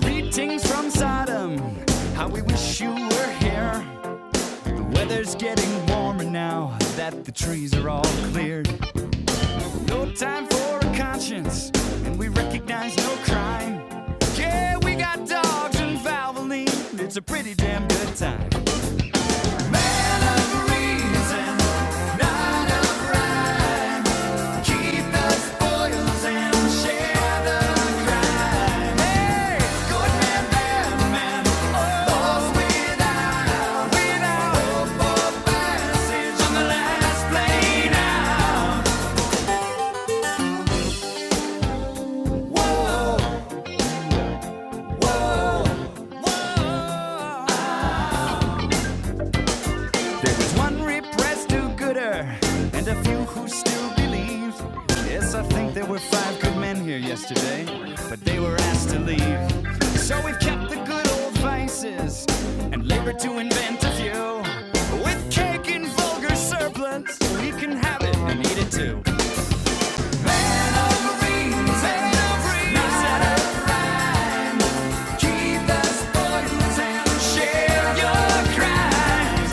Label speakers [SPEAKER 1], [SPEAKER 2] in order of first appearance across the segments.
[SPEAKER 1] Greetings from Sodom. How we wish you were here. Weather's getting warmer now that the trees are all cleared. No time for a conscience, and we recognize no crime. Yeah, we got dogs in Valvoline. It's a pretty damn good time. Whoa, whoa, whoa. There was one repressed do gooder and a few who still believed. Yes, I think there were five good men here yesterday, but they were asked to leave. So we've kept the good old vices and labored to invent a few. With cake and vulgar surplus, we can have it and eat it too. And over beans and over ears and over rhyme. Keep the spoils and share your crimes.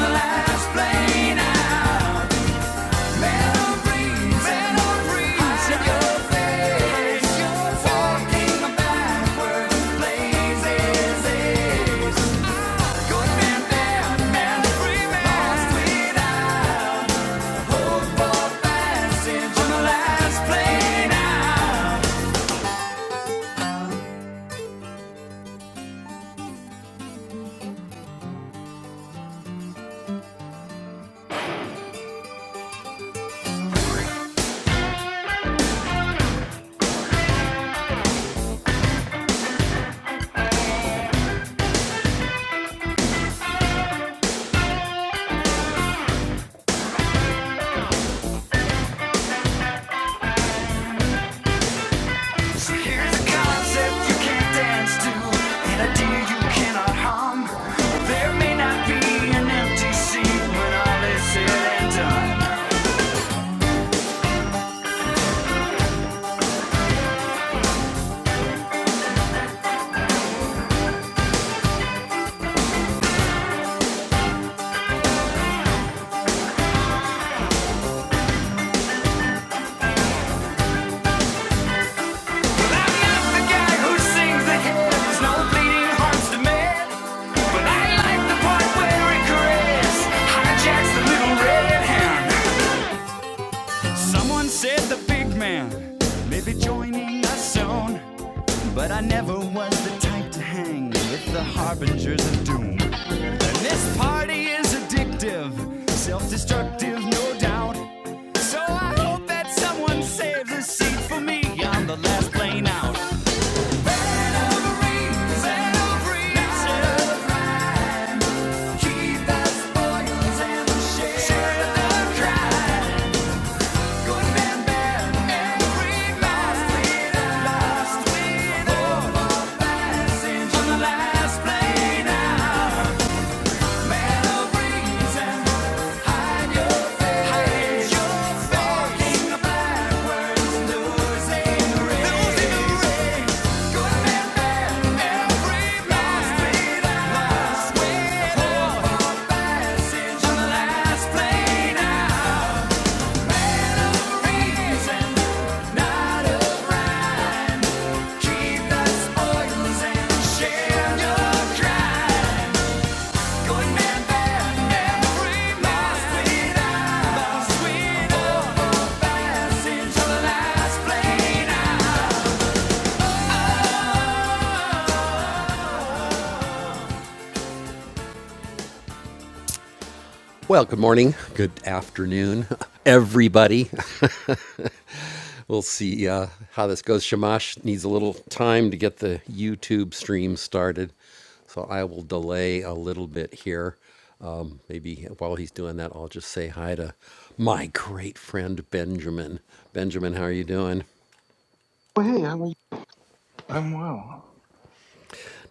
[SPEAKER 1] Last plane out. So Here's a concept you can't dance to, an idea you cannot hum. There may not be an empty seat when all is said and done. Well, I'm not the guy who sings the hymns, no bleeding hearts to mend. But I like the part where it hijacks the little red hand. Someone said the big man may be joining us soon, but I never was the type to hang with the harbingers of doom. This party is addictive, self destructive, no doubt. So I hope that someone saves a seat for me on the last plane out. Keep that spoils and share the cry. Good man, bad, every man lives the la- last plane out. Reason how to keep that spoils and share your cry. Good man, bad, every man Well, good morning, good afternoon, everybody. we'll see uh, how this goes. Shamash needs a little time to get the YouTube stream started, so I will delay a little bit here. Um, maybe while he's doing that, I'll just say hi to my great friend Benjamin. Benjamin, how are you doing?
[SPEAKER 2] Well, hey, how are you? I'm well.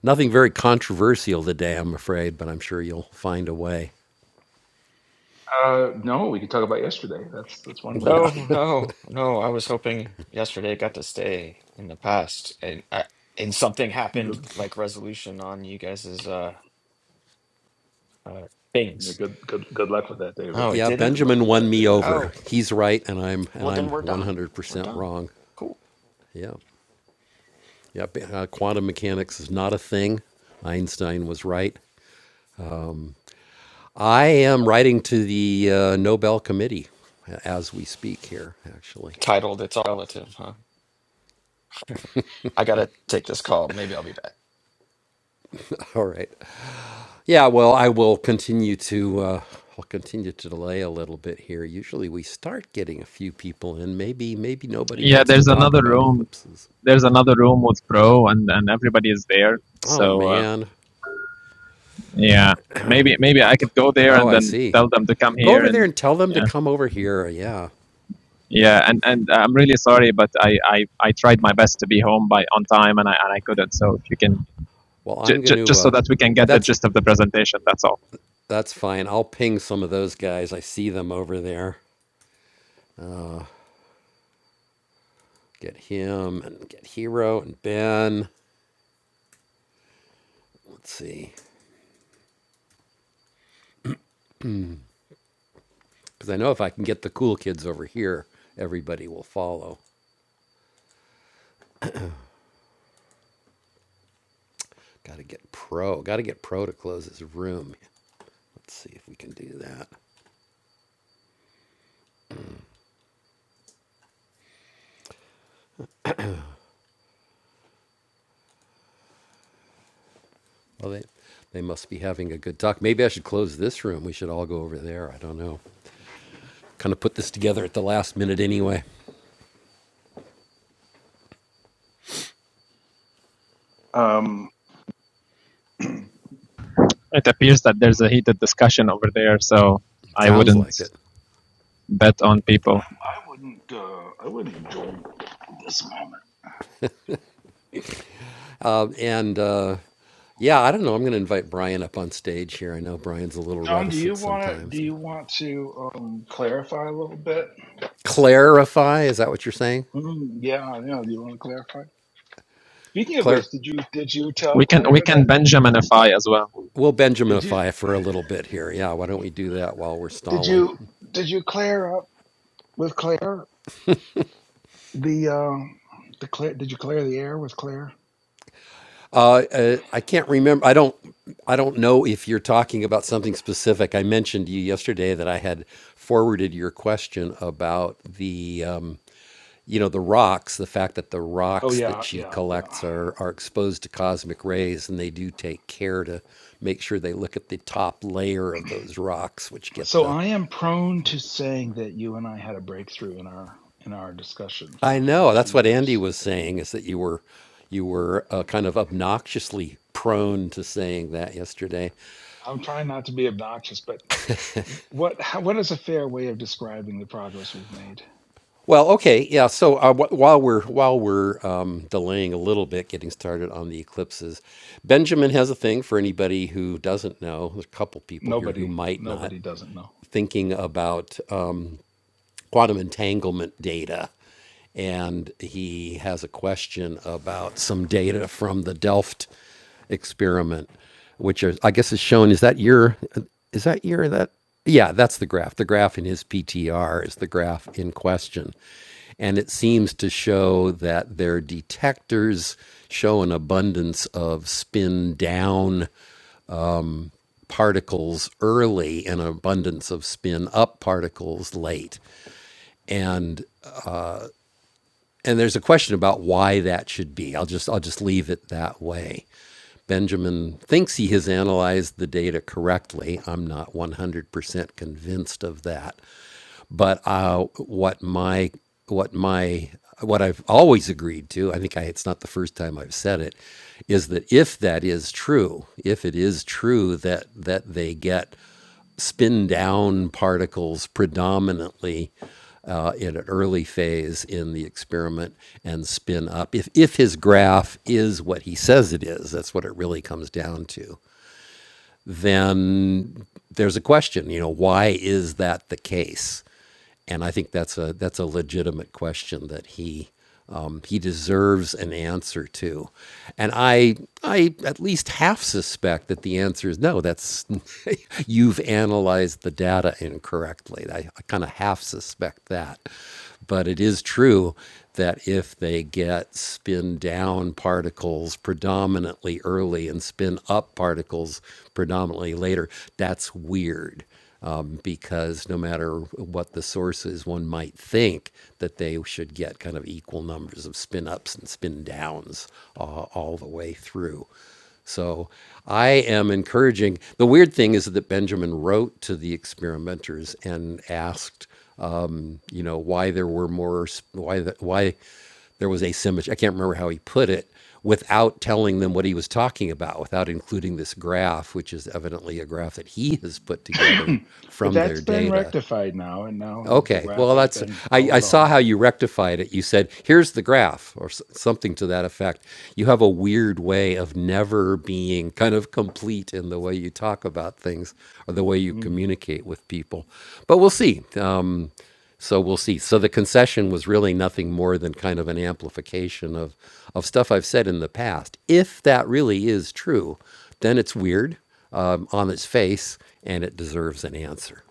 [SPEAKER 1] Nothing very controversial today, I'm afraid, but I'm sure you'll find a way.
[SPEAKER 2] Uh, no, we could talk about yesterday. That's that's one way we
[SPEAKER 1] Yeah.
[SPEAKER 3] No,
[SPEAKER 2] could.
[SPEAKER 3] no, no. I was hoping yesterday got to stay in the past, and I, and something happened
[SPEAKER 2] Good, good,
[SPEAKER 3] like resolution on you guys's uh, uh
[SPEAKER 2] yeah,
[SPEAKER 3] things.
[SPEAKER 2] good, good good luck with that, David.
[SPEAKER 3] Oh, it
[SPEAKER 1] Yeah,
[SPEAKER 3] didn't?
[SPEAKER 2] Good luck
[SPEAKER 1] Benjamin
[SPEAKER 2] with
[SPEAKER 1] won
[SPEAKER 2] that,
[SPEAKER 1] me
[SPEAKER 2] David.
[SPEAKER 1] over.
[SPEAKER 3] Oh,
[SPEAKER 1] He's right, and I'm and
[SPEAKER 3] well
[SPEAKER 1] I'm
[SPEAKER 3] then we're done. We're
[SPEAKER 1] 100%
[SPEAKER 3] done.
[SPEAKER 1] wrong.
[SPEAKER 3] Cool.
[SPEAKER 1] Yeah, yeah. b- Uh, quantum mechanics is not a thing. Einstein was right. I am writing to the uh, Nobel Committee as we speak here. Actually,
[SPEAKER 3] Titled It's All Relative, huh? I gotta take this call. Maybe I'll be back.
[SPEAKER 1] all right. Yeah. Well, I will continue to. Uh, I'll continue to delay a little bit here. Usually, we start getting a few people in. Maybe, maybe nobody
[SPEAKER 4] Yeah,
[SPEAKER 1] wants to
[SPEAKER 4] there's
[SPEAKER 1] talk
[SPEAKER 4] another
[SPEAKER 1] about
[SPEAKER 4] room.
[SPEAKER 1] eclipses.
[SPEAKER 4] There's another room with Bro, and and everybody is there.
[SPEAKER 1] Oh
[SPEAKER 4] So uh,
[SPEAKER 1] man.
[SPEAKER 4] yeah, maybe maybe I could go there
[SPEAKER 1] Oh,
[SPEAKER 4] and
[SPEAKER 1] I
[SPEAKER 4] then
[SPEAKER 1] see.
[SPEAKER 4] tell them to come
[SPEAKER 1] Go
[SPEAKER 4] here
[SPEAKER 1] over there
[SPEAKER 4] and
[SPEAKER 1] and tell them to
[SPEAKER 4] yeah
[SPEAKER 1] come over here. Yeah.
[SPEAKER 4] yeah and and I'm really sorry, but I I, I tried my best to be home by on time and I and I couldn't. So if you can
[SPEAKER 1] Well,
[SPEAKER 4] j-
[SPEAKER 1] I'm going
[SPEAKER 4] j-
[SPEAKER 1] to.
[SPEAKER 4] just
[SPEAKER 1] Uh,
[SPEAKER 4] so that we can get the
[SPEAKER 1] that's
[SPEAKER 4] gist of the presentation, that's all.
[SPEAKER 1] that's fine. I'll ping some of those guys. I see them over there. Get him and get Hero and Ben. Let's see, because I know if I can get the cool kids over here, everybody will follow. Got to get Pro. Got to get Pro to close his room. Let's see if we can do that. Well, they they must be having a good talk. Maybe I should close this room. We should all go over there. I don't know. Kind of put this together at the last minute anyway.
[SPEAKER 2] Um,
[SPEAKER 4] It appears that there's a heated discussion over there, so I
[SPEAKER 1] Sounds
[SPEAKER 4] wouldn't
[SPEAKER 1] like it.
[SPEAKER 4] bet on people.
[SPEAKER 2] I wouldn't. Uh, I wouldn't enjoy this moment.
[SPEAKER 1] Uh, And uh, yeah, I don't know. I'm going to invite Brian up on stage here. I know Brian's a little
[SPEAKER 2] John, do
[SPEAKER 1] reticent
[SPEAKER 2] you want to? Do
[SPEAKER 1] sometimes. But
[SPEAKER 2] you want to um, clarify a little bit?
[SPEAKER 1] clarify, is that what you're saying?
[SPEAKER 2] Mm, yeah, I know. Do you want to clarify? Speaking of
[SPEAKER 1] Claire,
[SPEAKER 2] which, did you did you
[SPEAKER 4] We
[SPEAKER 2] tell
[SPEAKER 4] can we
[SPEAKER 2] Claire
[SPEAKER 4] can
[SPEAKER 2] that?
[SPEAKER 4] Benjaminify as well.
[SPEAKER 1] we'll
[SPEAKER 2] Did you
[SPEAKER 1] Benjaminify for a little bit here. Yeah, why don't we do that while we're
[SPEAKER 2] did
[SPEAKER 1] stalling?
[SPEAKER 2] you did you clear up with Claire the um the clear? Did you clear the air with Claire?
[SPEAKER 1] Uh, I can't remember. I don't. I don't know if you're talking about something specific. I mentioned to you yesterday that I had forwarded your question about the. um, you know the rocks the fact that the
[SPEAKER 2] Oh
[SPEAKER 1] rocks that
[SPEAKER 2] yeah,
[SPEAKER 1] she
[SPEAKER 2] yeah, yeah.
[SPEAKER 1] collects are are exposed to cosmic rays and they do take care to make sure they look at the top layer of those rocks which get
[SPEAKER 2] So
[SPEAKER 1] the
[SPEAKER 2] I am prone to saying that you and I had a breakthrough in our in our discussion
[SPEAKER 1] i
[SPEAKER 2] for over
[SPEAKER 1] know
[SPEAKER 2] two
[SPEAKER 1] that's what andy
[SPEAKER 2] years.
[SPEAKER 1] was saying is that you were you were uh, kind of obnoxiously prone to saying that yesterday
[SPEAKER 2] I'm trying not to be obnoxious, but what how, what is a fair way of describing the progress we've made?
[SPEAKER 1] well okay yeah so uh, wh- while we're while we're um, delaying a little bit getting started on the eclipses benjamin has a thing for anybody who doesn't know there's a couple people here who
[SPEAKER 2] Nobody
[SPEAKER 1] might not
[SPEAKER 2] nobody doesn't know.
[SPEAKER 1] thinking about um, quantum entanglement data. And he has a question about some data from the Delft experiment, which are, I guess is shown. Is that your, is that your, that, yeah, that's the graph. The graph in his PTR is the graph in question. And it seems to show that their detectors show an abundance of spin down particles early and an abundance of spin up particles late and and there's a question about why that should be. I'll just I'll just leave it that way. Benjamin thinks he has analyzed the data correctly. I'm not 100% convinced of that, but uh, what my what my what I've always agreed to, I think I, it's not the first time I've said it, is that if that is true, if it is true that that they get spin down particles predominantly uh, in an early phase in the experiment and spin up. If, if his graph is what he says it is, that's what it really comes down to, then there's a question, you know, why is that the case? And I think that's a that's a legitimate question that he um, he deserves an answer to. And I I at least half suspect that the answer is no. That's you've analyzed the data incorrectly. I, I kind of half suspect that. But it is true that if they get spin down particles predominantly early and spin up particles predominantly later, that's weird um, because no matter what the source is, one might think that they should get kind of equal numbers of spin ups and spin downs uh, all the way through. So I am encouraging. The weird thing is that Benjamin wrote to the experimenters and asked, um, you know, why there were more, why the, why there was asymmetry. I can't remember how he put it without telling them what he was talking about, without including this graph, which is evidently a graph that he has put together
[SPEAKER 2] but
[SPEAKER 1] from
[SPEAKER 2] that's
[SPEAKER 1] their
[SPEAKER 2] been
[SPEAKER 1] data.
[SPEAKER 2] rectified now, and now the, the
[SPEAKER 1] Okay,
[SPEAKER 2] graph
[SPEAKER 1] well,
[SPEAKER 2] has
[SPEAKER 1] that's
[SPEAKER 2] been
[SPEAKER 1] I, I
[SPEAKER 2] followed
[SPEAKER 1] saw
[SPEAKER 2] on.
[SPEAKER 1] how you rectified it. You said, "Here's the graph," or s- something to that effect. You have a weird way of never being kind of complete in the way you talk about things or the way you
[SPEAKER 2] Mm.
[SPEAKER 1] communicate with people. But we'll see. Um, so we'll see. So the concession was really nothing more than kind of an amplification of, of stuff I've said in the past. If that really is true, then it's weird um, on its face and it deserves an answer.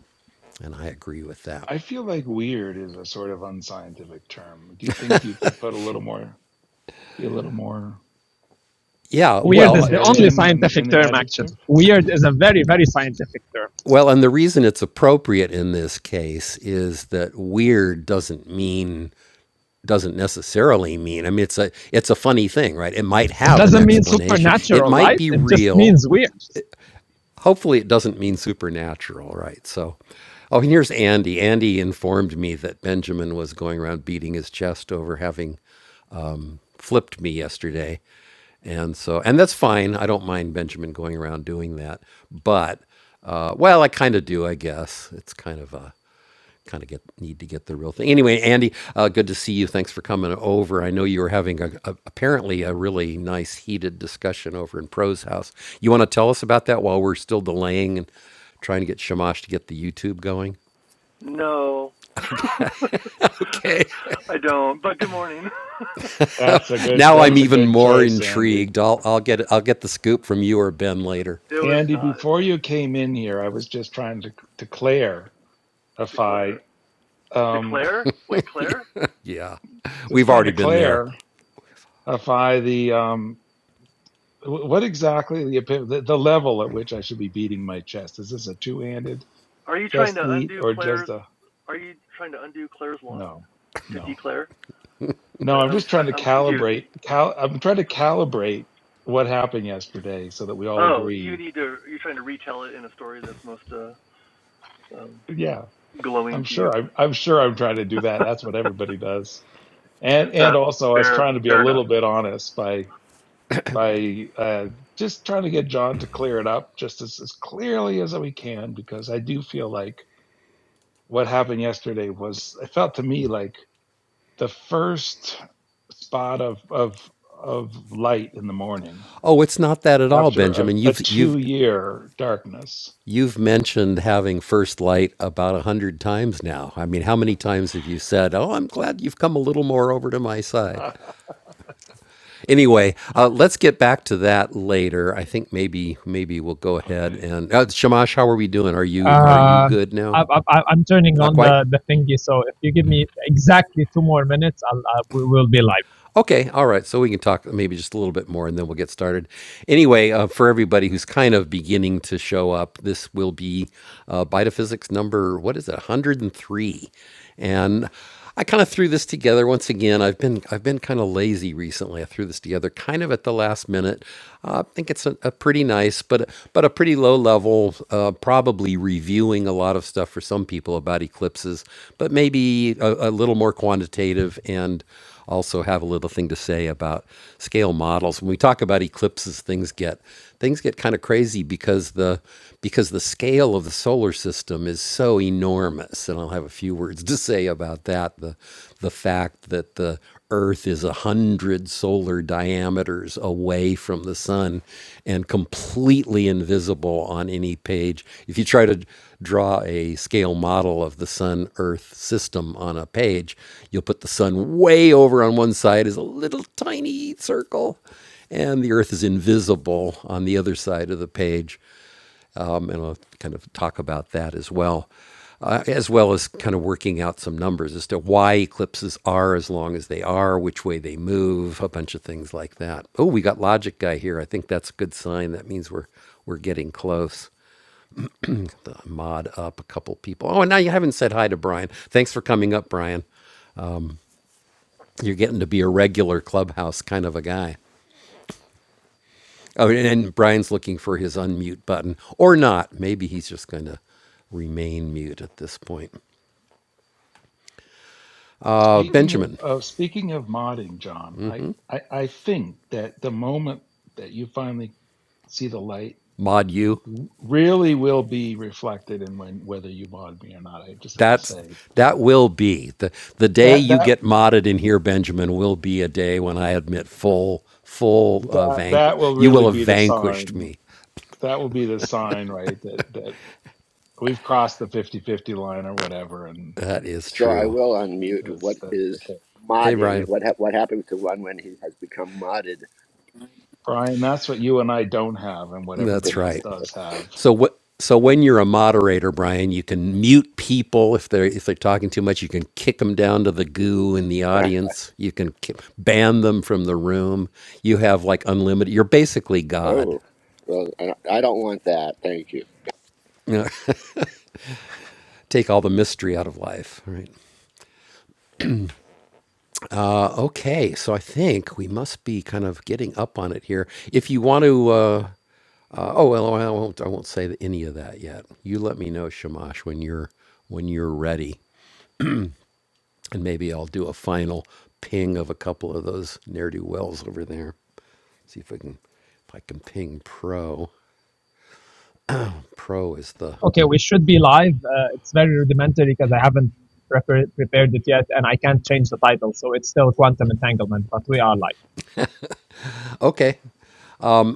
[SPEAKER 1] And I agree with that.
[SPEAKER 2] I feel like weird is a sort of unscientific term. Do you think you could put a little more? be a little more
[SPEAKER 1] Yeah,
[SPEAKER 4] Weird
[SPEAKER 1] well,
[SPEAKER 4] is
[SPEAKER 1] uh,
[SPEAKER 4] the only
[SPEAKER 2] utilitarian in
[SPEAKER 4] scientific
[SPEAKER 2] in the
[SPEAKER 4] term
[SPEAKER 2] adjective.
[SPEAKER 4] actually. Weird is a very very scientific term.
[SPEAKER 1] well, and the reason it's appropriate in this case is that weird doesn't mean doesn't necessarily mean. I mean, it's a it's a funny thing, right? It might
[SPEAKER 4] It
[SPEAKER 1] have an
[SPEAKER 4] doesn't mean
[SPEAKER 1] explanation. It
[SPEAKER 4] supernatural
[SPEAKER 1] might
[SPEAKER 4] light.
[SPEAKER 1] be
[SPEAKER 4] It just
[SPEAKER 1] real
[SPEAKER 4] means weird.
[SPEAKER 1] hopefully it doesn't mean supernatural, right? So, oh, and here's Andy. Andy informed me that Benjamin was going around beating his chest over having flipped me yesterday. And so, and that's fine. I don't mind Benjamin going around doing that. But, uh, well, I kind of do, I guess. It's kind of a, kind of get need to get the real thing. Anyway, Andy, uh, good to see you. Thanks for coming over. I know you were having a, a, apparently a really nice heated discussion over in Pro's house. You want to tell us about that while we're still delaying and trying to get Shamash to get the YouTube going?
[SPEAKER 5] No,
[SPEAKER 1] Okay. okay.
[SPEAKER 5] I don't. But good morning.
[SPEAKER 2] That's a good
[SPEAKER 1] Now I'm
[SPEAKER 2] that's a
[SPEAKER 1] even
[SPEAKER 2] good
[SPEAKER 1] more
[SPEAKER 2] choice, Andy.
[SPEAKER 1] intrigued. I'll I'll get I'll get the scoop from you or Ben later.
[SPEAKER 5] it was
[SPEAKER 2] Andy,
[SPEAKER 5] not
[SPEAKER 2] before you came in here, I was just trying to declare if
[SPEAKER 5] declare.
[SPEAKER 2] I um
[SPEAKER 5] Declare? Wait, Claire?
[SPEAKER 1] Yeah.
[SPEAKER 2] just
[SPEAKER 1] We've
[SPEAKER 2] trying
[SPEAKER 1] already
[SPEAKER 2] to
[SPEAKER 1] been there.
[SPEAKER 2] declare if I the um what exactly the, the the level at which I should be beating my chest. Is this a two-handed
[SPEAKER 5] Are you trying
[SPEAKER 2] chest
[SPEAKER 5] to
[SPEAKER 2] beat
[SPEAKER 5] undo
[SPEAKER 2] or just
[SPEAKER 5] Claire's?
[SPEAKER 2] a
[SPEAKER 5] Are you trying to undo Claire's law
[SPEAKER 2] no.
[SPEAKER 5] to
[SPEAKER 2] No.
[SPEAKER 5] declare?
[SPEAKER 2] No,
[SPEAKER 5] Wait,
[SPEAKER 2] I'm
[SPEAKER 5] I'm
[SPEAKER 2] just
[SPEAKER 5] trying.
[SPEAKER 2] trying to
[SPEAKER 5] I'm confused.
[SPEAKER 2] calibrate cal I'm trying to calibrate what happened yesterday so that we all
[SPEAKER 5] Oh, you
[SPEAKER 2] agree
[SPEAKER 5] need to. You're trying to retell it in a story that's most uh, um,
[SPEAKER 2] yeah i'm
[SPEAKER 5] glowing to
[SPEAKER 2] sure
[SPEAKER 5] you.
[SPEAKER 2] I'm, I'm sure i'm trying to do that that's what
[SPEAKER 5] uh,
[SPEAKER 2] everybody does and and also i was
[SPEAKER 5] fair,
[SPEAKER 2] trying to be a
[SPEAKER 5] fair enough.
[SPEAKER 2] little bit honest by by uh just trying to get john to clear it up just as, as clearly as we can because i do feel like what happened yesterday was it felt to me like the first spot of of of light in the morning
[SPEAKER 1] Oh, it's not that at all,
[SPEAKER 2] after a,
[SPEAKER 1] Benjamin.
[SPEAKER 2] a
[SPEAKER 1] You've you've
[SPEAKER 2] two year darkness
[SPEAKER 1] You've mentioned having First Light about a hundred times now. I mean, how many times have you said, "Oh, I'm glad you've come a little more over to my side"? Anyway, uh, let's get back to that later. I think maybe maybe we'll go ahead
[SPEAKER 2] okay
[SPEAKER 1] and uh, Shamash, how are we doing? Are you are you
[SPEAKER 4] Uh,
[SPEAKER 1] good
[SPEAKER 4] I,
[SPEAKER 1] now?
[SPEAKER 4] I, I- am turning
[SPEAKER 1] Not
[SPEAKER 4] on
[SPEAKER 1] quite.
[SPEAKER 4] the, the thingy, so if you give me exactly two more minutes, I'll, I, we will be live.
[SPEAKER 1] Okay, all right. So we can talk maybe just a little bit more, and then we'll get started. Anyway, uh, for everybody who's kind of beginning to show up, this will be uh, Bitophysics number what is it, 103, and I kind of threw this together once again. I've been I've been kind of lazy recently. I threw this together kind of at the last minute. Uh, I think it's a, a pretty nice, but but a pretty low level, uh, probably reviewing a lot of stuff for some people about eclipses, but maybe a, a little more quantitative and also have a little thing to say about scale models. When we talk about eclipses, things get things get kind of crazy because the because the scale of the solar system is so enormous. And I'll have a few words to say about that. The the fact that the Earth is a hundred solar diameters away from the sun and completely invisible on any page. If you try to draw a scale model of the sun Earth system on a page, you'll put the sun way over on one side as a little tiny circle, and the Earth is invisible on the other side of the page um, and I'll kind of talk about that as well, uh, as well as kind of working out some numbers as to why eclipses are as long as they are, which way they move, a bunch of things like that. Oh, we got Logic Guy here. I think that's a good sign. That means we're we're getting close. Uh, mod up a couple people. Oh, and now you haven't said hi to Brian. Thanks for coming up, Brian. You're getting to be a regular clubhouse kind of a guy. Oh, and and Brian's looking for his unmute button or not. Maybe he's just going to remain mute at this point. Uh,
[SPEAKER 2] Speaking
[SPEAKER 1] Benjamin.
[SPEAKER 2] of, of speaking of modding, John, I, I, I think that the moment that you finally see the light
[SPEAKER 1] mod you.
[SPEAKER 2] w- really will be reflected in when whether you mod me or not. I just have to
[SPEAKER 1] That's
[SPEAKER 2] say
[SPEAKER 1] that will be the the day
[SPEAKER 2] that
[SPEAKER 1] you
[SPEAKER 2] that
[SPEAKER 1] get modded in here, Benjamin. Will be a day when I admit full full uh,
[SPEAKER 2] that
[SPEAKER 1] vanqu-
[SPEAKER 2] that will
[SPEAKER 1] You will
[SPEAKER 2] really
[SPEAKER 1] have
[SPEAKER 2] be the
[SPEAKER 1] vanquished
[SPEAKER 2] sign.
[SPEAKER 1] me.
[SPEAKER 2] That will be the sign, right? That that we've crossed the fifty fifty line or whatever, and
[SPEAKER 1] That is
[SPEAKER 6] So I
[SPEAKER 1] true.
[SPEAKER 6] will unmute. What
[SPEAKER 2] that's that.
[SPEAKER 6] is
[SPEAKER 2] Okay,
[SPEAKER 1] Hey,
[SPEAKER 6] modding?
[SPEAKER 1] Brian.
[SPEAKER 6] What ha- what happens to one when he has become modded?
[SPEAKER 2] Brian, that's what you and I don't have, and what
[SPEAKER 1] That's
[SPEAKER 2] everybody else
[SPEAKER 1] right.
[SPEAKER 2] does have.
[SPEAKER 1] So what? So when you're a moderator, Brian, you can mute people if they're if they're talking too much. You can kick them down to the goo in the audience. You can ki- ban them from the room. You have like unlimited. You're basically God.
[SPEAKER 6] oh, well, I don't I don't want that. Thank you.
[SPEAKER 1] Take all the mystery out of life. Right? Okay, so I think we must be kind of getting up on it here. If you want to, uh, uh, oh well, I won't. I won't say th- any of that yet. You let me know, Shamash, when you're when you're ready, and maybe I'll do a final ping of a couple of those ne'er do wells over there. See if I can if I can ping pro. Pro is the
[SPEAKER 4] Okay, we should be live. Uh, it's very rudimentary because I haven't prepar prepared it yet and I can't change the title. So it's still quantum entanglement, but we are live.
[SPEAKER 1] okay.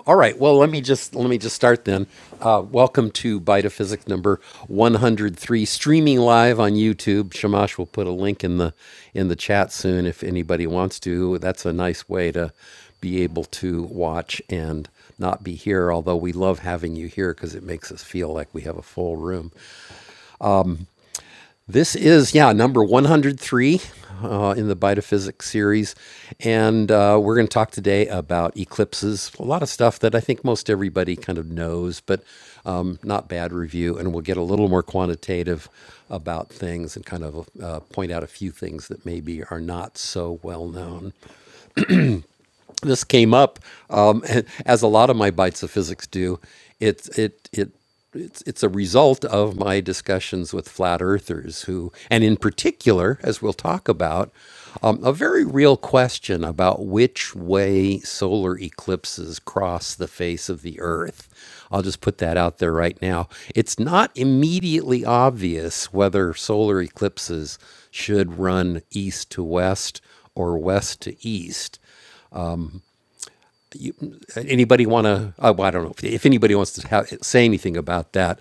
[SPEAKER 1] Um, all right. Well, let me just let me just start then. Uh, welcome to Bite of Physics number 103, streaming live on YouTube. Shamash will put a link in the in the chat soon if anybody wants to. That's a nice way to be able to watch and not be here. Although we love having you here because it makes us feel like we have a full room. This is, yeah, number 103 uh, in the Bitophysics series. And uh, we're going to talk today about eclipses, a lot of stuff that I think most everybody kind of knows, but um, not bad review. And we'll get a little more quantitative about things and kind of uh, point out a few things that maybe are not so well known this came up um, as a lot of my bites of physics do. It's it it. It's, it's a result of my discussions with flat earthers who, and in particular, as we'll talk about, um, a very real question about which way solar eclipses cross the face of the earth. I'll just put that out there right now. It's not immediately obvious whether solar eclipses should run east to west or west to east. Anybody want to? Uh, well, I don't know if, if anybody wants to have, say anything about that.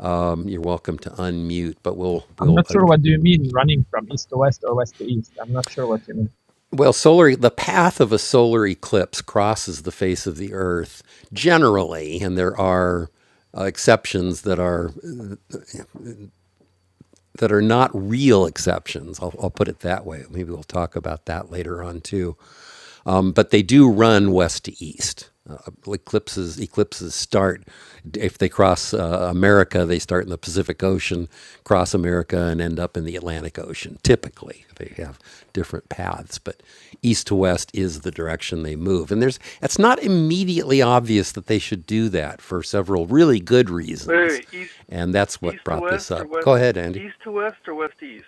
[SPEAKER 1] Um, you're welcome to unmute, but we'll
[SPEAKER 4] I'm
[SPEAKER 1] we'll
[SPEAKER 4] not
[SPEAKER 1] ad-
[SPEAKER 4] sure what do you mean running from east to west or west to east. I'm not sure what you mean.
[SPEAKER 1] well solar the path of a solar eclipse crosses the face of the Earth generally, and there are uh, exceptions that are that are not real exceptions. I'll, I'll put it that way. Maybe we'll talk about that later on too. but they do run west to east. Uh, eclipses eclipses start if they cross uh, America, they start in the Pacific Ocean, cross America, and end up in the Atlantic Ocean. Typically, they have different paths, but east to west is the direction they move. And there's it's not immediately obvious that they should do that for several really good
[SPEAKER 5] Wait,
[SPEAKER 1] reasons,
[SPEAKER 5] wait, wait, east,
[SPEAKER 1] and that's
[SPEAKER 5] east
[SPEAKER 1] what
[SPEAKER 5] to
[SPEAKER 1] brought
[SPEAKER 5] west,
[SPEAKER 1] this
[SPEAKER 5] or
[SPEAKER 1] up.
[SPEAKER 5] west,
[SPEAKER 1] Go ahead, Andy.
[SPEAKER 5] east to west, or west to east?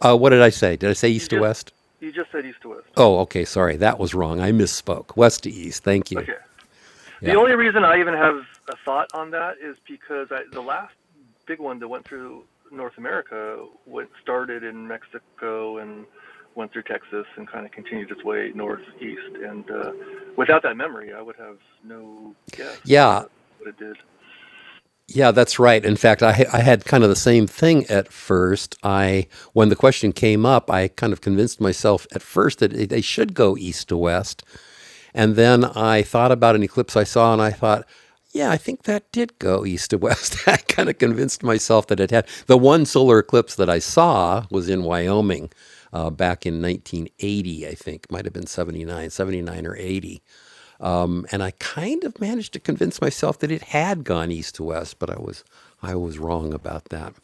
[SPEAKER 1] Uh, what did I say? Did I say
[SPEAKER 5] You
[SPEAKER 1] east to
[SPEAKER 5] just,
[SPEAKER 1] west?
[SPEAKER 5] you just said east to west.
[SPEAKER 1] Oh, okay. Sorry, that was wrong. I misspoke. West to east. Thank you.
[SPEAKER 5] Okay. The
[SPEAKER 1] Yeah.
[SPEAKER 5] only reason I even have a thought on that is because I, the last big one that went through North America went started in Mexico and went through Texas and kind of continued its way northeast. And uh, without that memory, I would have no guess
[SPEAKER 1] Yeah.
[SPEAKER 5] at what it did
[SPEAKER 1] Yeah, that's right. In fact, I, ha- I had kind of the same thing at first. I when the question came up, I kind of convinced myself at first that it, they should go east to west, and then I thought about an eclipse I saw, and I thought, yeah, I think that did go east to west. I kind of convinced myself that it had. The one solar eclipse that I saw was in Wyoming uh, back in 1980, I think, might have been 79, 79 or 80. and I kind of managed to convince myself that it had gone east to west, but I was I was wrong about that.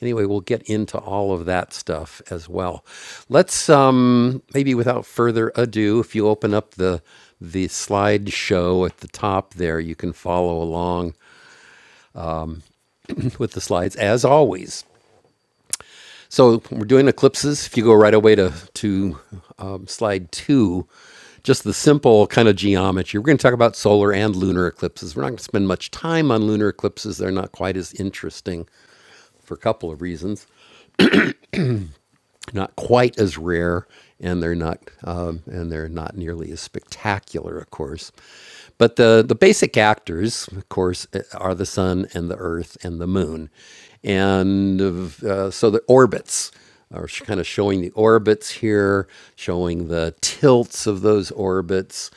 [SPEAKER 1] Anyway, we'll get into all of that stuff as well. Let's um, maybe without further ado, if you open up the the slideshow at the top there, you can follow along with the slides as always. So we're doing eclipses. If you go right away to to um, slide two, just the simple kind of geometry. We're going to talk about solar and lunar eclipses. We're not going to spend much time on lunar eclipses. They're not quite as interesting for a couple of reasons not quite as rare and they're not um, and they're not nearly as spectacular of course but the the basic actors of course eh, are the sun and the earth and the moon and uh, so the orbits are kind of showing the orbits here showing the tilts of those orbits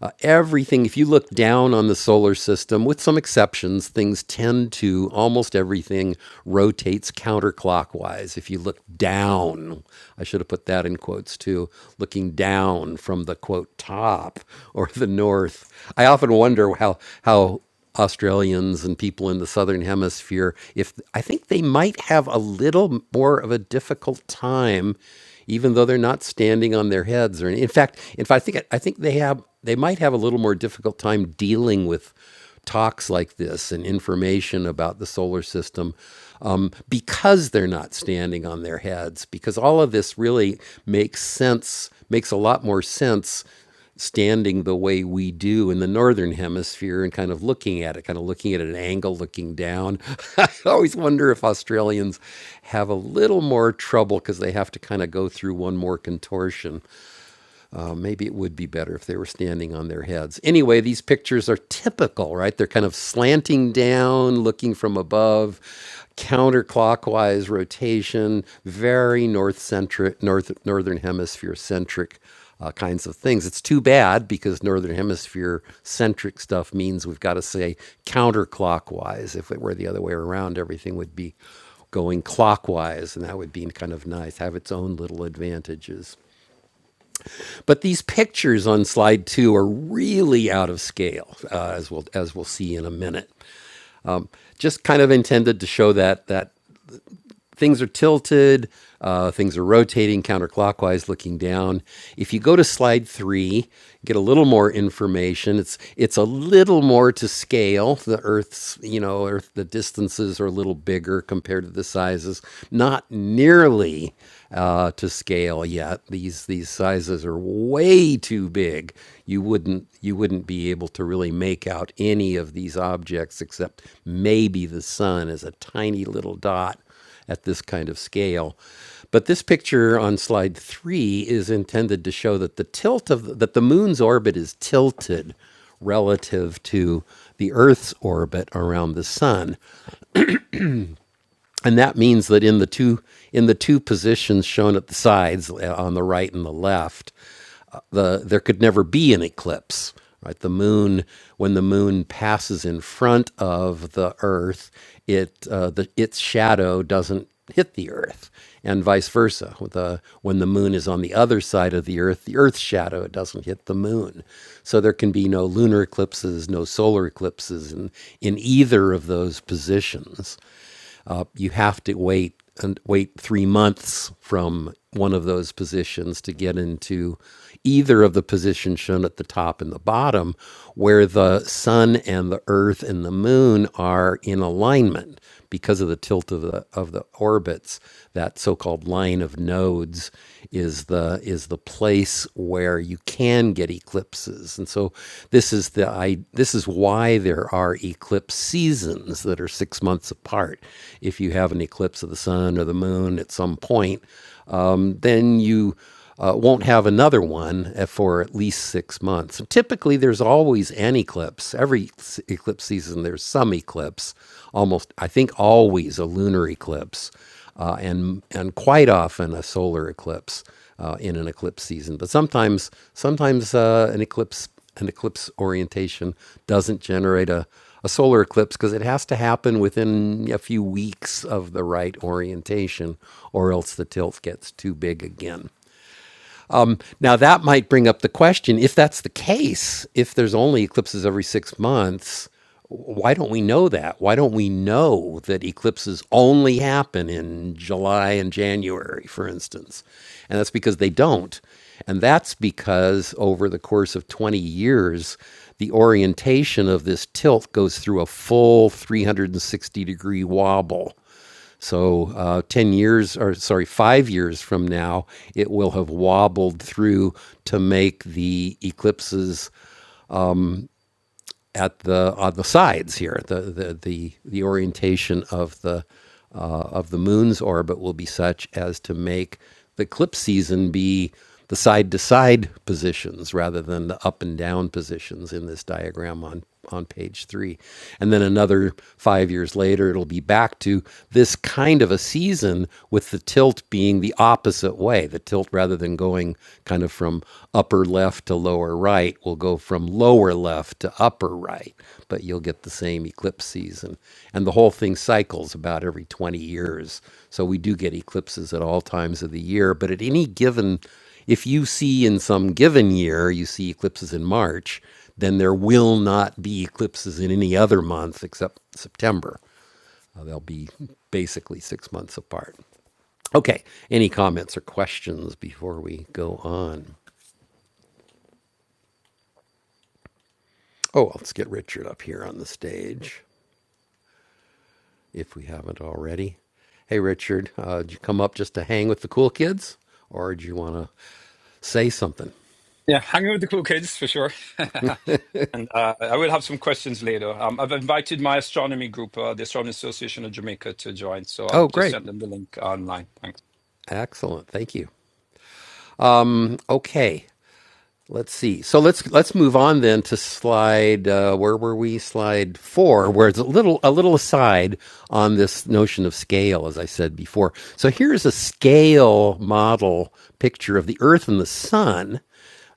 [SPEAKER 1] uh, everything, if you look down on the solar system, with some exceptions, things tend to almost everything rotates counterclockwise if you look down down. I should have put that in quotes too. Looking down from the quote top or the north. I often wonder how how Australians and people in the southern hemisphere if I think they might have a little more of a difficult time even though they're not standing on their heads or in fact in fact I think I think they have they might have a little more difficult time dealing with talks like this and information about the solar system um, because they're not standing on their heads, because all of this really makes sense, makes a lot more sense standing the way we do in the northern hemisphere and kind of looking at it, kind of looking at an angle, looking down. I always wonder if Australians have a little more trouble because they have to kind of go through one more contortion. Uh, maybe it would be better if they were standing on their heads. Anyway, these pictures are typical, right? They're kind of slanting down, looking from above, counterclockwise rotation, very north centric, north northern hemisphere centric uh, kinds of things. It's too bad because northern hemisphere centric stuff means we've got to say counterclockwise. If it were the other way around, everything would be going clockwise, and that would be kind of nice. Have its own little advantages. But these pictures on slide two are really out of scale, uh, as we'll as we'll see in a minute. Just kind of intended to show that that things are tilted, uh, things are rotating counterclockwise, looking down. If you go to slide three, get a little more information. It's it's a little more to scale. The Earth's you know Earth the distances are a little bigger compared to the sizes. Not nearly uh, to scale yet. These these sizes are way too big. You wouldn't you wouldn't be able to really make out any of these objects except maybe the sun is a tiny little dot at this kind of scale. But this picture on slide three is intended to show that the tilt of the, that the moon's orbit is tilted relative to the Earth's orbit around the sun, and that means that in the two in the two positions shown at the sides uh, on the right and the left, the there could never be an eclipse right the moon when the moon passes in front of the earth it uh, the, its shadow doesn't hit the earth and vice versa the, when the moon is on the other side of the earth the earth's shadow doesn't hit the moon so there can be no lunar eclipses no solar eclipses in, in either of those positions uh, you have to wait and wait three months from one of those positions to get into either of the positions shown at the top and the bottom, where the sun and the earth and the moon are in alignment because of the tilt of the of the orbits. That so-called line of nodes is the is the place where where you can get eclipses. And so this is the I this is why there are eclipse seasons that are 6 months apart. If you have an eclipse of the sun or the moon at some point, um, then you uh, won't have another one uh, for at least six months. And Typically, there's always an eclipse. Every eclipse season, there's some eclipse. Almost, I think, always a lunar eclipse, uh, and and quite often a solar eclipse uh, in an eclipse season. But sometimes, sometimes uh, an eclipse, an eclipse orientation doesn't generate a, a solar eclipse because it has to happen within a few weeks of the right orientation, or else the tilt gets too big again. Now, that might bring up the question if that's the case, if there's only eclipses every six months, why don't we know that? Why don't we know that eclipses only happen in July and January, for instance? And that's because they don't. And that's because over the course of 20 years, the orientation of this tilt goes through a full 360 degree wobble. So, uh, 10 years, or sorry, five years from now, it will have wobbled through to make the eclipses at the on the sides here. The the the, the orientation of the uh, of the moon's orbit will be such as to make the eclipse season be the side to side positions rather than the up and down positions in this diagram on on page three. And then another five years later, it'll be back to this kind of a season with the tilt being the opposite way. The tilt, rather than going kind of from upper left to lower right, will go from lower left to upper right, but you'll get the same eclipse season. And the whole thing cycles about every 20 years. So we do get eclipses at all times of the year, but at any given if you see in some given year, you see eclipses in March, then there will not be eclipses in any other month except September. Uh, they'll be basically six months apart. Okay, any comments or questions before we go on? Oh, let's get Richard up here on the stage if we haven't already. Hey, Richard, uh, did you come up just to hang with the cool kids or do you want to say something?
[SPEAKER 7] Yeah, hanging with the cool kids for sure. and uh, I will have some questions later. Um, I've invited my astronomy group, uh, the Astronomy Association of Jamaica, to join. So
[SPEAKER 1] Oh,
[SPEAKER 7] I've just
[SPEAKER 1] great.
[SPEAKER 7] sent them the link online. Thanks.
[SPEAKER 1] Excellent. Thank you. Okay. Let's see. So let's let's move on then to slide. Uh, where were we? Slide four, where it's a little a little aside on this notion of scale, as I said before. So here's a scale model picture of the Earth and the Sun.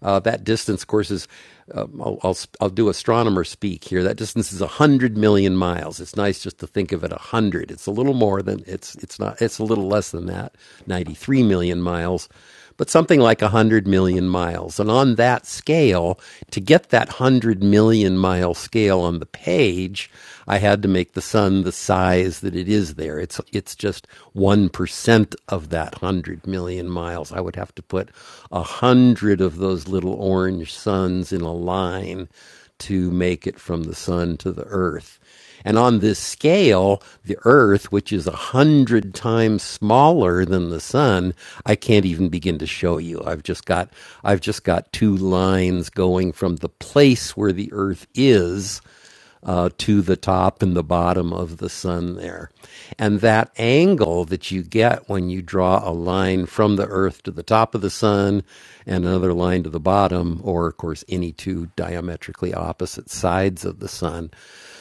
[SPEAKER 1] Uh, that distance, of course, is uh, I'll, I'll I'll do astronomer speak here. That distance is a hundred million miles. It's nice just to think of it a hundred. It's a little more than it's it's not. It's a little less than that. Ninety three million miles but something like 100 million miles. And on that scale, to get that 100 million mile scale on the page, I had to make the sun the size that it is there. It's, it's just 1% of that 100 million miles. I would have to put 100 of those little orange suns in a line to make it from the sun to the earth. And on this scale, the earth, which is a hundred times smaller than the sun, I can't even begin to show you. I've just got I've just got two lines going from the place where the earth is uh, to the top and the bottom of the sun there. And that angle that you get when you draw a line from the earth to the top of the sun and another line to the bottom, or of course, any two diametrically opposite sides of the sun,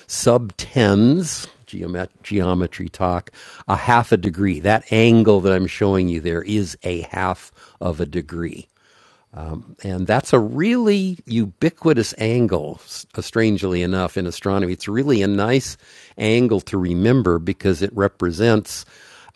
[SPEAKER 1] subtends. Geomet- geometry talk, a half a degree. That angle that I'm showing you there is a half of a degree. And that's a really ubiquitous angle, strangely enough, in astronomy. It's really a nice angle to remember because it represents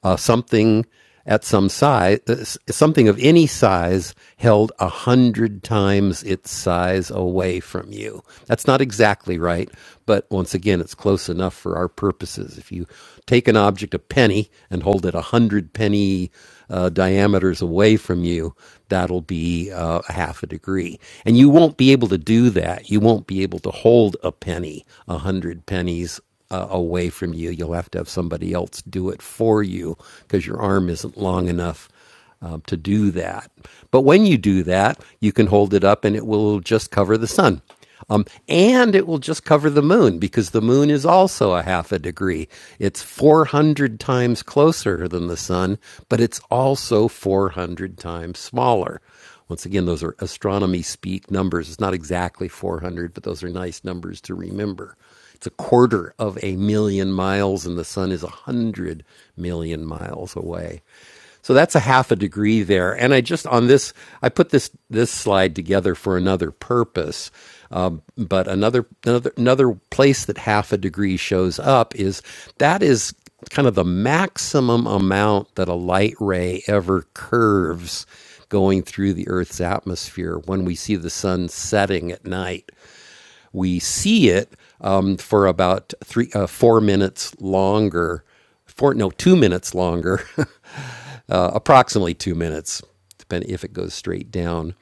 [SPEAKER 1] uh, something at some size, uh, something of any size held a hundred times its size away from you. That's not exactly right, but once again, it's close enough for our purposes. If you take an object object a penny and hold it 100 penny uh, diameters away from you, that'll be uh, a half a degree. And you won't be able to do that. You won't be able to hold a penny 100 pennies uh, away from you. You'll have to have somebody else do it for you because your arm isn't long enough um, to do that. But when you do that, you can hold it up and it will just cover the sun. Um, and it will just cover the moon because the moon is also a half a degree. It's 400 times closer than the sun, but it's also 400 times smaller. Once again, those are astronomy speak numbers. It's not exactly 400, but those are nice numbers to remember. It's a quarter of a million miles, and the sun is 100 million miles away. So that's a half a degree there. And I just on this, I put this this slide together for another purpose. Um, but another another another place that half a degree shows up is that is kind of the maximum amount that a light ray ever curves going through the Earth's atmosphere when we see the sun setting at night. We see it um, for about three, uh, four minutes longer, four no, two minutes longer uh, approximately two minutes, depending if it goes straight down,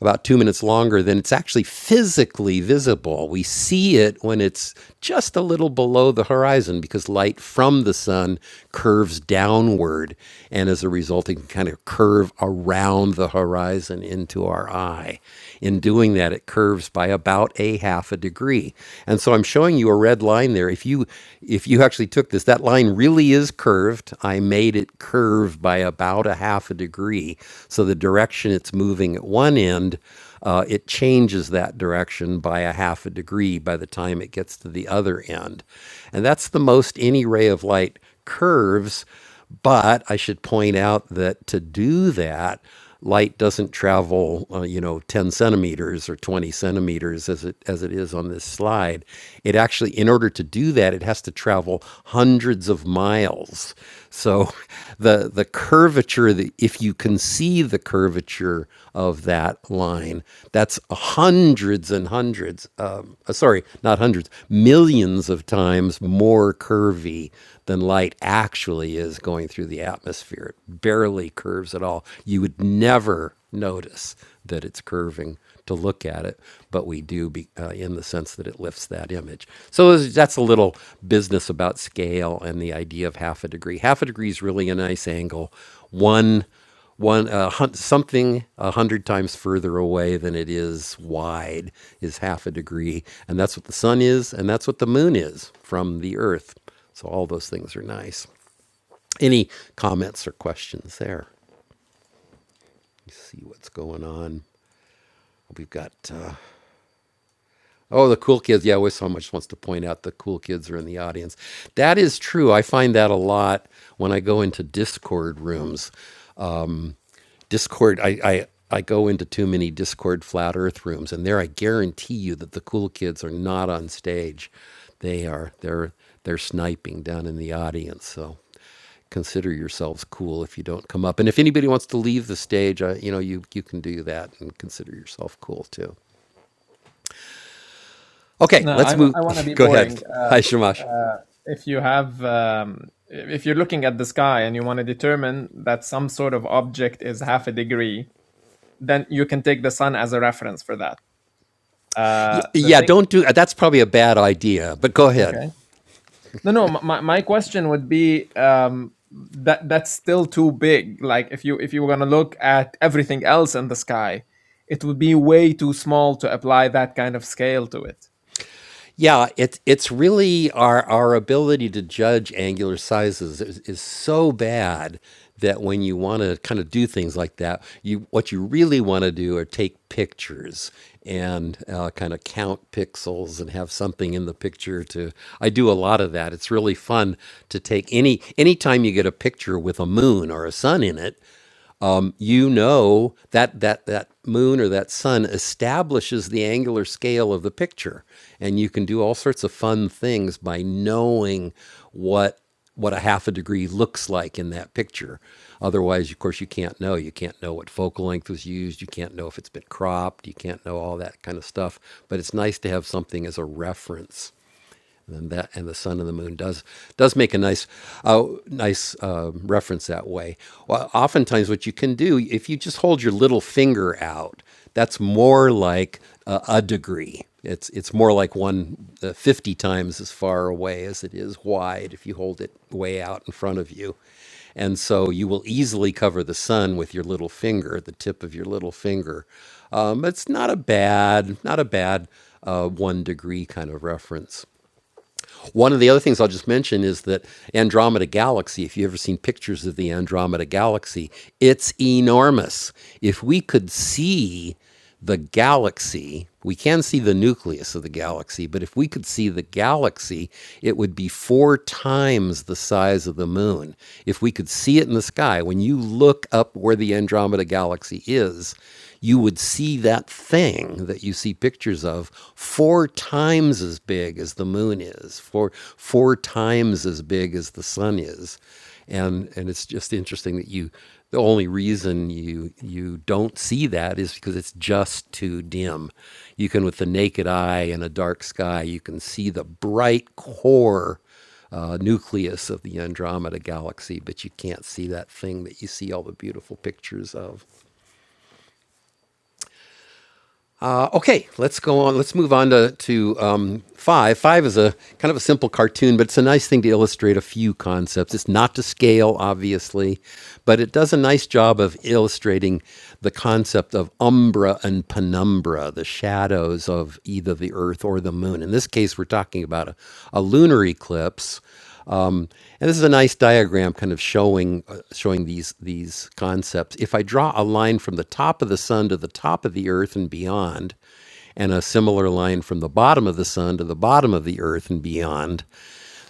[SPEAKER 1] about two minutes longer than it's actually physically visible. We see it when it's just a little below the horizon because light from the sun curves downward and as a result, it can kind of curve around the horizon into our eye. In doing that, it curves by about a half a degree. And so I'm showing you a red line there. If you if you actually took this, that line really is curved. I made it curve by about a half a degree. So the direction it's moving at one end, uh, it changes that direction by a half a degree by the time it gets to the other end. And that's the most any ray of light curves. But I should point out that to do that, light doesn't travel, uh, you know, 10 centimeters or 20 centimeters as it as it is on this slide. It actually, in order to do that, it has to travel hundreds of miles. So, the the curvature, that if you can see the curvature of that line, that's hundreds and hundreds. Um, uh, sorry, not hundreds, millions of times more curvy than light actually really is going through the atmosphere. It barely curves at all. You would never notice that it's curving to look at it, but we do be, uh, in the sense that it lifts that image. So that's a little business about scale and the idea of half a degree. Half a degree is really a nice angle. One one uh, hun- something a hundred times further away than it is wide is half a degree, and that's what the sun is, and that's what the moon is from the Earth. So all those things are nice. Any comments or questions there? See what's going on. We've got uh, oh the cool kids. Yeah, always so much wants to point out the cool kids are in the audience. That is true. I find that a lot when I go into Discord rooms. Discord, I, I, I go into too many Discord flat earth rooms, and there I guarantee you that the cool kids are not on stage. They are, they're, they're sniping down in the audience. So consider yourselves cool if you don't come up. And if anybody wants to leave the stage, I you know, you, you can do that and consider yourself cool too. Okay,
[SPEAKER 4] No, I,
[SPEAKER 1] let's move.
[SPEAKER 4] I want to be
[SPEAKER 1] go ahead.
[SPEAKER 4] boring.
[SPEAKER 1] Hi,
[SPEAKER 4] Um,
[SPEAKER 1] Shamash.
[SPEAKER 4] uh, if you have, um, if you're looking at the sky and you want to determine that some sort of object is half a degree, then you can take the sun as a reference for that.
[SPEAKER 1] Y-
[SPEAKER 4] Uh, the
[SPEAKER 1] Yeah,
[SPEAKER 4] thing.
[SPEAKER 1] don't do That's probably a bad idea, but go
[SPEAKER 4] Okay.
[SPEAKER 1] ahead.
[SPEAKER 4] No, no. My my question would be um, that that's still too big. Like if you if you were gonna look at everything else in the sky, it would be way too small to apply that kind of scale to it.
[SPEAKER 1] Yeah, it's it's really our our ability to judge angular sizes is, is so bad that when you want to kind of do things like that, you what you really want to do are take pictures and uh, kind of count pixels and have something in the picture to. I do a lot of that. It's really fun to take any anytime you get a picture with a moon or a sun in it you know that that that moon or that sun establishes the angular scale of the picture and you can do all sorts of fun things by knowing what what a half a degree looks like in that picture otherwise of course you can't know you can't know what focal length was used you can't know if it's been cropped you can't know all that kind of stuff but it's nice to have something as a reference and that and the sun and the moon does does make a nice uh, nice uh, reference that way. Well, oftentimes, what you can do if you just hold your little finger out, that's more like a, a degree. It's it's more like one uh, 50 times as far away as it is wide if you hold it way out in front of you. And so you will easily cover the sun with your little finger, the tip of your little finger. Um, it's not a bad, not a bad uh, one degree kind of reference. One of the other things I'll just mention is that Andromeda Galaxy, if you've ever seen pictures of the Andromeda Galaxy, it's enormous. If we could see the galaxy, we can see the nucleus of the galaxy, but if we could see the galaxy, it would be four times the size of the moon. If we could see it in the sky, when you look up where the Andromeda Galaxy is, you would see that thing that you see pictures pictures of four times as big as the moon is, four, four times as big as the sun is. And, and it's just interesting that you, the only reason you, you don't see that is because it's just too dim. You can, with the naked eye in a dark sky, you can see the bright core uh, nucleus of the Andromeda galaxy, but you can't see that thing that you see all the beautiful pictures of. Uh, okay, let's go on. Let's move on to, to um, five. Five is a kind of a simple cartoon, but it's a nice thing to illustrate a few concepts. It's not to scale, obviously, but it does a nice job of illustrating the concept of umbra and penumbra, the shadows of either the Earth or the Moon. In this case, we're talking about a, a lunar eclipse um, And this is a nice diagram kind of showing uh, showing these these concepts. If I draw a line from the top of the sun to the top of the earth and beyond, and a similar line from the bottom of the sun to the bottom of the earth and beyond,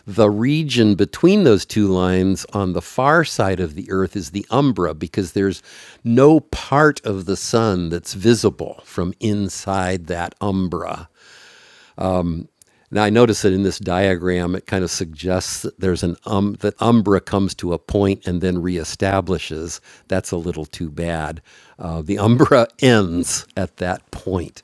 [SPEAKER 1] the region between those two lines on the far side of the earth is the umbra because there's no part of the sun that's visible from inside that umbra now I notice that in this diagram, it kind of suggests that there's an um that umbra comes to a point and then reestablishes. That's a little too bad. Uh, the umbra ends at that point.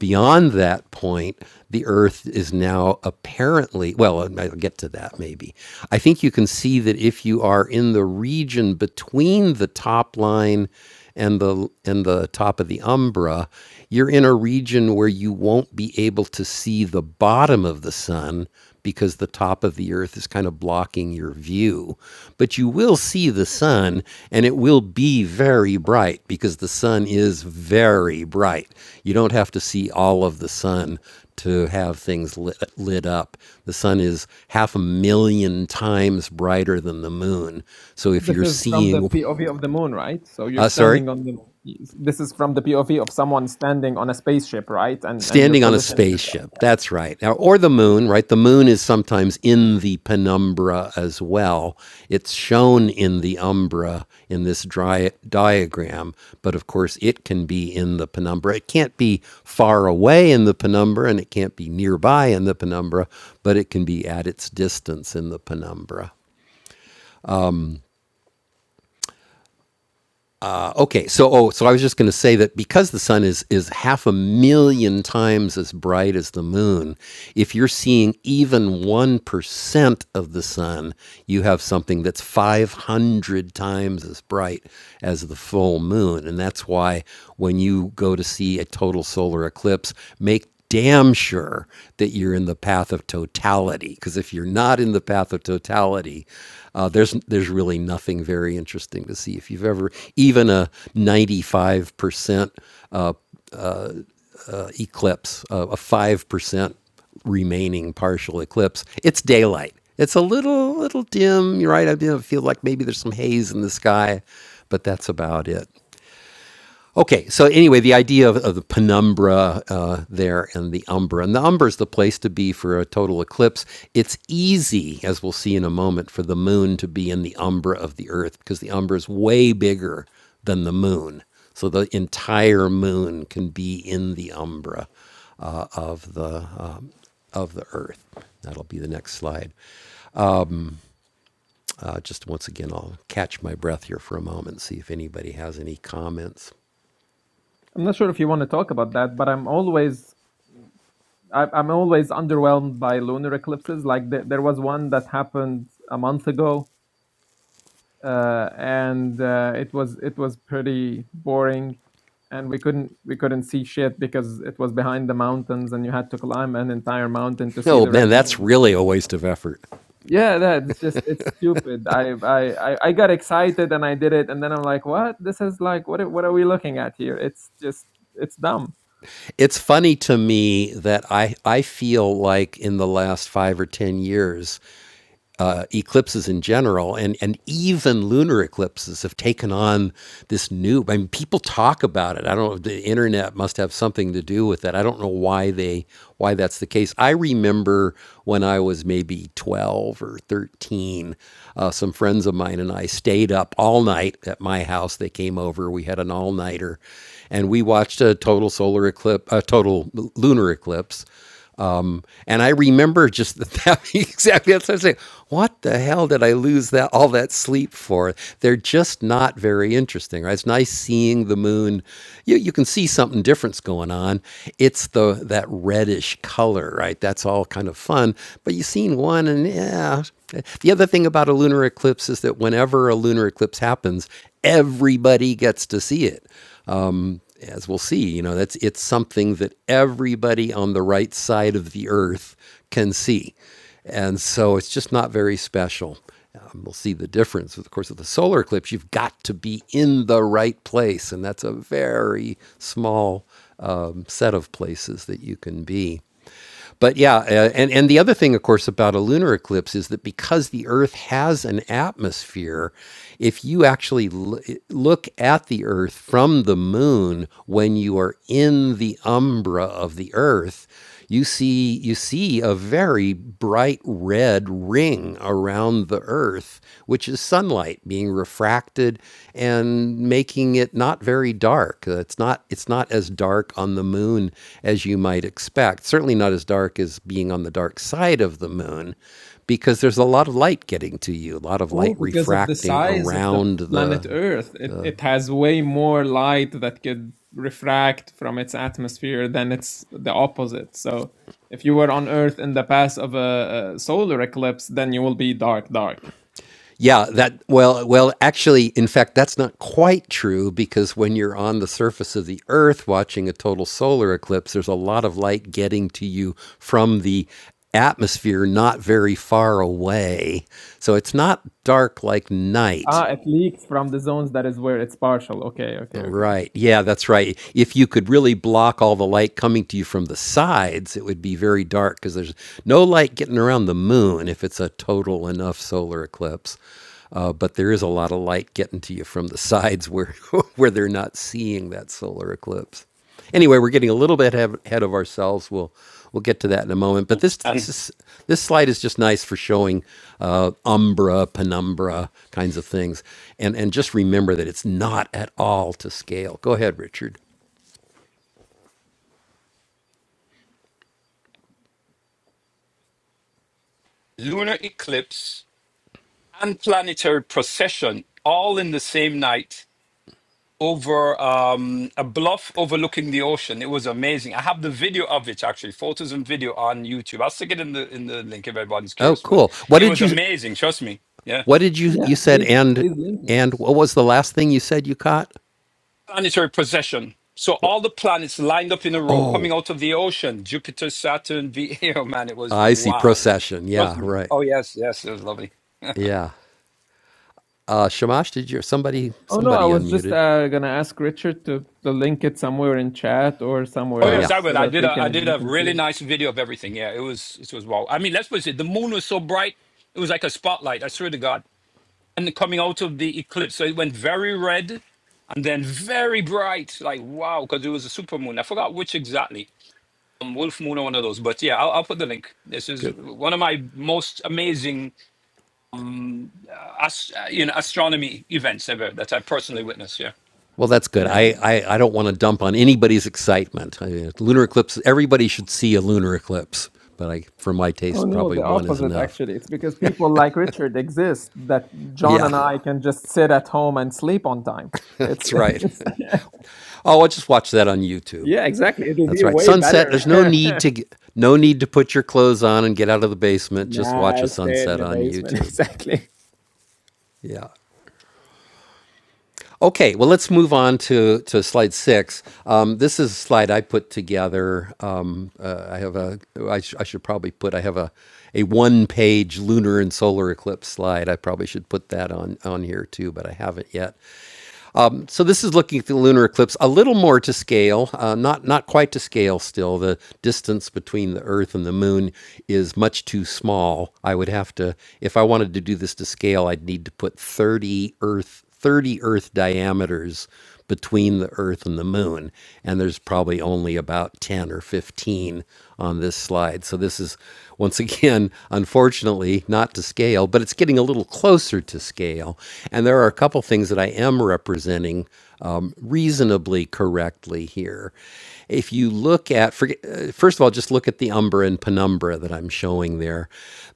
[SPEAKER 1] Beyond that point, the Earth is now apparently, well, I'll get to that maybe. I think you can see that if you are in the region between the top line and the and the top of the umbra you're in a region where you won't be able to see the bottom of the sun because the top of the earth is kind of blocking your view but you will see the sun and it will be very bright because the sun is very bright you don't have to see all of the sun to have things lit, lit up. The sun is half a million times brighter than the moon. So if
[SPEAKER 4] This
[SPEAKER 1] you're
[SPEAKER 4] is from the
[SPEAKER 1] seeing,
[SPEAKER 4] POV of the moon, right? So you're
[SPEAKER 1] uh, sorry?
[SPEAKER 4] standing on the. This is from the POV of someone standing on a spaceship, right? And and you're
[SPEAKER 1] Standing on a
[SPEAKER 4] positioning yourself.
[SPEAKER 1] spaceship.
[SPEAKER 4] Yeah.
[SPEAKER 1] That's right. Now, or the moon, right? The moon is sometimes in the penumbra as well. It's shown in the umbra in this dry diagram, but of course, it can be in the penumbra. It can't be far away in the penumbra and it can't be nearby in the penumbra, but it can be at its distance in the penumbra. Uh, okay, so oh, so I was just going to say that because the sun is is half a million times as bright as the moon, if you're seeing even 1% of the sun, you have something that's 500 times as bright as the full moon, and that's why when you go to see a total solar eclipse, make damn sure that you're in the path of totality because if you're not in the path of totality uh, there's there's really nothing very interesting to see. If you've ever even a 95% eclipse, uh, a 5% remaining partial eclipse, it's daylight. It's a little little dim, you're right? I feel like maybe there's some haze in the sky, but that's about it. Okay, so anyway, the idea of, of the penumbra uh, there and the umbra. And the umbra is the place to be for a total eclipse. It's easy, as we'll see in a moment, for the moon to be in the umbra of the earth because the umbra is way bigger than the moon. So the entire moon can be in the umbra uh, of, the, um, of the earth. That'll be the next slide. Uh, just once again, I'll catch my breath here for a moment, see if anybody has any comments.
[SPEAKER 4] I'm not sure if you want to talk about that, but I'm always I, I'm always underwhelmed by lunar eclipses. Like th- there was one that happened a month ago, uh, and uh, it was it was pretty boring, and we couldn't we couldn't see shit because it was behind the mountains, and you had to climb an entire mountain to see
[SPEAKER 1] Oh
[SPEAKER 4] the
[SPEAKER 1] man,
[SPEAKER 4] red
[SPEAKER 1] that's
[SPEAKER 4] moon
[SPEAKER 1] really a waste of effort.
[SPEAKER 4] yeah that's just it's stupid I, I i i got excited and i did it and then i'm like what this is like what are- what are we looking at here it's just it's dumb
[SPEAKER 1] it's funny to me that I I feel like in the last five or ten years, uh, eclipses in general and, and even lunar eclipses have taken on this new. I mean, people talk about it. I don't know. The internet must have something to do with that. I don't know why they why that's the case. I remember when I was maybe 12 or 13, uh, some friends of mine and I stayed up all night at my house. They came over. We had an all nighter, and we watched a total solar eclipse, a total lunar eclipse. And I remember just that, that exactly that's what I'm saying. What the hell did I lose that all that sleep for? They're just not very interesting, right? It's nice seeing the moon. You, you can see something different's going on. It's the that reddish color, right? That's all kind of fun. But you've seen one and yeah. The other thing about a lunar eclipse is that whenever a lunar eclipse happens, everybody gets to see it as we'll see, you know, that's it's something that everybody on the right side of the earth can see. And so it's just not very special. Um, we'll see the difference. Of course, with the solar eclipse, you've got to be in the right place, and that's a very small um, set of places that you can be. But yeah, uh, and and the other thing, of course, about a lunar eclipse is that because the Earth has an atmosphere, if you actually l- look at the Earth from the Moon when you are in the umbra of the Earth, you see you see a very bright red ring around around the Earth, which is sunlight being refracted and making it not very dark. Uh, It's not it's not as dark on the moon as you might expect. Certainly not as dark as being on the dark side of the moon, because there's a lot of light getting to you, a lot of
[SPEAKER 4] Oh,
[SPEAKER 1] light
[SPEAKER 4] because of the
[SPEAKER 1] refracting
[SPEAKER 4] size of the
[SPEAKER 1] around the
[SPEAKER 4] planet Earth,
[SPEAKER 1] the
[SPEAKER 4] it, it has way more light that could refract from its atmosphere than it's the opposite. So if you were on Earth in the path of a, a solar eclipse, then you will be dark, dark.
[SPEAKER 1] Yeah, that well, well, actually, in fact, that's not quite true because when you're on the surface of the Earth watching a total solar eclipse, there's a lot of light getting to you from the atmosphere not very far away. So it's not dark like night.
[SPEAKER 4] Ah, it leaked from the zones. That is where it's partial. Okay, okay, okay.
[SPEAKER 1] Right. Yeah, that's right. If you could really block all the light coming to you from the sides, it would be very dark because there's no light getting around the moon if it's a total enough solar eclipse. Uh, but there is a lot of light getting to you from the sides where where they're not seeing that solar eclipse. Anyway, we're getting a little bit ahead ahead of ourselves. We'll we'll get to that in a moment. But this this,
[SPEAKER 7] And
[SPEAKER 1] this slide is just nice for showing uh, umbra, penumbra kinds of things, and and just remember that it's not at all to scale. Go ahead, Richard.
[SPEAKER 7] lunar eclipse and planetary procession all in the same night over um, a bluff overlooking the ocean. It was amazing. I have the video of it actually, photos and video on YouTube. I'll stick it in the in the link if everybody's
[SPEAKER 1] Oh,
[SPEAKER 7] curious. But
[SPEAKER 1] cool. What
[SPEAKER 7] it
[SPEAKER 1] did
[SPEAKER 7] was
[SPEAKER 1] you
[SPEAKER 7] amazing. Trust me. Yeah.
[SPEAKER 1] What did you
[SPEAKER 4] Yeah,
[SPEAKER 1] you said
[SPEAKER 4] please,
[SPEAKER 1] and
[SPEAKER 4] please link it.
[SPEAKER 1] and what was the last thing you said you caught?
[SPEAKER 7] planetary procession. So
[SPEAKER 1] What-
[SPEAKER 7] all the planets lined up in a row
[SPEAKER 1] Oh,
[SPEAKER 7] coming out of the ocean. Jupiter, Saturn, V. Oh man, it was
[SPEAKER 1] I see.
[SPEAKER 7] wow.
[SPEAKER 1] Procession.
[SPEAKER 7] Trust
[SPEAKER 1] Yeah,
[SPEAKER 7] me.
[SPEAKER 1] right.
[SPEAKER 7] Oh yes, yes, it was lovely.
[SPEAKER 1] Yeah. Uh, Shamash, did you somebody
[SPEAKER 4] Oh no, I
[SPEAKER 1] somebody
[SPEAKER 4] was just
[SPEAKER 1] unmuted?
[SPEAKER 4] uh, gonna ask Richard to, to link it somewhere in chat or
[SPEAKER 7] Oh
[SPEAKER 4] somewhere
[SPEAKER 1] Oh
[SPEAKER 7] yes,
[SPEAKER 1] yeah,
[SPEAKER 7] I
[SPEAKER 4] else
[SPEAKER 7] would.
[SPEAKER 4] so
[SPEAKER 7] I
[SPEAKER 4] that
[SPEAKER 7] did
[SPEAKER 4] we
[SPEAKER 7] a I
[SPEAKER 4] can
[SPEAKER 7] did
[SPEAKER 4] we
[SPEAKER 7] a
[SPEAKER 4] can
[SPEAKER 7] really
[SPEAKER 4] see it.
[SPEAKER 7] nice video of everything. Yeah, it was it was wow. I mean, let's put it, the moon was so bright, it was like a spotlight, I swear to God. And coming out of the eclipse. So it went very red and then very bright. Like wow, because it was a super moon. I forgot which exactly. Um, Wolf Moon or one of those. But yeah, I'll, I'll put the link. This is
[SPEAKER 1] good.
[SPEAKER 7] one of my most amazing um, ast- uh, you know, astronomy events ever that I personally witnessed. Yeah.
[SPEAKER 1] Well, that's good.
[SPEAKER 4] Yeah.
[SPEAKER 1] I, I, I don't want to dump on anybody's excitement. I, lunar eclipse, everybody should see a lunar eclipse, but I, for my
[SPEAKER 4] Oh
[SPEAKER 1] taste,
[SPEAKER 4] no,
[SPEAKER 1] probably
[SPEAKER 4] the
[SPEAKER 1] one is
[SPEAKER 4] opposite
[SPEAKER 1] enough.
[SPEAKER 4] actually. It's because people like Richard exist that John
[SPEAKER 1] Yeah,
[SPEAKER 4] and I can just sit at home and sleep on time. It's,
[SPEAKER 1] that's right.
[SPEAKER 4] it's
[SPEAKER 1] Oh, I'll just watch that on YouTube.
[SPEAKER 4] yeah, exactly. It'll
[SPEAKER 1] That's
[SPEAKER 4] be
[SPEAKER 1] right.
[SPEAKER 4] way
[SPEAKER 1] Sunset.
[SPEAKER 4] better.
[SPEAKER 1] There's no need to g- no need to put your clothes on and get out of the basement. Just watch a
[SPEAKER 4] nah, stay in
[SPEAKER 1] sunset
[SPEAKER 4] the
[SPEAKER 1] on
[SPEAKER 4] basement.
[SPEAKER 1] YouTube.
[SPEAKER 4] Exactly.
[SPEAKER 1] Yeah. Okay, well, let's move on to, to slide six. Um, this is a slide I put together. Um, uh, I have a, I, sh- I should probably put, I have a, a one page lunar and solar eclipse slide. I probably should put that on, on here too, but I haven't yet. Um, so this is looking at the lunar eclipse a little more to scale, uh, not not quite to scale. Still, the distance between the Earth and the Moon is much too small. I would have to, if I wanted to do this to scale, I'd need to put 30 Earth 30 Earth diameters between the Earth and the Moon. And there's probably only about 10 or 15 on this slide. So this is, once again, unfortunately, not to scale, but it's getting a little closer to scale. And there are a couple things that I am representing um, reasonably correctly here. If you look at, forget, uh, first of all, just look at the umbra and penumbra that I'm showing there.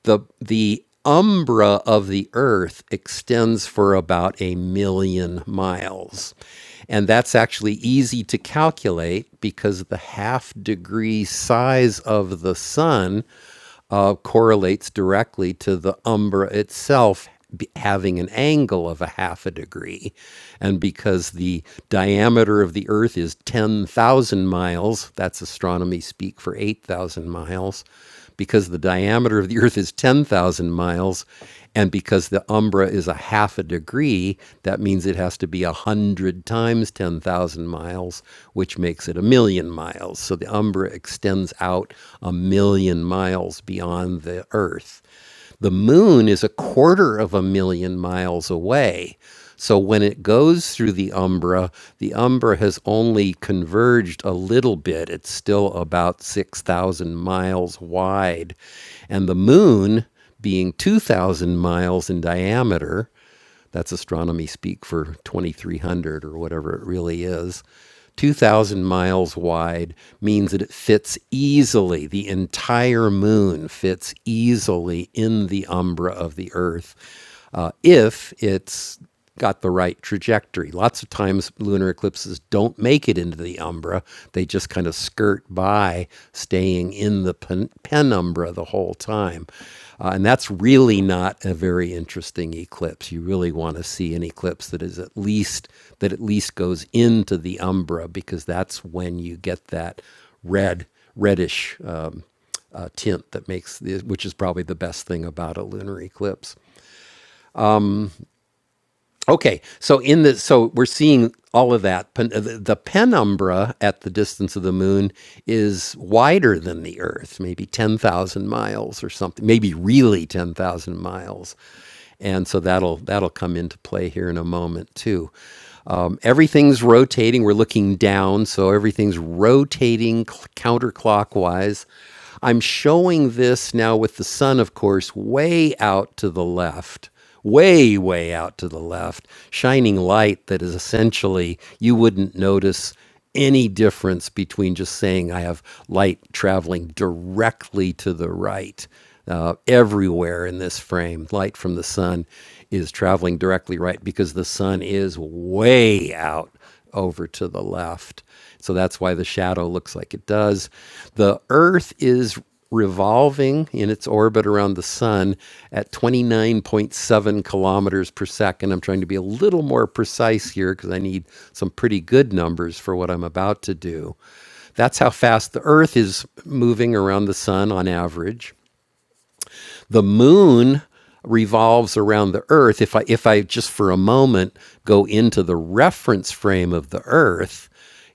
[SPEAKER 1] The the umbra of the Earth extends for about a million miles. And that's actually easy to calculate because the half degree size of the sun uh, correlates directly to the umbra itself having an angle of a half a degree. And because the diameter of the Earth is 10,000 miles, that's astronomy speak for 8,000 miles. Because the diameter of the Earth is 10,000 miles. And because the umbra is a half a degree, that means it has to be 100 times 10,000 miles, which makes it a million miles. So the umbra extends out a million miles beyond the Earth. The moon is a quarter of a million miles away. So when it goes through the umbra, the umbra has only converged a little bit. It's still about 6,000 miles wide. And the moon, being 2,000 miles in diameter, that's astronomy speak for 2300 or whatever it really is. 2,000 miles wide means that it fits easily, the entire moon fits easily in the umbra of the Earth uh, if it's got the right trajectory. Lots of times, lunar eclipses don't make it into the umbra. They just kind of skirt by, staying in the pen- penumbra the whole time. Uh, and that's really not a very interesting eclipse. You really want to see an eclipse that is at least that at least goes into the umbra because that's when you get that red reddish um, uh, tint that makes the, which is probably the best thing about a lunar eclipse. Okay, so in the so we're seeing all of that. Pen- The penumbra at the distance of the moon is wider than the Earth, maybe ten thousand miles or something, maybe really ten thousand miles, and so that'll that'll come into play here in a moment too. Um, everything's rotating. We're looking down, so everything's rotating counterclockwise. I'm showing this now with the sun, of course, way out to the left way, way out to the left, shining light that is essentially you wouldn't notice any difference between just saying I have light traveling directly to the right. Uh, everywhere in this frame, light from the sun is traveling directly right because the sun is way out over to the left. So that's why the shadow looks like it does. The Earth is revolving in its orbit around the sun at 29.7 kilometers per second. I'm trying to be a little more precise here because I need some pretty good numbers for what I'm about to do. That's how fast the Earth is moving around the sun on average the moon revolves around the earth if i if i just for a moment go into the reference frame of the earth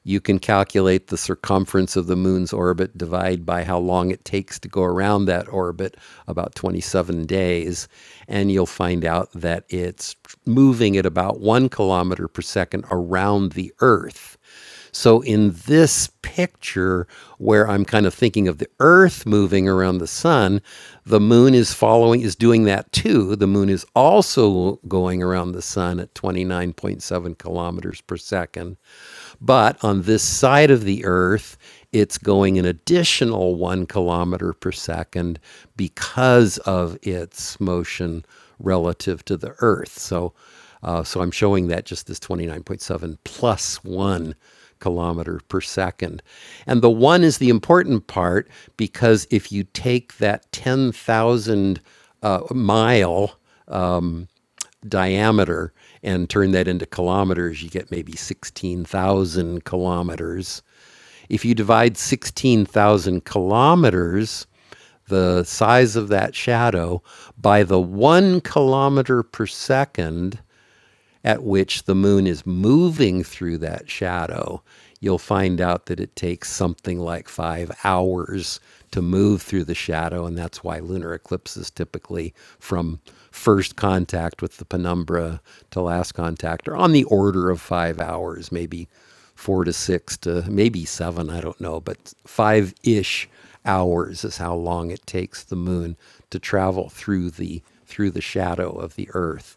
[SPEAKER 1] you can calculate the circumference of the moon's orbit divide by how long it takes to go around that orbit about 27 days and you'll find out that it's moving at about 1 kilometer per second around the earth so in this picture, where I'm kind of thinking of the Earth moving around the sun, the moon is following, is doing that too. The moon is also going around the sun at 29.7 kilometers per second. But on this side of the Earth, it's going an additional one kilometer per second because of its motion relative to the Earth. So, uh, so I'm showing that just as 29.7 plus one kilometer per second. And the one is the important part because if you take that 10,000 uh, mile diameter and turn that into kilometers, you get maybe 16,000 kilometers. If you divide 16,000 kilometers, the size of that shadow, by the one kilometer per second, at which the moon is moving through that shadow, you'll find out that it takes something like five hours to move through the shadow. And that's why lunar eclipses typically from first contact with the penumbra to last contact are on the order of five hours, maybe four to six to maybe seven, I don't know, but five ish hours is how long it takes the moon to travel through the through the shadow of the Earth.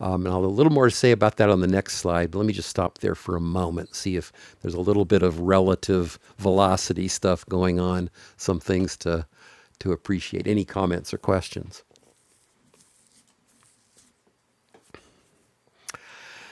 [SPEAKER 1] Um, and I'll have a little more to say about that on the next slide. But let me just stop there for a moment, see if there's a little bit of relative velocity stuff going on. Some things to to appreciate. Any comments or questions?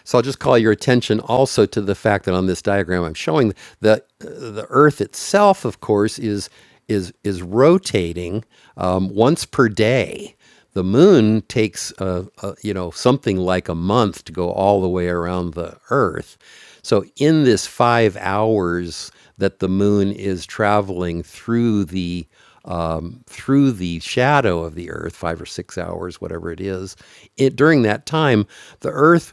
[SPEAKER 1] So I'll just call your attention also to the fact that on this diagram I'm showing that the Earth itself, of course, is is is rotating um, once per day. The Moon takes uh, uh, you know something like a month to go all the way around the Earth. So in this five hours that the Moon is traveling through the um, through the shadow of the Earth, five or six hours, whatever it is, it, during that time, the Earth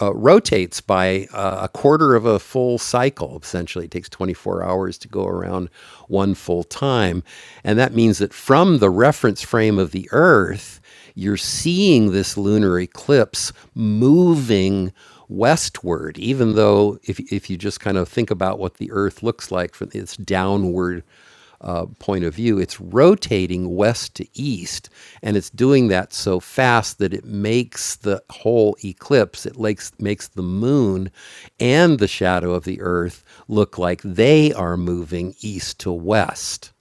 [SPEAKER 1] uh, rotates by uh, a quarter of a full cycle. Essentially, it takes 24 hours to go around one full time. And that means that from the reference frame of the Earth, you're seeing this lunar eclipse moving westward, even though if, if you just kind of think about what the Earth looks like, from, it's downward uh, point of view, it's rotating west to east, and it's doing that so fast that it makes the whole eclipse, it makes, makes the moon and the shadow of the earth look like they are moving east to west.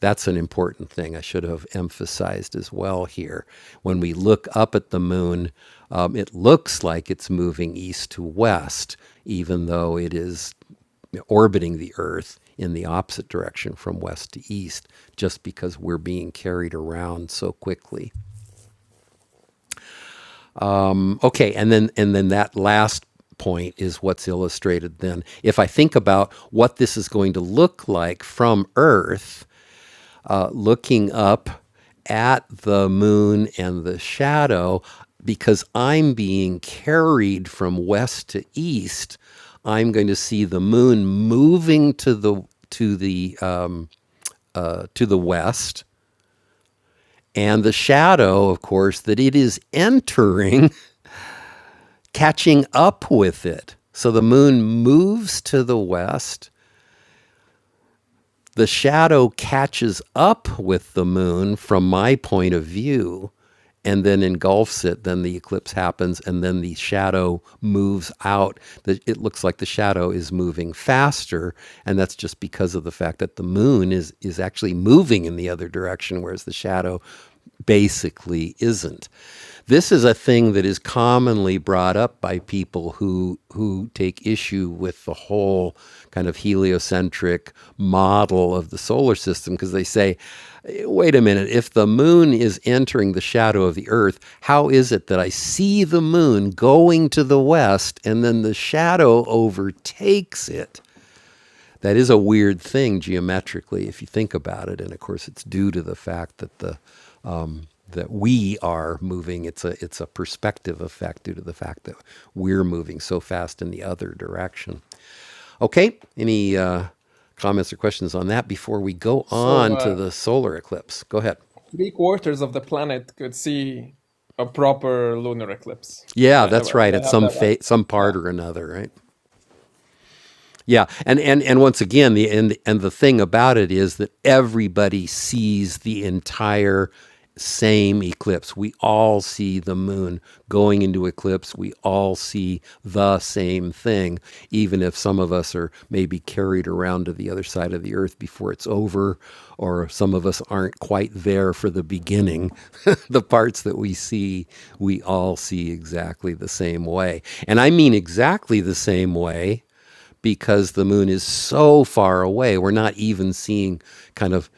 [SPEAKER 1] That's an important thing I should have emphasized as well here. When we look up at the moon, um, it looks like it's moving east to west, even though it is orbiting the Earth in the opposite direction from west to east, just because we're being carried around so quickly. Okay, and then and then that last point is what's illustrated then. If I think about what this is going to look like from Earth, looking up at the moon and the shadow because I'm being carried from west to east. I'm going to see the moon moving to the to the um, to the west, and the shadow, of course, that it is entering, catching up with it. So the moon moves to the west, the shadow catches up with the moon from my point of view and then engulfs it then the eclipse happens and then the shadow moves out The- it looks like the shadow is moving faster and that's just because of the fact that the moon is is actually moving in the other direction whereas the shadow basically isn't. This is a thing that is commonly brought up by people who who take issue with the whole kind of heliocentric model of the solar system because they say, "Eh, "Wait a minute, if the moon is entering the shadow of the earth, how is it that I see the moon going to the west and then the shadow overtakes it?" That is a weird thing geometrically if you think about it, and of course it's due to the fact that the that we are moving. It's a it's a perspective effect due to the fact that we're moving so fast in the other direction. Okay, any uh, comments or questions on that before we go
[SPEAKER 4] So
[SPEAKER 1] on to
[SPEAKER 4] uh,
[SPEAKER 1] the solar eclipse? Go ahead.
[SPEAKER 4] three quarters of the planet could see a proper lunar eclipse. Am
[SPEAKER 1] Yeah,
[SPEAKER 4] I,
[SPEAKER 1] that's right.
[SPEAKER 4] do I
[SPEAKER 1] At
[SPEAKER 4] have
[SPEAKER 1] some
[SPEAKER 4] that right?
[SPEAKER 1] fa- some
[SPEAKER 4] Yeah.
[SPEAKER 1] part or another, right? Yeah, and and and once again, the and and the thing about it is that everybody sees the entire same eclipse. We all see the moon going into eclipse. We all see the same thing, even if some of us are maybe carried around to the other side of the earth before it's over, or some of us aren't quite there for the beginning. the parts that we see, we all see exactly the same way. And I mean exactly the same way because the moon is so far away. We're not even seeing kind of,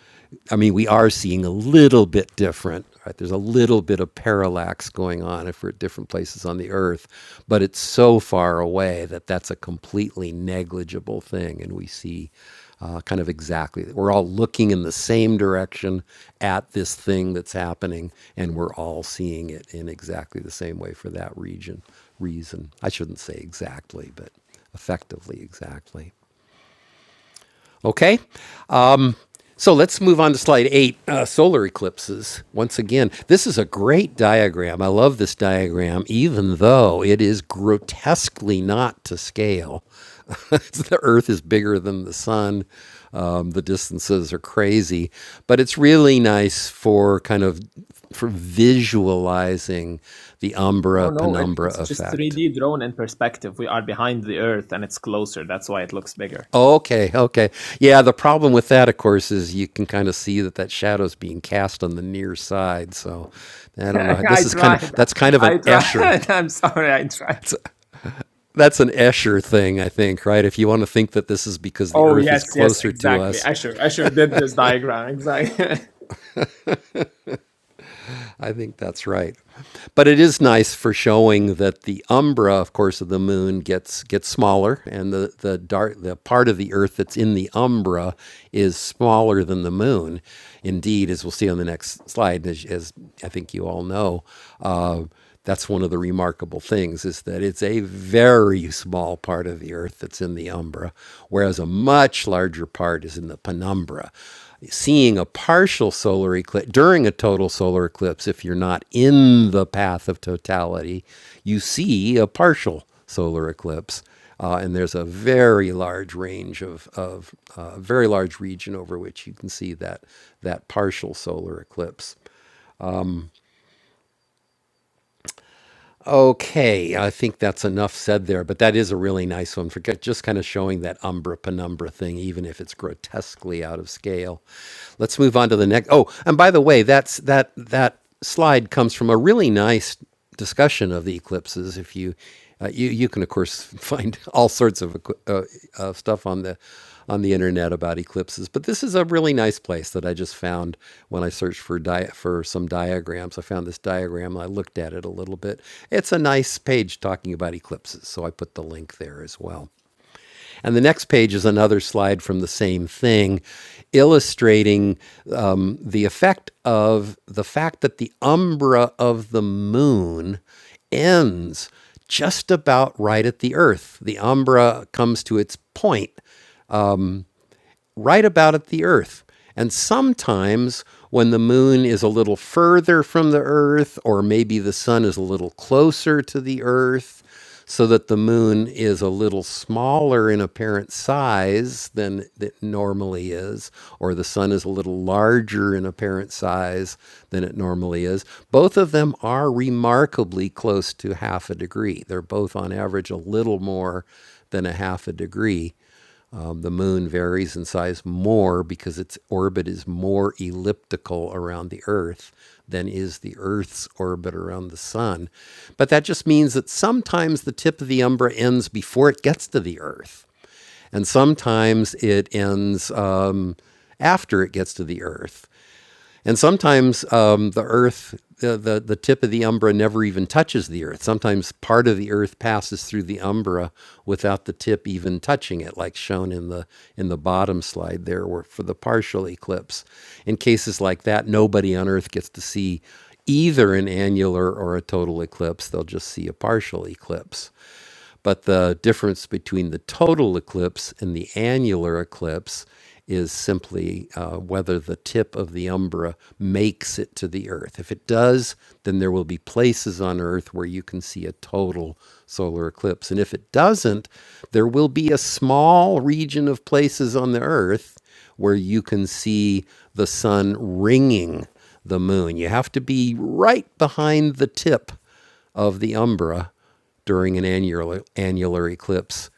[SPEAKER 1] I mean, we are seeing a little bit different. Right? There's a little bit of parallax going on if we're at different places on the Earth, but it's so far away that that's a completely negligible thing. And we see uh, kind of exactly, we're all looking in the same direction at this thing that's happening, and we're all seeing it in exactly the same way for that region reason. I shouldn't say exactly, but effectively, exactly. Okay, so let's move on to slide eight uh, solar eclipses. Once again, this is a great diagram. I love this diagram, even though it is grotesquely not to scale. the Earth is bigger than the sun, um, the distances are crazy, but it's really nice for kind of for visualizing the
[SPEAKER 4] Oh
[SPEAKER 1] umbra
[SPEAKER 4] no, it,
[SPEAKER 1] penumbra
[SPEAKER 4] it's just
[SPEAKER 1] effect.
[SPEAKER 4] 3D drone in perspective. We are behind the Earth and it's closer. That's why it looks bigger.
[SPEAKER 1] Okay, okay. Yeah, the problem with that, of course, is you can kind of see that that shadow's being cast on the near side. So I don't know. This
[SPEAKER 4] I
[SPEAKER 1] is kind of
[SPEAKER 4] tried.
[SPEAKER 1] that's kind of an
[SPEAKER 4] I
[SPEAKER 1] Escher.
[SPEAKER 4] tried. I'm sorry. I tried.
[SPEAKER 1] That's an Escher thing, I think, right? If you want to think that this is because the
[SPEAKER 4] Oh
[SPEAKER 1] Earth is
[SPEAKER 4] yes, yes,
[SPEAKER 1] closer to
[SPEAKER 4] exactly.
[SPEAKER 1] us,
[SPEAKER 4] Asher, Asher did this diagram exactly.
[SPEAKER 1] I think that's right. But it is nice for showing that the umbra, of course, of the moon gets gets smaller, and the the dark the part of the Earth that's in the umbra is smaller than the moon. Indeed, as we'll see on the next slide, as, as I think you all know. Uh, that's one of the remarkable things is that it's a very small part of the earth that's in the umbra whereas a much larger part is in the penumbra seeing a partial solar eclipse during a total solar eclipse if you're not in the path of totality you see a partial solar eclipse uh, and there's a very large range of, of uh, very large region over which you can see that that partial solar eclipse Okay, I think that's enough said there, but that is a really nice one for g- just kind of showing that umbra penumbra thing, even if it's grotesquely out of scale. Let's move on to the next. Oh, and by the way, that's that that slide comes from a really nice discussion of the eclipses. If you uh, you you can of course find all sorts of uh, uh, stuff on the on the internet about eclipses, but this is a really nice place that I just found when I searched for di- for some diagrams. I found this diagram. I looked at it a little bit. It's a nice page talking about eclipses, so I put the link there as well. And the next page is another slide from the same thing, illustrating um, the effect of the fact that the umbra of the moon ends just about right at the Earth. The umbra comes to its point right about at the Earth. And sometimes when the moon is a little further from the Earth, or maybe the sun is a little closer to the Earth, so that the moon is a little smaller in apparent size than it normally is, or the sun is a little larger in apparent size than it normally is. Both of them are remarkably close to half a degree. They're both, on average, a little more than a half a degree. The moon varies in size more because its orbit is more elliptical around the Earth than is the Earth's orbit around the sun. But that just means that sometimes the tip of the umbra ends before it gets to the Earth, and sometimes it ends um, after it gets to the Earth. And sometimes um, the Earth, the, the the tip of the umbra never even touches the Earth. Sometimes part of the Earth passes through the umbra without the tip even touching it, like shown in the in the bottom slide there, where for the partial eclipse. In cases like that, nobody on Earth gets to see either an annular or a total eclipse. They'll just see a partial eclipse. But the difference between the total eclipse and the annular eclipse is simply uh, whether the tip of the umbra makes it to the Earth. If it does, then there will be places on Earth where you can see a total solar eclipse. And if it doesn't, there will be a small region of places on the Earth where you can see the sun ringing the moon. You have to be right behind the tip of the umbra during an annular, annular eclipse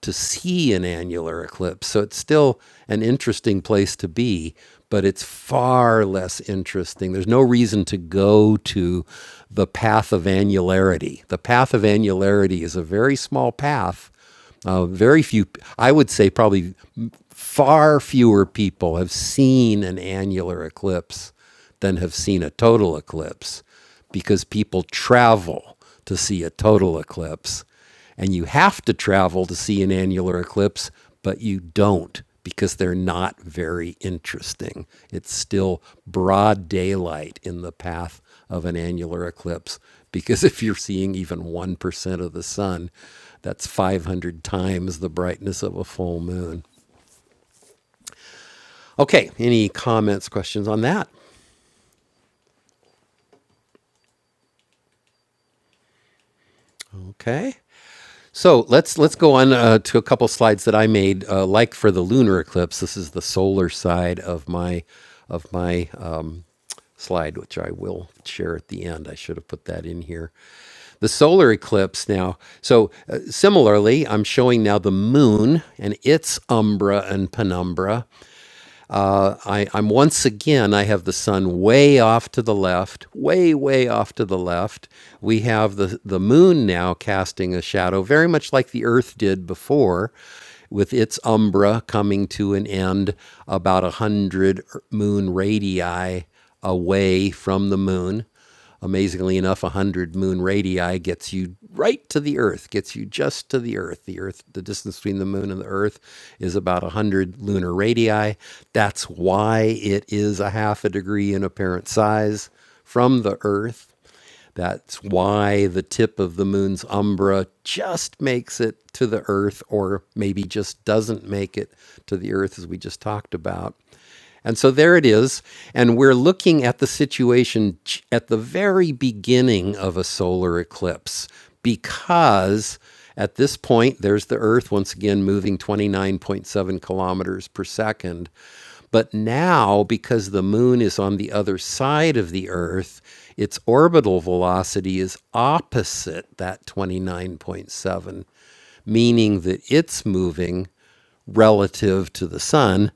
[SPEAKER 1] to see an annular eclipse. So it's still an interesting place to be, but it's far less interesting. There's no reason to go to the path of annularity. The path of annularity is a very small path. Uh, very few, I would say probably far fewer people have seen an annular eclipse than have seen a total eclipse because people travel to see a total eclipse. And you have to travel to see an annular eclipse, but you don't because they're not very interesting. It's still broad daylight in the path of an annular eclipse because if you're seeing even 1% of the sun, that's 500 times the brightness of a full moon. Okay, any comments, questions on that? Okay. So let's let's go on uh, to a couple slides that I made, uh, like for the lunar eclipse. This is the solar side of my of my um, slide, which I will share at the end. I should have put that in here. The solar eclipse now. So uh, similarly, I'm showing now the moon and its umbra and penumbra, uh, I, I'm once again, I have the sun way off to the left, way, way off to the left. We have the, the moon now casting a shadow, very much like the earth did before, with its umbra coming to an end about a 100 moon radii away from the moon. Amazingly enough, 100 moon radii gets you right to the Earth, gets you just to the Earth. The Earth, the distance between the moon and the Earth is about 100 lunar radii. That's why it is a half a degree in apparent size from the Earth. That's why the tip of the moon's umbra just makes it to the Earth, or maybe just doesn't make it to the Earth, as we just talked about. And so there it is. And we're looking at the situation at the very beginning of a solar eclipse because at this point, there's the Earth once again moving 29.7 kilometers per second. But now, because the moon is on the other side of the Earth, its orbital velocity is opposite that 29.7, meaning that it's moving relative to the sun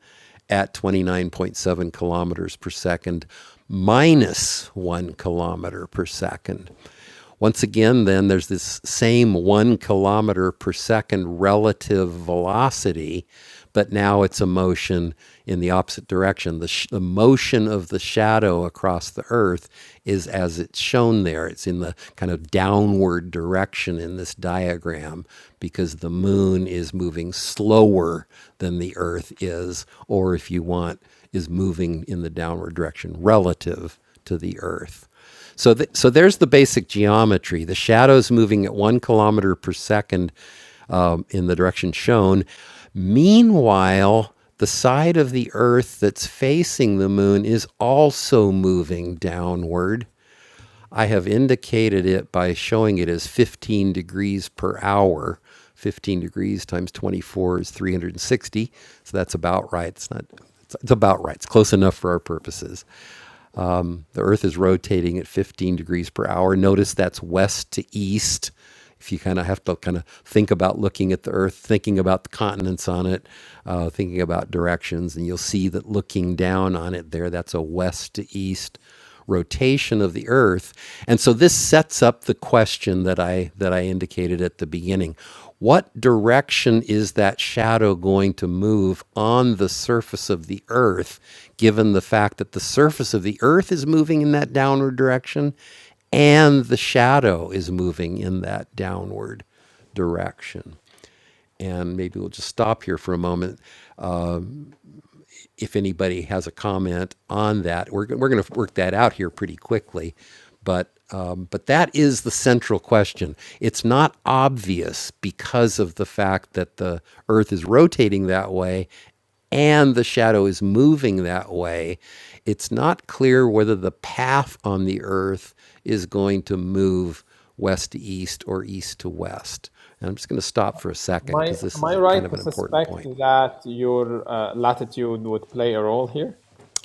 [SPEAKER 1] at 29.7 kilometers per second minus one kilometer per second. Once again, then there's this same one kilometer per second relative velocity but now it's a motion in the opposite direction. The, sh- the motion of the shadow across the earth is as it's shown there. It's in the kind of downward direction in this diagram because the moon is moving slower than the earth is, or if you want, is moving in the downward direction relative to the earth. So, th- so there's the basic geometry. The shadow's moving at one kilometer per second um, in the direction shown. Meanwhile, the side of the Earth that's facing the moon is also moving downward. I have indicated it by showing it as 15 degrees per hour. 15 degrees times 24 is 360. So that's about right. It's not. It's it's about right. It's close enough for our purposes. Um, the Earth is rotating at 15 degrees per hour. Notice that's west to east. If you kind of have to kind of think about looking at the Earth, thinking about the continents on it, uh, thinking about directions, and you'll see that looking down on it there, that's a west to east. rotation rotation of the earth and so this sets up the question that i that i indicated at the beginning what direction is that shadow going to move on the surface of the earth given the fact that the surface of the earth is moving in that downward direction and the shadow is moving in that downward direction and maybe we'll just stop here for a moment if anybody has a comment on that. We're, we're going to work that out here pretty quickly. But, um, but that is the central question. It's not obvious because of the fact that the Earth is rotating that way and the shadow is moving that way. It's not clear whether the path on the Earth is going to move west to east or east to west. And I'm just going to stop for a
[SPEAKER 4] Am
[SPEAKER 1] second
[SPEAKER 4] I,
[SPEAKER 1] because this
[SPEAKER 4] am
[SPEAKER 1] is
[SPEAKER 4] I
[SPEAKER 1] a kind
[SPEAKER 4] right
[SPEAKER 1] of
[SPEAKER 4] to
[SPEAKER 1] an important
[SPEAKER 4] suspect
[SPEAKER 1] point.
[SPEAKER 4] that your uh, latitude would play a role here?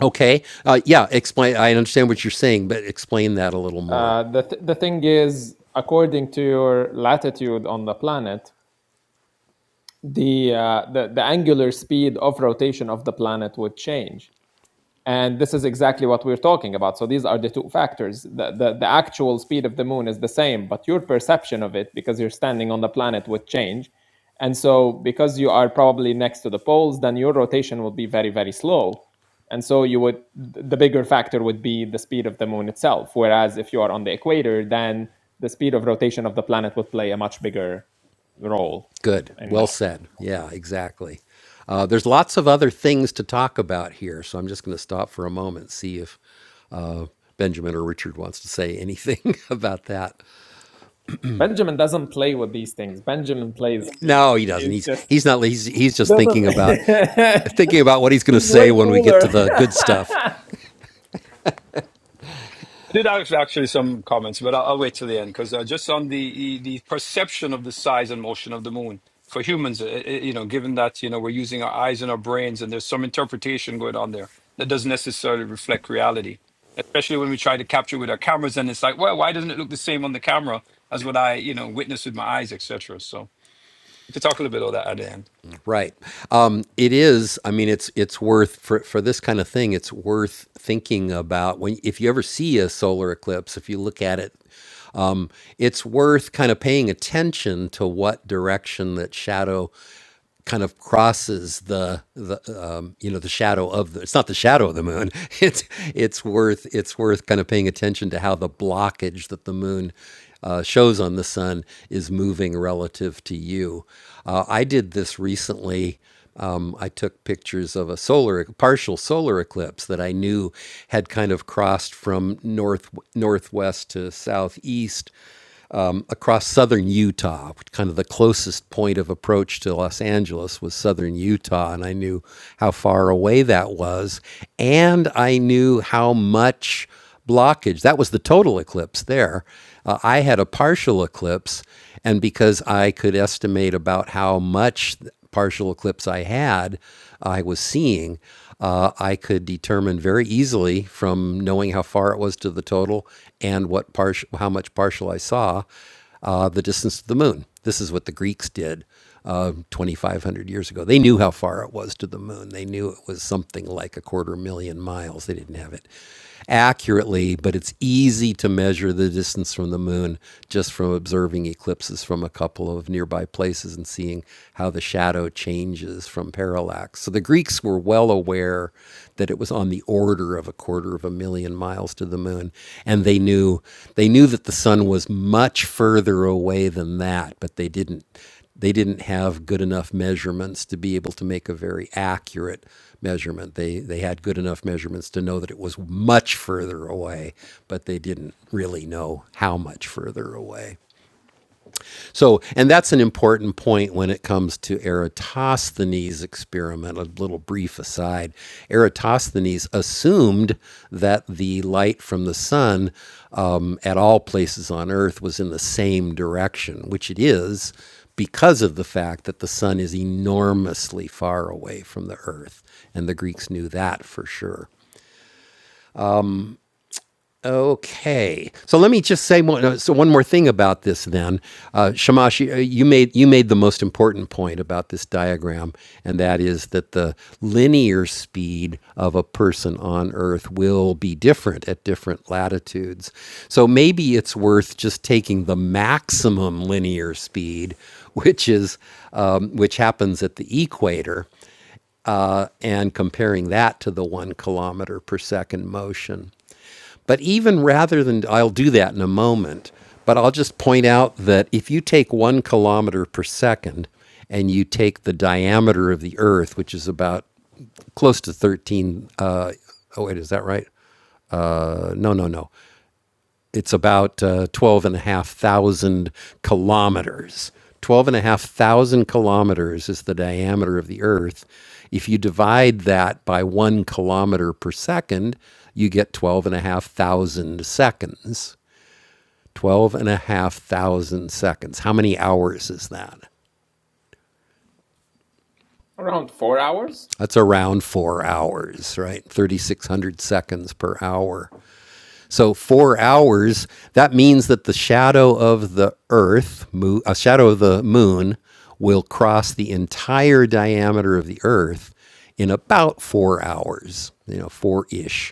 [SPEAKER 1] Okay. Uh, yeah. Explain. I understand what you're saying, but explain that a little more.
[SPEAKER 4] Uh, the, th- the thing is, according to your latitude on the planet, the, uh, the, the angular speed of rotation of the planet would change. And this is exactly what we're talking about. So these are the two factors. The, the, the actual speed of the moon is the same, but your perception of it, because you're standing on the planet, would change. And so, because you are probably next to the poles, then your rotation will be very, very slow. And so, you would the bigger factor would be the speed of the moon itself. Whereas, if you are on the equator, then the speed of rotation of the planet would play a much bigger role.
[SPEAKER 1] Good.
[SPEAKER 4] In that.
[SPEAKER 1] Well said. Yeah. Exactly. Uh, there's lots of other things to talk about here, so I'm just going to stop for a moment, see if uh, Benjamin or Richard wants to say anything about that.
[SPEAKER 4] Benjamin doesn't play with these things. Benjamin plays.
[SPEAKER 1] No, he doesn't.
[SPEAKER 4] He's
[SPEAKER 1] He's
[SPEAKER 4] just
[SPEAKER 1] he's not. He's he's
[SPEAKER 4] he
[SPEAKER 1] just thinking
[SPEAKER 4] doesn't.
[SPEAKER 1] about thinking about what he's going to
[SPEAKER 4] he's
[SPEAKER 1] say
[SPEAKER 4] way
[SPEAKER 1] when we get to
[SPEAKER 4] cooler.
[SPEAKER 1] the good stuff.
[SPEAKER 7] I did have actually some comments, but I'll, I'll wait till the end because uh, just on the, e, the perception of the size and motion of the moon for humans, uh, uh, you know, given that you know we're using our eyes and our brains, and there's some interpretation going on there that doesn't necessarily reflect reality, especially when we try to capture with our cameras, and it's like, well, why doesn't it look the same on the camera as what I you know witnessed with my eyes, etc. So we could talk a little bit of that at the end.
[SPEAKER 1] Right. Um, it is. I mean, it's it's worth for for this kind of thing. It's worth thinking about when if you ever see a solar eclipse. If you look at it um, it's worth kind of paying attention to what direction that shadow kind of crosses the the um, you know the shadow of the it's not the shadow of the moon it's it's worth it's worth kind of paying attention to how the blockage that the moon uh, shows on the sun is moving relative to you. Uh, I did this recently. Um, I took pictures of a solar partial solar eclipse that I knew had kind of crossed from north northwest to southeast across southern Utah, kind of the closest point of approach to Los Angeles was southern Utah, and I knew how far away that was, and I knew how much blockage that was the total eclipse there. Uh, I had a partial eclipse, and because I could estimate about how much partial eclipse I had, I was seeing, uh, I could determine very easily from knowing how far it was to the total and what partial, how much partial I saw, uh, the distance to the moon. This is what the Greeks did uh, 2,500 years ago. They knew how far it was to the moon. They knew it was something like a quarter million miles. They didn't have it accurately, but it's easy to measure the distance from the moon just from observing eclipses from a couple of near nearby places and seeing how the shadow changes from parallax. So the Greeks were well aware that it was on the order of a quarter of a million miles to the moon, and they knew they knew that the sun was much further away than that, but they didn't they didn't have good enough measurements to be able to make a very accurate measurement. They they had good enough measurements to know that it was much further away, but they didn't really know how much further away. So, and that's an important point when it comes to Eratosthenes' experiment. A little brief aside Eratosthenes assumed that the light from the sun um, at all places on Earth was in the same direction, which it is because of the fact that the sun is enormously far away from the Earth. And the Greeks knew that for sure. Okay, so let me just say one, uh, so one more thing about this. Then, uh, Shamash, uh, you made you made the most important point about this diagram, and that is that the linear speed of a person on Earth will be different at different latitudes. So maybe it's worth just taking the maximum linear speed, which is um, which happens at the equator, uh, and comparing that to the one kilometer per second motion. But even rather than, I'll do that in a moment, but I'll just point out that if you take one kilometer per second and you take the diameter of the Earth, which is about close to 13, uh, oh, wait, is that right? Uh, no, no, no. It's about uh, 12 and a half thousand kilometers. Twelve and a half thousand kilometers is the diameter of the Earth. If you divide that by one kilometer per second, you get twelve and a half thousand seconds. Twelve and a half thousand seconds. How many hours is that?
[SPEAKER 4] Around four hours.
[SPEAKER 1] That's around four hours, right? 3,600 seconds per hour. So, four hours, that means that the shadow of the Earth, mo- a shadow of the moon, will cross the entire diameter of the Earth in about four hours, you know, four ish.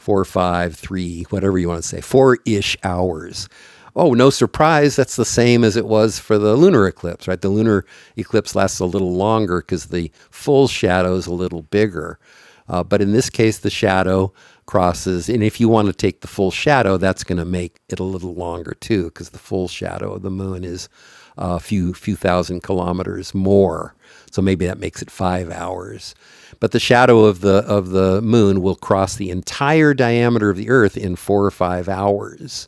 [SPEAKER 1] four, five, three, whatever you want to say, four ish hours. Oh, no surprise, that's the same as it was for the lunar eclipse, right? The lunar eclipse lasts a little longer because the full shadow is a little bigger. Uh, but in this case, the shadow crosses, and if you want to take the full shadow, that's going to make it a little longer too, because the full shadow of the moon is a few few thousand kilometers more. So maybe that makes it five hours. But the shadow of the of the moon will cross the entire diameter of the Earth in four or five hours.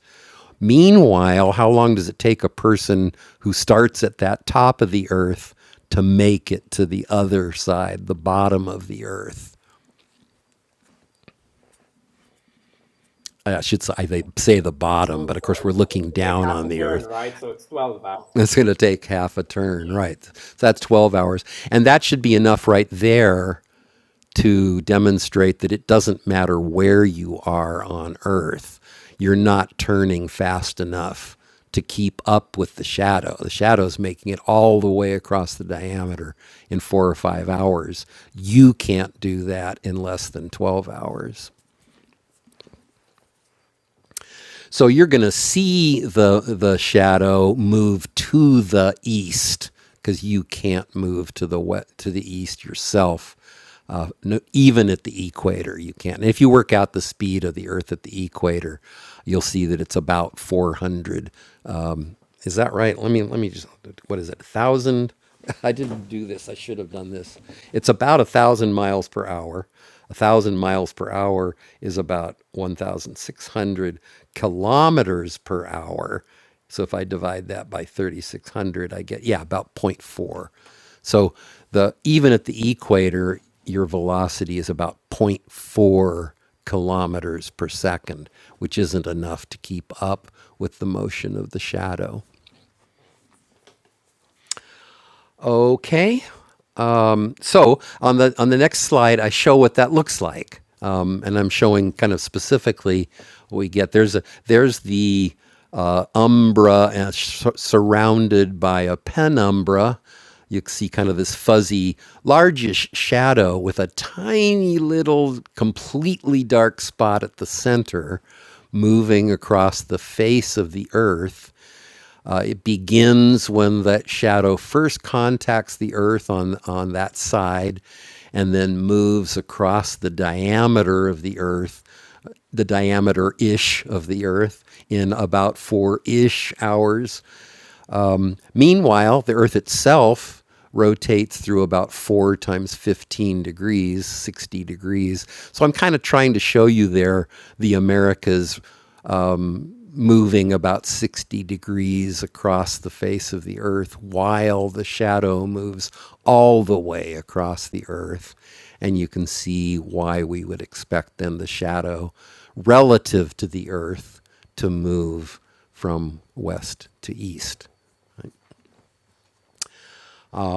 [SPEAKER 1] Meanwhile, how long does it take a person who starts at that top of the Earth to make it to the other side, the bottom of the Earth? I should say, they say the bottom, but
[SPEAKER 4] So,
[SPEAKER 1] of
[SPEAKER 4] so
[SPEAKER 1] course we're looking
[SPEAKER 4] to make
[SPEAKER 1] down
[SPEAKER 4] half
[SPEAKER 1] on
[SPEAKER 4] a
[SPEAKER 1] the
[SPEAKER 4] turn,
[SPEAKER 1] earth.
[SPEAKER 4] right? So it's twelve hours.
[SPEAKER 1] It's going to take half a turn, right? So that's 12 hours. And that should be enough right there to demonstrate that it doesn't matter where you are on Earth, you're not turning fast enough to keep up with the shadow. The shadow's making it all the way across the diameter in four or five hours. You can't do that in less than 12 hours. So you're going to see the the shadow move to the east because you can't move to the west, to the east yourself. Uh, no, even at the equator, you can't. And if you work out the speed of the Earth at the equator, you'll see that it's about 400 is that right? Let me let me just what is it? A thousand? I didn't do this. I should have done this. It's about a thousand miles per hour. A thousand miles per hour is about one thousand six hundred kilometers per hour. So if I divide that by thirty six hundred, I get yeah about zero point 0.4. So the even at the equator, your velocity is about zero point 0.4 kilometers per second, which isn't enough to keep up with the motion of the shadow. Okay. Um, so on the on the next slide, I show what that looks like, um, and I'm showing kind of specifically what we get. There's a there's the uh, umbra uh, sur- surrounded by a penumbra. You can see kind of this fuzzy, largish shadow with a tiny little, completely dark spot at the center, moving across the face of the earth uh, it begins when that shadow first contacts the earth on on that side and then moves across the diameter of the earth the diameter ish of the earth in about 4 ish hours meanwhile the earth itself rotates through about 4 times 15 degrees 60 degrees so i'm kind of trying to show you there the americas moving about 60 degrees across the face of the earth while the shadow moves all the way across the earth. And you can see why we would expect then the shadow relative to the earth to move from west to east.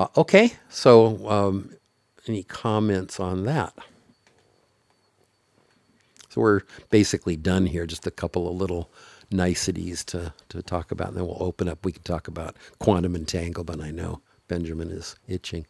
[SPEAKER 1] Uh, okay, so um, any comments on that? So we're basically done here. Just a couple of little niceties to, to talk about, and then we'll open up. We can talk about quantum entanglement. I know Benjamin is itching.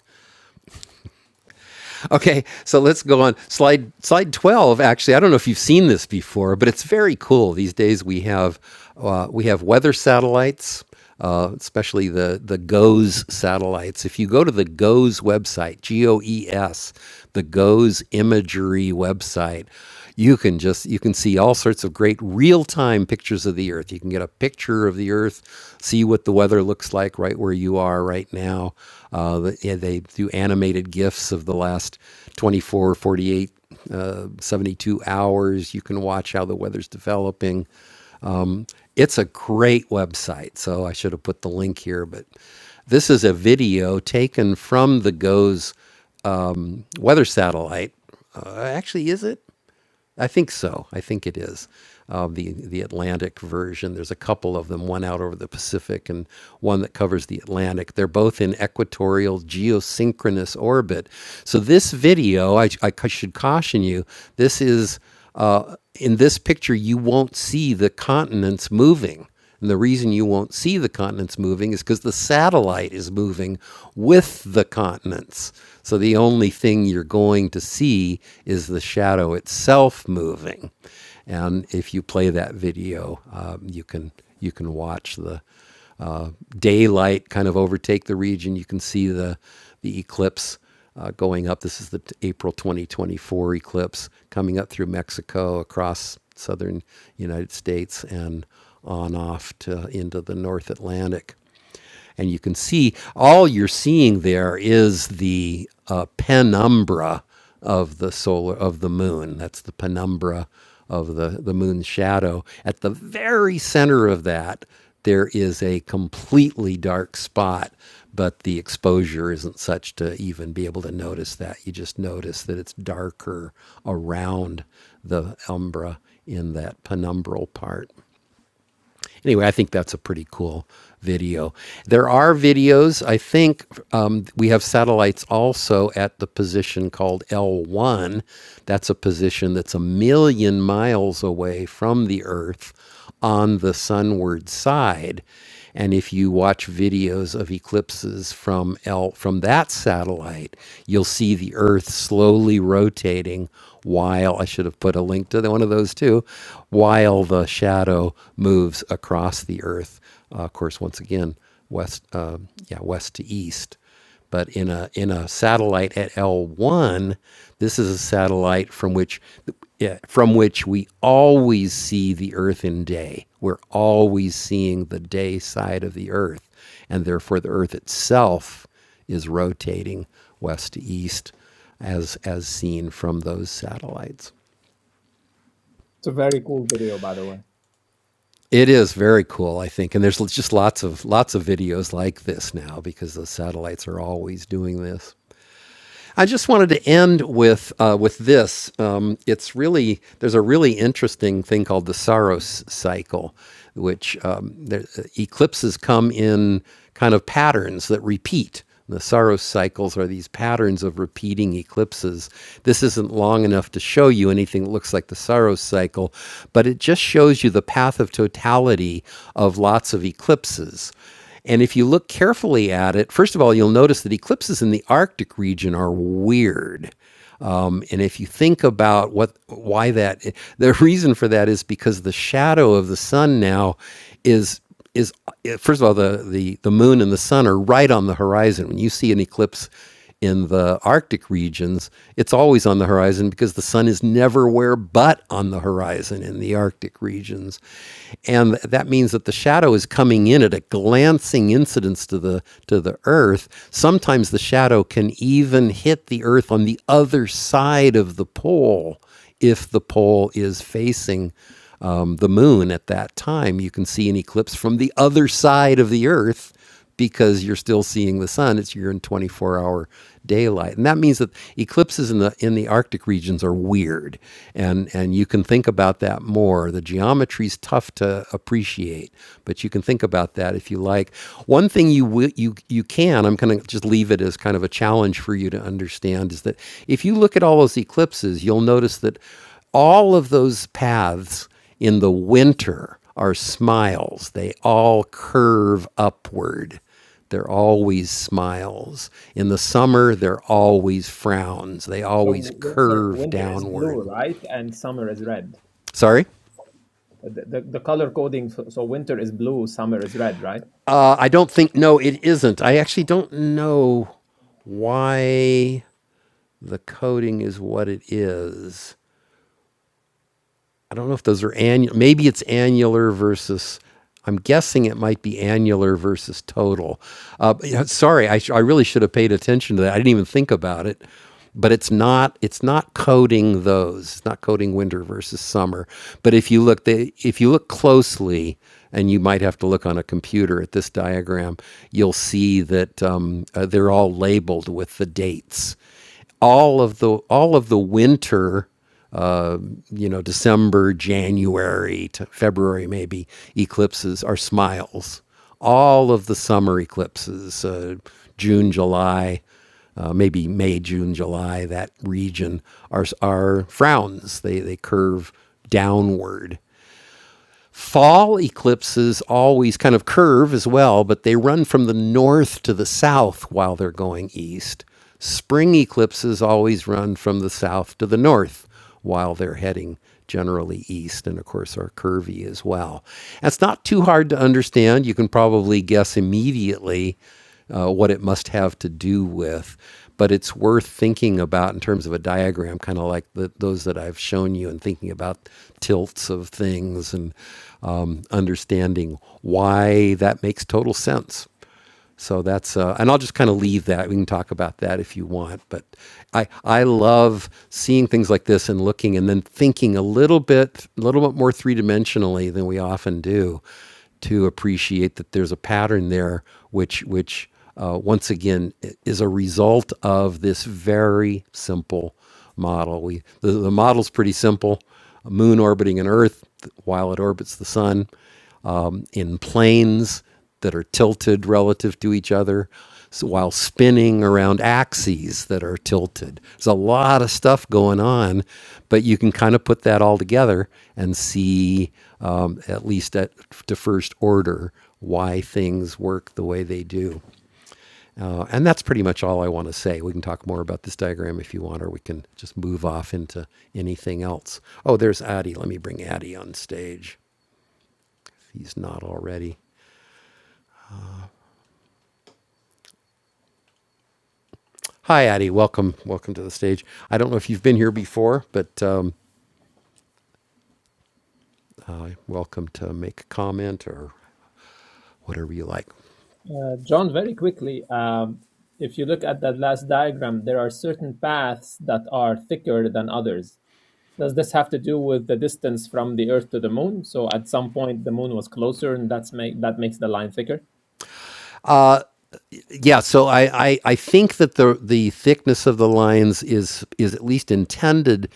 [SPEAKER 1] Okay, so let's go on slide slide twelve. Actually, I don't know if you've seen this before, but it's very cool. These days we have uh, we have weather satellites uh, especially the the GOES satellites. If you go to the GOES website, G O E S, the GOES imagery website, you can just you can see all sorts of great real-time pictures of the earth you can get a picture of the earth see what the weather looks like right where you are right now uh, the- yeah, they do animated gifs of the last 24 48 uh, 72 hours you can watch how the weather's developing it's a great website so i should have put the link here but this is a video taken from the goes weather satellite uh, actually is it I think so. I think it is. Uh, the the Atlantic version. There's a couple of them. One out over the Pacific and one that covers the Atlantic. They're both in equatorial geosynchronous orbit. So this video, I, I should caution you. This is uh, in this picture you won't see the continents moving. And the reason you won't see the continents moving is because the satellite is moving with the continents. So the only thing you're going to see is the shadow itself moving. And if you play that video, um, you can you can watch the daylight kind of overtake the region. You can see the the eclipse uh, going up. This is the April 2024 eclipse coming up through Mexico across southern United States and on off to into the North Atlantic and you can see all you're seeing there is the uh, penumbra of the solar of the moon. That's the penumbra of the the moon's shadow. At the very center of that, there is a completely dark spot, but the exposure isn't such to even be able to notice that. You just notice that it's darker around the umbra in that penumbral part anyway, I think that's a pretty cool video. There are videos. I think um, we have satellites also at the position called L1. That's a position that's a million miles away from the Earth on the sunward side. And if you watch videos of eclipses from L from that satellite, you'll see the Earth slowly rotating while I should have put a link to one of those too, while the shadow moves across the earth. Uh, of course, once again, west, um, yeah, west to east. But in a in a satellite at L1, this is a satellite from which yeah, from which we always see the Earth in day. We're always seeing the day side of the Earth, and therefore the Earth itself is rotating west to east as as seen from those satellites. It is very cool, I think, and there's just lots of lots of videos like this now because the satellites are always doing this. I just wanted to end with uh, with this. Um, it's really there's a really interesting thing called the Saros cycle, which um, there, eclipses come in kind of patterns that repeat. The Saros cycles are these patterns of repeating eclipses. This isn't long enough to show you anything that looks like the Saros cycle, but it just shows you the path of totality of lots of eclipses. And if you look carefully at it, first of all, you'll notice that eclipses in the Arctic region are weird. Um, and if you think about what why that the reason for that is because the shadow of the sun now is is first of all the the the moon and the sun are right on the horizon. When you see an eclipse in the Arctic regions, it's always on the horizon because the sun is never where but on the horizon in the Arctic regions. And that means that the shadow is coming in at a glancing incidence to the to the earth Earth, sometimes the shadow can even hit the Earth on the other side of the pole if the pole is facing um, the moon at that time. You can see an eclipse from the other side of the Earth because you're still seeing the sun. It's you're in 24 hour daylight. And that means that eclipses in the in the Arctic regions are weird, and and you can think about that more. The geometry's tough to appreciate, but you can think about that if you like. One thing you you you can I'm going to just leave it as kind of a challenge for you to understand is that if you look at all those eclipses, you'll notice that all of those paths in the winter are smiles. They all curve upward they're always smiles. In the summer, they're always frowns. They
[SPEAKER 4] So
[SPEAKER 1] always
[SPEAKER 4] winter,
[SPEAKER 1] curve
[SPEAKER 4] winter is blue,
[SPEAKER 1] downward.
[SPEAKER 4] right? And summer is red.
[SPEAKER 1] Sorry?
[SPEAKER 4] The, the, the color coding. So winter is blue, summer is red, right?
[SPEAKER 1] Uh, I don't think, no, it isn't. I actually don't know why the coding is what it is. I don't know if those are annual. Maybe it's annular versus. I'm guessing it might be annular versus total. Uh, yeah, sorry, I, sh- I really should have paid attention to that. I didn't even think about it. But it's not it's not coding those. It's not coding winter versus summer. But if you look they, if you look closely, and you might have to look on a computer at this diagram, you'll see that um, uh, they're all labeled with the dates all of the all of the winter you know, December, January to February, maybe eclipses are smiles. All of the summer eclipses, uh, June, July, uh, maybe May, June, July, that region are, are frowns. They, they curve downward. Fall eclipses always kind of curve as well, but they run from the north to the south while they're going east. Spring eclipses always run from the south to the north while they're heading generally east and of course are curvy as well. That's not too hard to understand. You can probably guess immediately uh, what it must have to do with. But it's worth thinking about in terms of a diagram, kind of like the, those that I've shown you, and thinking about tilts of things and um, understanding why that makes total sense so that's uh, and I'll just kind of leave that. We can talk about that if you want. But I I love seeing things like this and looking and then thinking a little bit a little bit more three dimensionally than we often do to appreciate that there's a pattern there which which uh, once again is a result of this very simple model. We the, the model's pretty simple. A moon orbiting an Earth while it orbits the sun in planes that are tilted relative to each other so while spinning around axes that are tilted. There's a lot of stuff going on, but you can kind of put that all together and see, um, at least at to first order, why things work the way they do. Uh, and that's pretty much all I want to say. We can talk more about this diagram if you want, or we can just move off into anything else. Oh, there's Addy. Let me bring Addy on stage. He's not already. Hi, Addie. Welcome. Welcome to the stage. I don't know if you've been here before, but um, uh, welcome to make a comment or whatever you like.
[SPEAKER 4] Uh, John, very quickly, um, if you look at that last diagram, there are certain paths that are thicker than others. Does this have to do with the distance from the Earth to the Moon? So at some point, the Moon was closer, and that's make that makes the line thicker.
[SPEAKER 1] yeah, so I, I, I think that the the thickness of the lines is is at least intended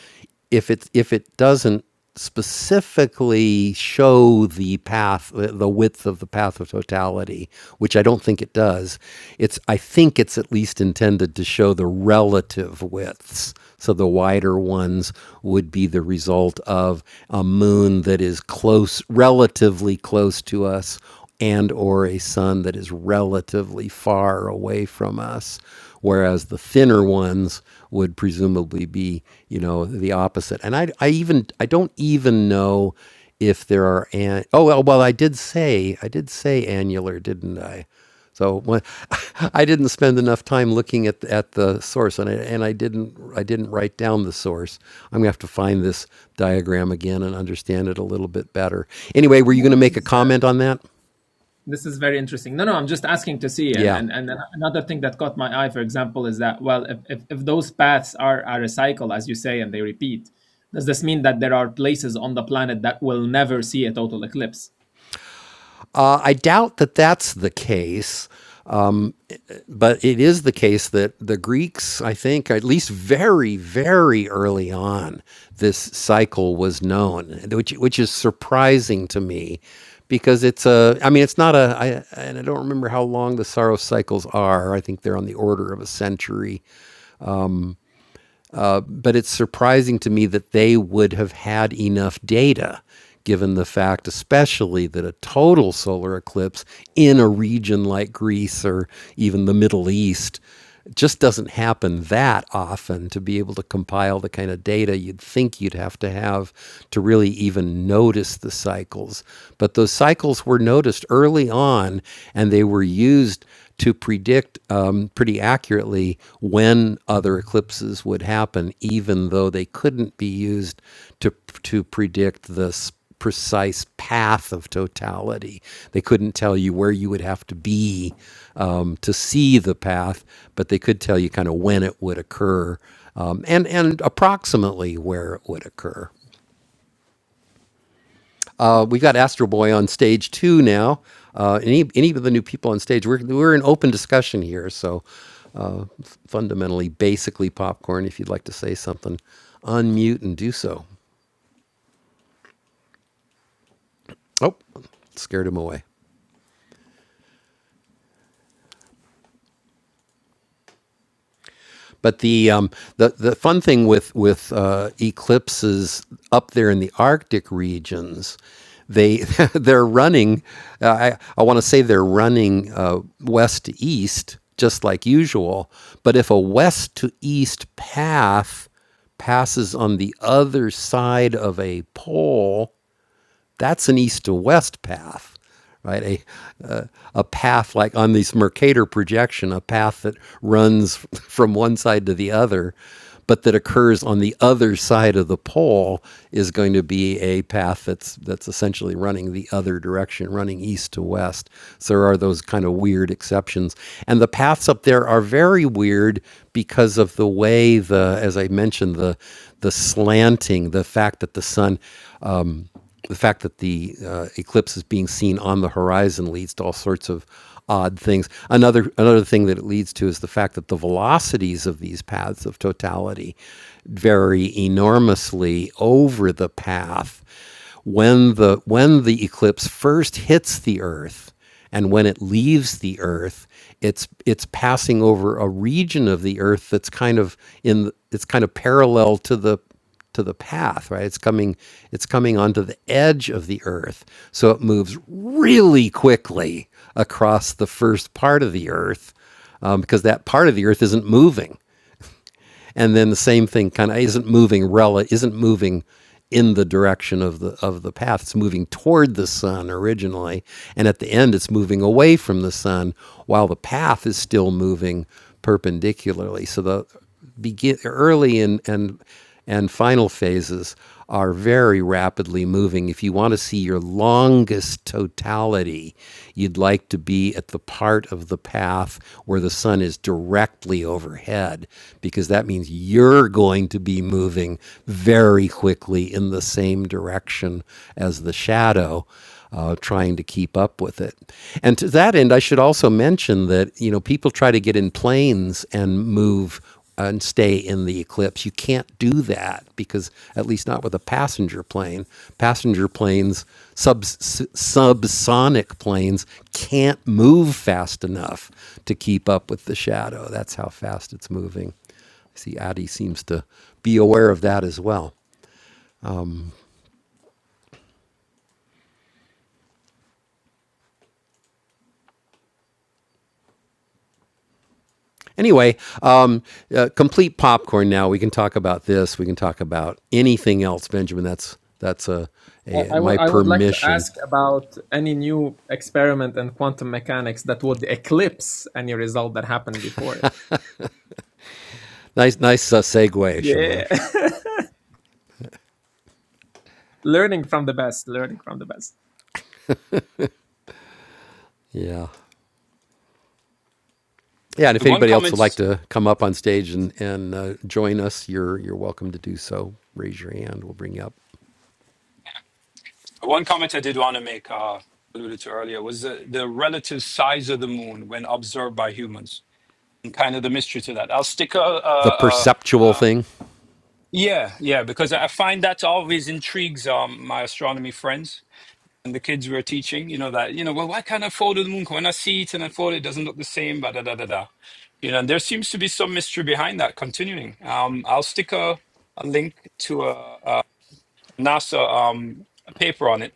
[SPEAKER 1] if it if it doesn't specifically show the path the the width of the path of totality, which I don't think it does. It's I think it's at least intended to show the relative widths. So the wider ones would be the result of a moon that is close relatively close to us and or a sun that is relatively far away from us whereas the thinner ones would presumably be you know the opposite and i, I even i don't even know if there are an oh well, well i did say i did say annular didn't i so when, I didn't spend enough time looking at at the source, and I, and I didn't I didn't write down the source. I'm gonna have to find this diagram again and understand it a little bit better. Anyway, were you going
[SPEAKER 4] No,
[SPEAKER 1] to
[SPEAKER 4] this
[SPEAKER 1] make a
[SPEAKER 4] is uh,
[SPEAKER 1] comment on that?
[SPEAKER 4] This is very interesting. No, no, I'm just asking to see. And
[SPEAKER 1] Yeah.
[SPEAKER 4] and, and another thing that caught my eye, for example, is that well, if, if, if those paths are, are a cycle, as you say, and they repeat, does this mean that there are places on the planet that will never see a total eclipse?
[SPEAKER 1] Uh, I doubt that that's the case, but it is the case that the Greeks, I think, at least very, very early on, this cycle was known, which which is surprising to me, because it's a. I mean, it's not a. I, and I don't remember how long the sorrow cycles are. I think they're on the order of a century, but it's surprising to me that they would have had enough data, given the fact, especially that a total solar eclipse in a region like Greece or even the Middle East just doesn't happen that often to be able to compile the kind of data you'd think you'd have to have to really even notice the cycles. But those cycles were noticed early on and they were used to predict um, pretty accurately when other eclipses would happen, even though they couldn't be used to to predict the s- precise path of totality. They couldn't tell you where you would have to be um, to see the path, but they could tell you kind of when it would occur um, and and approximately where it would occur. Uh, we got Astro Boy on stage two now. Uh, any any of the new people on stage, we're we're in open discussion here, so fundamentally, basically popcorn. If you'd like to say something, unmute and do so. Oh, scared him away. But the um, the the fun thing with with uh, eclipses up there in the Arctic regions, they they're running. Uh, I I want to say they're running uh, west to east, just like usual. But if a west to east path passes on the other side of a pole, That's an east to west path, right? A, uh, a path like on this Mercator projection, a path that runs from one side to the other, but that occurs on the other side of the pole is going to be a path that's that's essentially running the other direction, running east to west. So there are those kind of weird exceptions, and the paths up there are very weird because of the way the, as I mentioned, the the slanting, the fact that the sun um, the fact that the uh, eclipse is being seen on the horizon leads to all sorts of odd things. Another another thing that it leads to is the fact that the velocities of these paths of totality vary enormously over the path when the when the eclipse first hits the earth and when it leaves the earth it's it's passing over a region of the earth that's kind of in it's kind of parallel to the to the path, right? It's coming it's coming onto the edge of the earth. So it moves really quickly across the first part of the earth um, because that part of the earth isn't moving and then the same thing kind of isn't moving rela isn't moving in the direction of the of the path it's moving toward the sun originally and at the end it's moving away from the sun while the path is still moving perpendicularly so the begin early and and and final phases are very rapidly moving. If you want to see your longest totality, you'd like to be at the part of the path where the sun is directly overhead, because that means you're going to be moving very quickly in the same direction as the shadow uh, trying to keep up with it. And to that end, I should also mention that you know people try to get in planes and move and stay in the eclipse. You can't do that because at least not with a passenger plane. Passenger planes, sub subsonic planes can't move fast enough to keep up with the shadow. That's how fast it's moving. I see Adi seems to be aware of that as well. Anyway, um, uh, complete popcorn. Now we can talk about this. We can talk about anything else, Benjamin. That's that's a, a
[SPEAKER 4] I, I would
[SPEAKER 1] my
[SPEAKER 4] I would like to
[SPEAKER 1] permission.
[SPEAKER 4] ask about any new experiment in quantum mechanics that would eclipse any result that happened before it.
[SPEAKER 1] Nice, nice uh, segue,
[SPEAKER 4] Yeah.
[SPEAKER 1] Shamash.
[SPEAKER 4] learning from the best, learning from the best.
[SPEAKER 1] Yeah. Yeah, and if
[SPEAKER 7] One
[SPEAKER 1] anybody else would
[SPEAKER 7] comment.
[SPEAKER 1] like to come up on stage and, and uh, join us, you're you're welcome to do so. Raise your hand. We'll bring you up.
[SPEAKER 7] One comment I did want to make, uh, alluded to earlier, was the, the relative size of the moon when observed by humans and kind of the mystery to that. I'll stick a.
[SPEAKER 1] The
[SPEAKER 7] a, a,
[SPEAKER 1] perceptual
[SPEAKER 7] a
[SPEAKER 1] thing.
[SPEAKER 7] yeah, yeah, because I find that always intrigues um, my astronomy friends and the kids we're teaching. You know that you know well, why can't I follow the moon? When I see it and I follow it, it doesn't look the same. But da da da da. You know, and there seems to be some mystery behind that. Continuing, um, I'll stick a, a link to a, a NASA um, a paper on it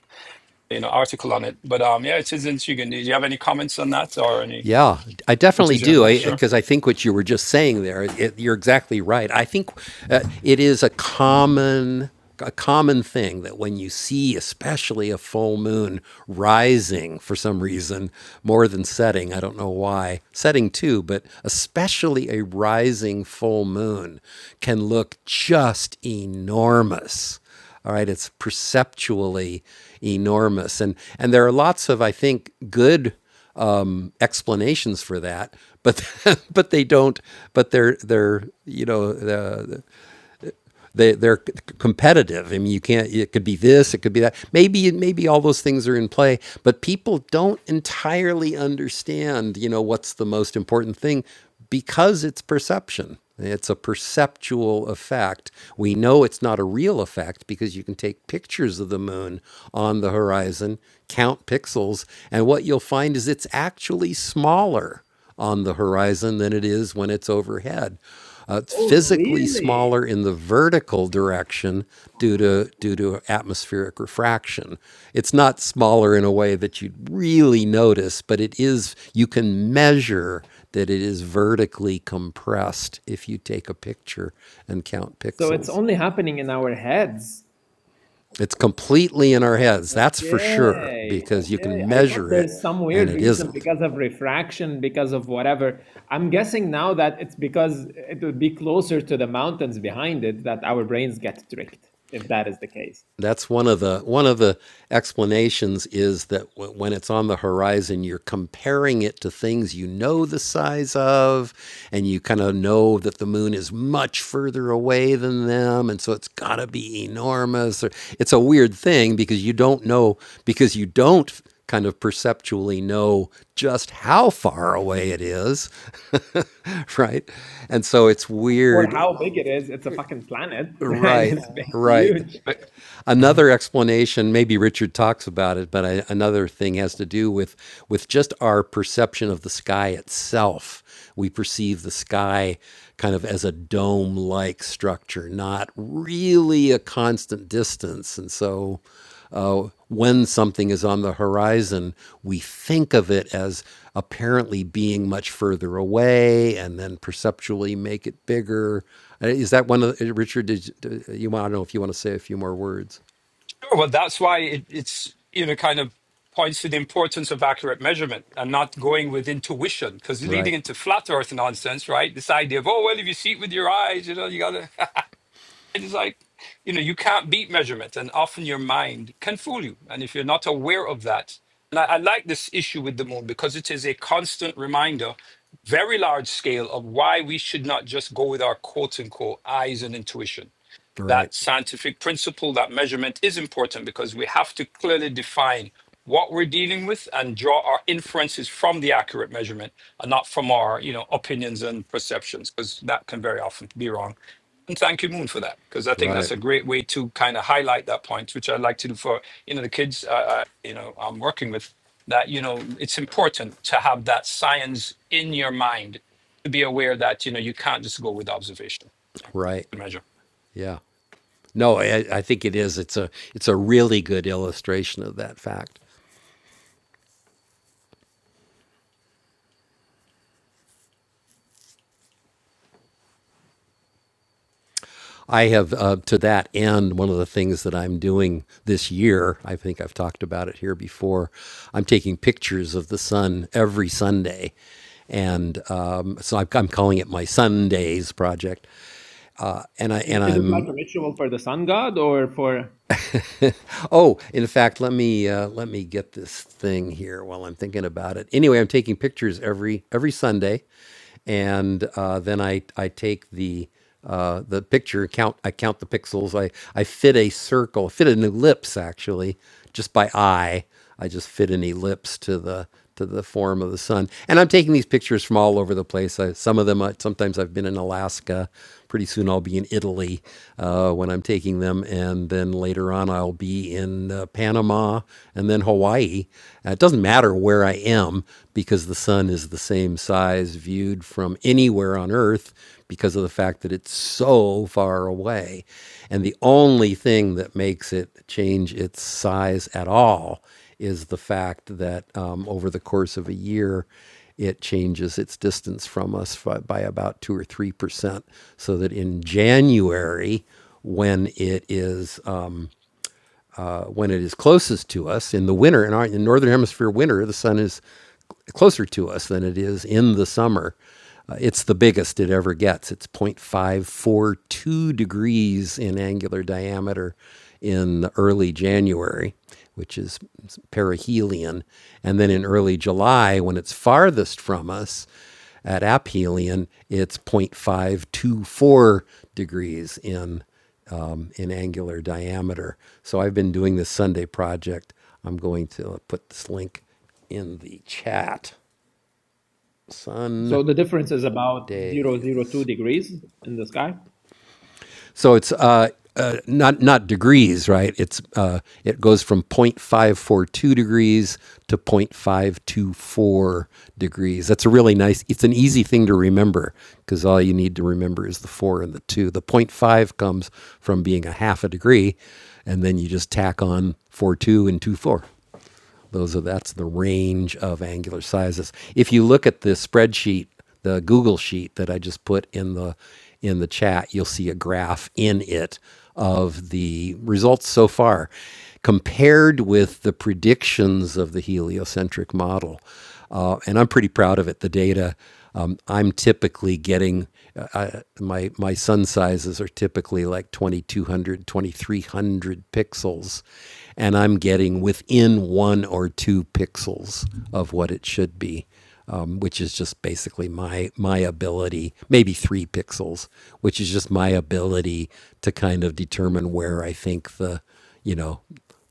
[SPEAKER 7] you know article on it. But um, yeah, it is intriguing. Do you have any comments on that or anything
[SPEAKER 1] Yeah, I
[SPEAKER 7] to
[SPEAKER 1] definitely
[SPEAKER 7] share on
[SPEAKER 1] do.
[SPEAKER 7] that?
[SPEAKER 1] Because I,
[SPEAKER 7] Sure.
[SPEAKER 1] 'cause I think what you were just saying there, it, you're exactly right. I think uh, it is a common a common thing that when you see, especially a full moon rising for some reason more than setting, I don't know why, setting too, but especially a rising full moon can look just enormous all right, it's perceptually enormous, and and there are lots of I think good um, explanations for that, but but they don't. But they're they're you know uh, they, they're competitive. I mean, you can't. It could be this. It could be that. Maybe maybe all those things are in play, but people don't entirely understand. You know, what's the most important thing because it's perception. It's a perceptual effect. We know it's not a real effect because you can take pictures of the moon on the horizon, count pixels, and what you'll find is it's actually smaller on the horizon than it is when it's overhead. Uh, it's
[SPEAKER 4] Oh,
[SPEAKER 1] physically
[SPEAKER 4] really?
[SPEAKER 1] smaller in the vertical direction due to due to atmospheric refraction. It's not smaller in a way that you'd really notice, but it is. You can measure that it is vertically compressed if you take a picture and count
[SPEAKER 4] So it's
[SPEAKER 1] pixels.
[SPEAKER 4] only happening in our heads.
[SPEAKER 1] It's completely in our heads. That's for sure
[SPEAKER 4] Okay,
[SPEAKER 1] because you
[SPEAKER 4] okay.
[SPEAKER 1] can
[SPEAKER 4] I thought
[SPEAKER 1] measure it,
[SPEAKER 4] there's some
[SPEAKER 1] and
[SPEAKER 4] weird
[SPEAKER 1] it
[SPEAKER 4] reason
[SPEAKER 1] isn't.
[SPEAKER 4] because of refraction, because of whatever. I'm guessing now that it's because it would be closer to the mountains behind it that our brains get tricked, if that is the case.
[SPEAKER 1] That's one of the one of the explanations is that w- when it's on the horizon, you're comparing it to things you know the size of, and you kind of know that the moon is much further away than them, and so it's got to be enormous. Or, it's a weird thing because you don't know because you don't kind of perceptually know just how far away it is, right? And so it's
[SPEAKER 4] For
[SPEAKER 1] weird,
[SPEAKER 4] how big it is, it's a fucking planet and
[SPEAKER 1] right?
[SPEAKER 4] it's big,
[SPEAKER 1] Right
[SPEAKER 4] huge.
[SPEAKER 7] But, Mhm.
[SPEAKER 1] another explanation, maybe Richard talks about it, but I, another thing has to do with with just our perception of the sky itself. We perceive the sky kind of as a dome-like structure, not really a constant distance, and so uh, when something is on the horizon, we think of it as apparently being much further away and then perceptually make it bigger. Uh, Is that one of the, Richard, did you, do you want to know if you want to say a few more words?
[SPEAKER 7] Sure. Well, that's why it, it's you know kind of points to the importance of accurate measurement and not going with intuition because leading
[SPEAKER 1] Right,
[SPEAKER 7] into flat earth nonsense, right? This idea of oh well, if you see it with your eyes, you know, you gotta. It's like, you know, you can't beat measurement, and often your mind can fool you. And if you're not aware of that, and I, I like this issue with the moon because it is a constant reminder, very large scale, of why we should not just go with our quote unquote eyes and intuition
[SPEAKER 1] right,
[SPEAKER 7] that scientific principle, that measurement is important because we have to clearly define what we're dealing with and draw our inferences from the accurate measurement and not from our, you know, opinions and perceptions, because that can very often be wrong. And thank you, Moon, for that, because I think
[SPEAKER 1] right,
[SPEAKER 7] that's a great way to kind of highlight that point, which I like to do for, you know, the kids, uh, uh, you know, I'm working with that, you know, it's important to have that science in your mind to be aware that, you know, you can't just go with observation. Yeah, yeah,
[SPEAKER 1] right.
[SPEAKER 7] good
[SPEAKER 1] Yeah. No, I, I think it is. It's a it's a really good illustration of that fact. I have, uh, to that end, one of the things that I'm doing this year, I think I've talked about it here before, I'm taking pictures of the sun every Sunday. And um, so I'm, I'm calling it my Sundays project. And, I,
[SPEAKER 4] Is,
[SPEAKER 1] and
[SPEAKER 4] is it like
[SPEAKER 1] I'm
[SPEAKER 4] a ritual for the sun god or for?
[SPEAKER 1] Oh, in fact, let me uh, let me get this thing here while I'm thinking about it. Anyway, I'm taking pictures every every Sunday, and uh, then I I take the uh, the picture count. I count the pixels. I I fit a circle, fit an ellipse actually, just by eye I just fit an ellipse to the to the form of the sun. And I'm taking these pictures from all over the place. I, some of them, I, sometimes I've been in Alaska. Pretty soon I'll be in Italy uh, when I'm taking them, and then later on I'll be in uh, Panama and then Hawaii. Uh, it doesn't matter where I am because the sun is the same size viewed from anywhere on Earth because of the fact that it's so far away. And the only thing that makes it change its size at all is the fact that um, over the course of a year, it changes its distance from us by about two or three percent, so that in January, when it is um, when it is closest to us in the winter in our in northern hemisphere winter the sun is closer to us than it is in the summer uh, it's the biggest it ever gets it's 0.542 degrees in angular diameter in early january which is perihelion and then in early july when it's farthest from us at aphelion, it's 0.524 degrees in um, in angular diameter. So I've been doing this Sunday project. I'm going to put this link in the chat.
[SPEAKER 4] So the difference is about zero zero
[SPEAKER 1] Sundays.
[SPEAKER 4] two degrees in the sky.
[SPEAKER 1] So it's uh, uh, not not degrees, right? It's uh, it goes from 0.542 degrees to 0.524 degrees. That's a really nice. It's an easy thing to remember because all you need to remember is the four and the two. The zero point 0.5 comes from being a half a degree, and then you just tack on four two and two four. Those are that's the range of angular sizes. If you look at the spreadsheet, the Google sheet that I just put in the in the chat, you'll see a graph in it of the results so far compared with the predictions of the heliocentric model. Uh, and I'm pretty proud of it. The data um, I'm typically getting. I, my my sun sizes are typically like twenty two hundred, twenty three hundred pixels and i'm getting within one or two pixels of what it should be um, which is just basically my my ability maybe three pixels which is just my ability to kind of determine where i think the you know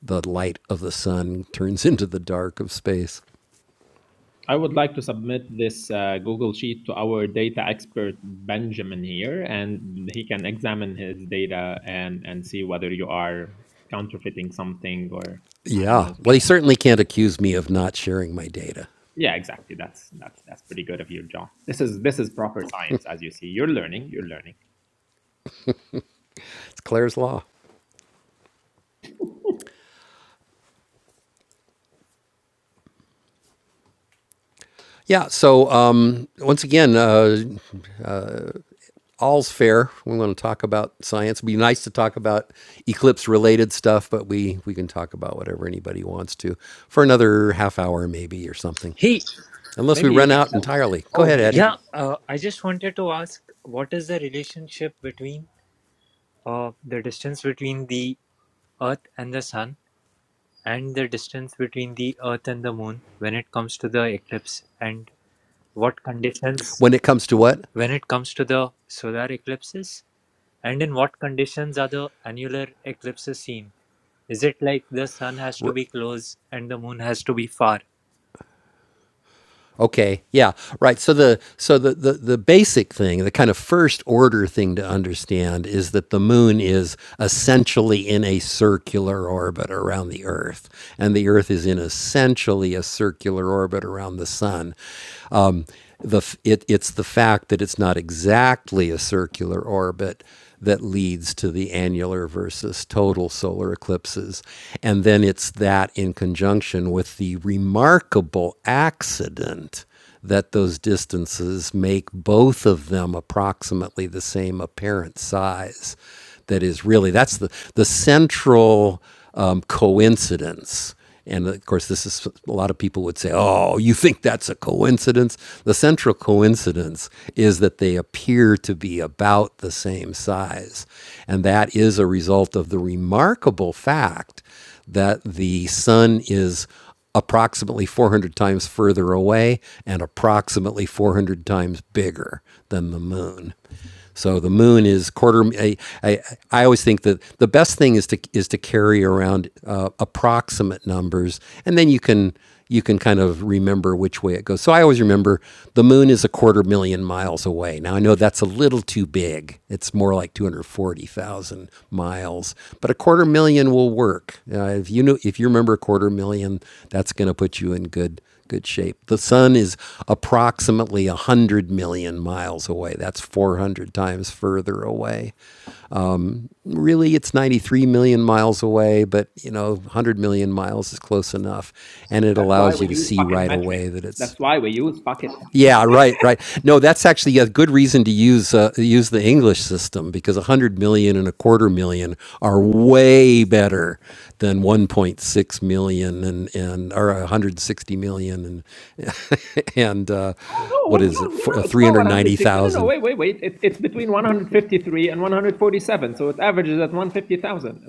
[SPEAKER 1] the light of the sun turns into the dark of space
[SPEAKER 4] I would like to submit this uh, Google Sheet to our data expert Benjamin here, and he can examine his data and, and see whether you are counterfeiting something or I don't
[SPEAKER 1] yeah
[SPEAKER 4] know.
[SPEAKER 1] well he certainly can't accuse me of not sharing my data
[SPEAKER 4] Yeah, exactly. That's that's that's pretty good of you, John. This is this is proper science, as you see. You're learning. You're learning.
[SPEAKER 1] it's claire's law Yeah. So um, once again, uh, all's fair. We want to talk about science. It'd be nice to talk about eclipse-related stuff, but we we can talk about whatever anybody wants to for another half hour, maybe or something,
[SPEAKER 8] Hey,
[SPEAKER 1] unless we
[SPEAKER 4] Maybe you
[SPEAKER 1] run
[SPEAKER 4] can.
[SPEAKER 1] out entirely. Go
[SPEAKER 4] Oh,
[SPEAKER 1] ahead,
[SPEAKER 4] hey,
[SPEAKER 1] Eddie.
[SPEAKER 8] yeah,
[SPEAKER 4] Eddie.
[SPEAKER 8] uh, I just wanted to ask what is the relationship between uh, the distance between the Earth and the Sun and the distance between the Earth and the Moon when it comes to the eclipse and what conditions
[SPEAKER 1] When it comes to what
[SPEAKER 8] when it comes to the solar eclipses and in what conditions are the annular eclipses seen? Is it like the Sun has to
[SPEAKER 1] R-
[SPEAKER 8] be close and the Moon has to be far?
[SPEAKER 1] Okay. Yeah. Right. So the so the, the the basic thing, the kind of first order thing to understand is that the moon is essentially in a circular orbit around the Earth, and the Earth is in essentially a circular orbit around the sun. Um, the it, it's the fact that it's not exactly a circular orbit that leads to the annular versus total solar eclipses. And then it's that in conjunction with the remarkable accident that those distances make both of them approximately the same apparent size. That is really, that's the, the central um, coincidence and of course, this is a lot of people would say, oh, you think that's a coincidence? The central coincidence is that they appear to be about the same size. And that is a result of the remarkable fact that the sun is approximately 400 times further away and approximately 400 times bigger than the moon. So the moon is quarter. I, I, I always think that the best thing is to is to carry around uh, approximate numbers, and then you can you can kind of remember which way it goes. So I always remember the moon is a quarter million miles away. Now I know that's a little too big. It's more like 240,000 miles, but a quarter million will work. Uh, if you know if you remember a quarter million, that's going to put you in good good shape. The sun is approximately 100 million miles away. That's 400 times further away really it's 93 million miles away, but you know, 100 million miles is close enough. And it
[SPEAKER 4] That's why
[SPEAKER 1] allows
[SPEAKER 4] we
[SPEAKER 1] you to
[SPEAKER 4] use
[SPEAKER 1] see
[SPEAKER 4] fucking
[SPEAKER 1] right
[SPEAKER 4] metric.
[SPEAKER 1] away that it's,
[SPEAKER 4] That's why we use fucking.
[SPEAKER 1] yeah, right, right. No, that's actually a good reason to use, uh, use the English system because 100 million and a quarter million are way better than 1.6 million and, and or 160 million and, and uh,
[SPEAKER 4] Oh no,
[SPEAKER 1] what
[SPEAKER 4] what's
[SPEAKER 1] is it,
[SPEAKER 4] wrong? No,
[SPEAKER 1] F-
[SPEAKER 4] no,
[SPEAKER 1] uh,
[SPEAKER 4] it's not 106. No, no, no,
[SPEAKER 1] 390,000.
[SPEAKER 4] wait, wait, wait. It, it's between 153 and 147. So it averages at 150,000,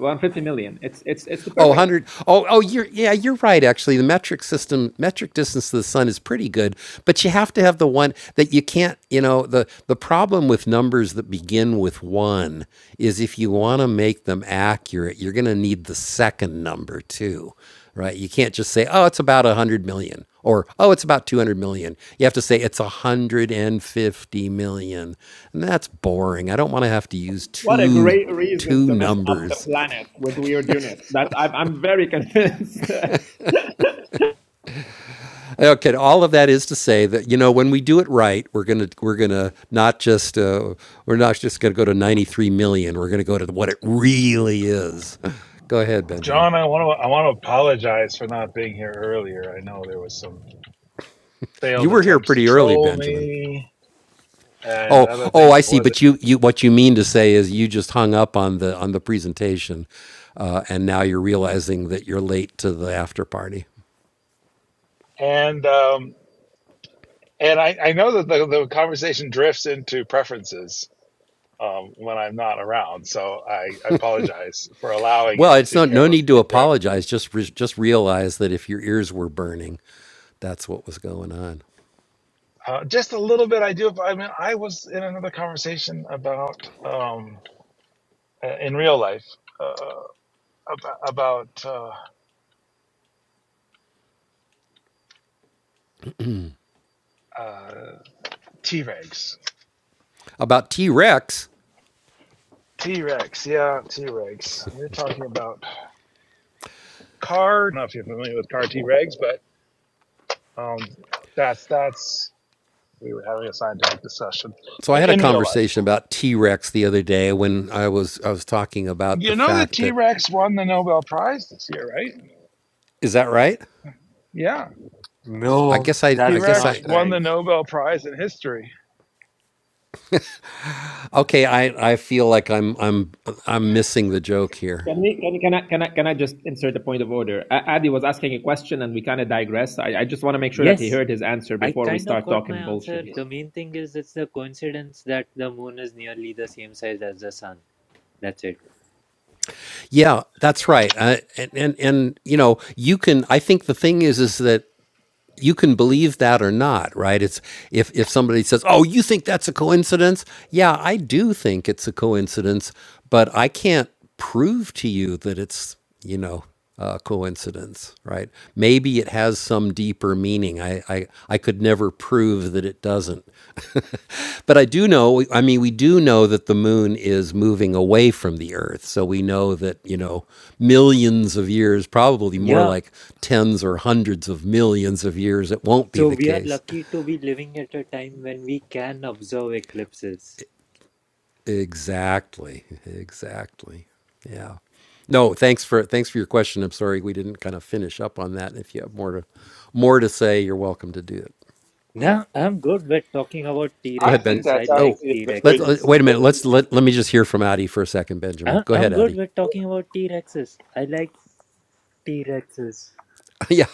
[SPEAKER 4] It's it's it's the
[SPEAKER 1] Oh,
[SPEAKER 4] perfect. Mm.
[SPEAKER 1] 100. Oh, oh, you're yeah, you're right. Actually, the metric system, metric distance to the sun is pretty good, but you have to have the one that you can't. You know, the the problem with numbers that begin with one is if you want to make them accurate, you're going to need the second number too, right? You can't just say, oh, it's about 100 million or oh, it's about 200 million. You have to say it's 150 million, and that's boring. I don't want to have to use
[SPEAKER 4] What a
[SPEAKER 1] two
[SPEAKER 4] great reason
[SPEAKER 1] two
[SPEAKER 4] to mess up the
[SPEAKER 1] numbers
[SPEAKER 4] planet with weird units. That I'm I'm very convinced.
[SPEAKER 1] Okay, all of that is to say that you know when we do it right, we're gonna we're gonna not just uh, we're not just gonna go to ninety three million. We're gonna go to what it really is. go ahead, Benjamin.
[SPEAKER 2] John, I want to I want to apologize for not being here earlier. I know there was some
[SPEAKER 1] You
[SPEAKER 2] failed
[SPEAKER 1] were here
[SPEAKER 2] attempts to
[SPEAKER 1] pretty early,
[SPEAKER 2] troll
[SPEAKER 1] Benjamin.
[SPEAKER 2] me and
[SPEAKER 1] Oh,
[SPEAKER 2] other
[SPEAKER 1] oh,
[SPEAKER 2] things.
[SPEAKER 1] I
[SPEAKER 2] It
[SPEAKER 1] see.
[SPEAKER 2] wasn't
[SPEAKER 1] But you, you, what you mean to say is you just hung up on the on the presentation, uh, and now you're realizing that you're late to the after party.
[SPEAKER 2] and um, and I, I know that the, the conversation drifts into preferences um, when I'm not around. So I, I apologize for allowing
[SPEAKER 1] Well,
[SPEAKER 2] it
[SPEAKER 1] it's
[SPEAKER 2] to
[SPEAKER 1] not no need to
[SPEAKER 2] carelessly drift.
[SPEAKER 1] apologize. Just re- just realize that if your ears were burning, that's what was going on.
[SPEAKER 2] Uh, just a little bit. I do. I mean, I was in another conversation about. um. uh, in real life uh, ab- about uh, uh, T-Rex.
[SPEAKER 1] about T Rex.
[SPEAKER 2] T-Rex, yeah, T-Rex. We're talking about car. I don't know if you're familiar with car T-Rex, but um, that's that's we were having a scientific discussion
[SPEAKER 1] So I
[SPEAKER 2] i-
[SPEAKER 1] had a
[SPEAKER 2] in real life.
[SPEAKER 1] conversation about T Rex the other day when I was I was talking about the
[SPEAKER 2] You know that
[SPEAKER 1] fact that
[SPEAKER 2] T-Rex won the Nobel Prize this year, right?
[SPEAKER 1] is that right?
[SPEAKER 2] Yeah,
[SPEAKER 1] I
[SPEAKER 8] No,
[SPEAKER 1] guess I I
[SPEAKER 8] that's
[SPEAKER 1] guess
[SPEAKER 8] not
[SPEAKER 2] T-Rex
[SPEAKER 1] I
[SPEAKER 2] won the
[SPEAKER 8] right.
[SPEAKER 2] Nobel Prize in history.
[SPEAKER 1] okay I I feel like I'm I'm I'm missing the joke here.
[SPEAKER 4] Can, we, can, can, I, can, I, can I just insert a point of order? A- Adi was asking a question and we kind of digress. I, I just want to make sure that he
[SPEAKER 8] Yes,
[SPEAKER 4] heard his answer
[SPEAKER 8] I
[SPEAKER 4] before we
[SPEAKER 8] kind of
[SPEAKER 4] start
[SPEAKER 8] got my
[SPEAKER 4] talking
[SPEAKER 8] answer.
[SPEAKER 4] bullshit here.
[SPEAKER 8] The main thing is it's the coincidence that the moon is nearly the same size as the sun. That's it.
[SPEAKER 1] Yeah, that's right. I, and, and and you know you can. I think the thing is is that you can believe that or not, right? It's if if somebody says, "Oh, you think that's a coincidence?" Yeah, I do think it's a coincidence, but I can't prove to you that it's you know a coincidence, right? Maybe it has some deeper meaning. I, I I could never prove that it doesn't. but I do know, I mean, we do know that the moon is moving away from the Earth. So we know that, you know, millions of years, probably more
[SPEAKER 8] Yeah.
[SPEAKER 1] like tens or hundreds of millions of years, it won't be
[SPEAKER 8] So
[SPEAKER 1] the
[SPEAKER 8] we are
[SPEAKER 1] case.
[SPEAKER 8] lucky to be living at a time when we can observe eclipses.
[SPEAKER 1] Exactly. Exactly. Yeah. No, thanks for thanks for your question. I'm sorry we didn't kind of finish up on that. If you have more to more to say, you're welcome to do it.
[SPEAKER 8] Now, I'm good with talking about T
[SPEAKER 1] Go
[SPEAKER 2] I
[SPEAKER 1] ahead, Ben.
[SPEAKER 2] think
[SPEAKER 8] Rexes. I
[SPEAKER 2] that's
[SPEAKER 8] like
[SPEAKER 1] Oh,
[SPEAKER 2] actually
[SPEAKER 8] T
[SPEAKER 2] a very,
[SPEAKER 1] let, let-
[SPEAKER 8] Rexes.
[SPEAKER 1] wait
[SPEAKER 2] a
[SPEAKER 1] a
[SPEAKER 2] very
[SPEAKER 1] minute. Let's let, let me
[SPEAKER 2] interesting.
[SPEAKER 1] just hear from Addie for a second, Benjamin.
[SPEAKER 8] I-
[SPEAKER 1] Go ahead,
[SPEAKER 8] I'm good
[SPEAKER 1] Addie.
[SPEAKER 8] with talking about T Rexes. I like T Rexes.
[SPEAKER 1] yeah.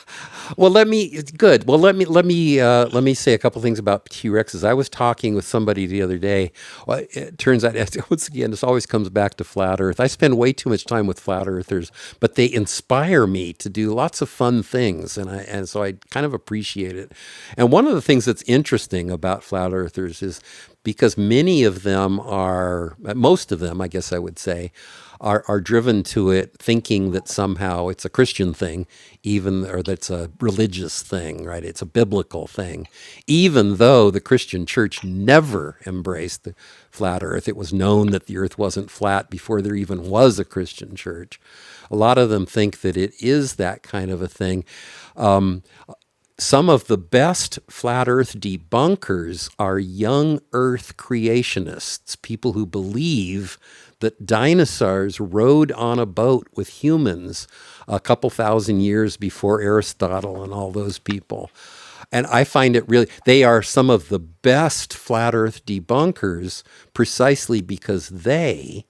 [SPEAKER 1] Well, let me. good. Well, let me let me uh, let me say a couple things about T Rexes. I was talking with somebody the other day. Well, it turns out once again, this always comes back to flat Earth. I spend way too much time with flat Earthers, but they inspire me to do lots of fun things, and I and so I kind of appreciate it. And one of the things that's interesting about flat Earthers is because many of them are, uh, most of them, I guess I would say are, are driven to it thinking that somehow it's a Christian thing, even or that's a religious thing, right? It's a biblical thing. Even though the Christian church never embraced the flat earth, it was known that the earth wasn't flat before there even was a Christian church. A lot of them think that it is that kind of a thing. Some of the best flat earth debunkers are young earth creationists, people who believe that dinosaurs rode on a boat with humans a couple thousand years before Aristotle and all those people. And I find it really, they are some of the best flat earth debunkers precisely because they,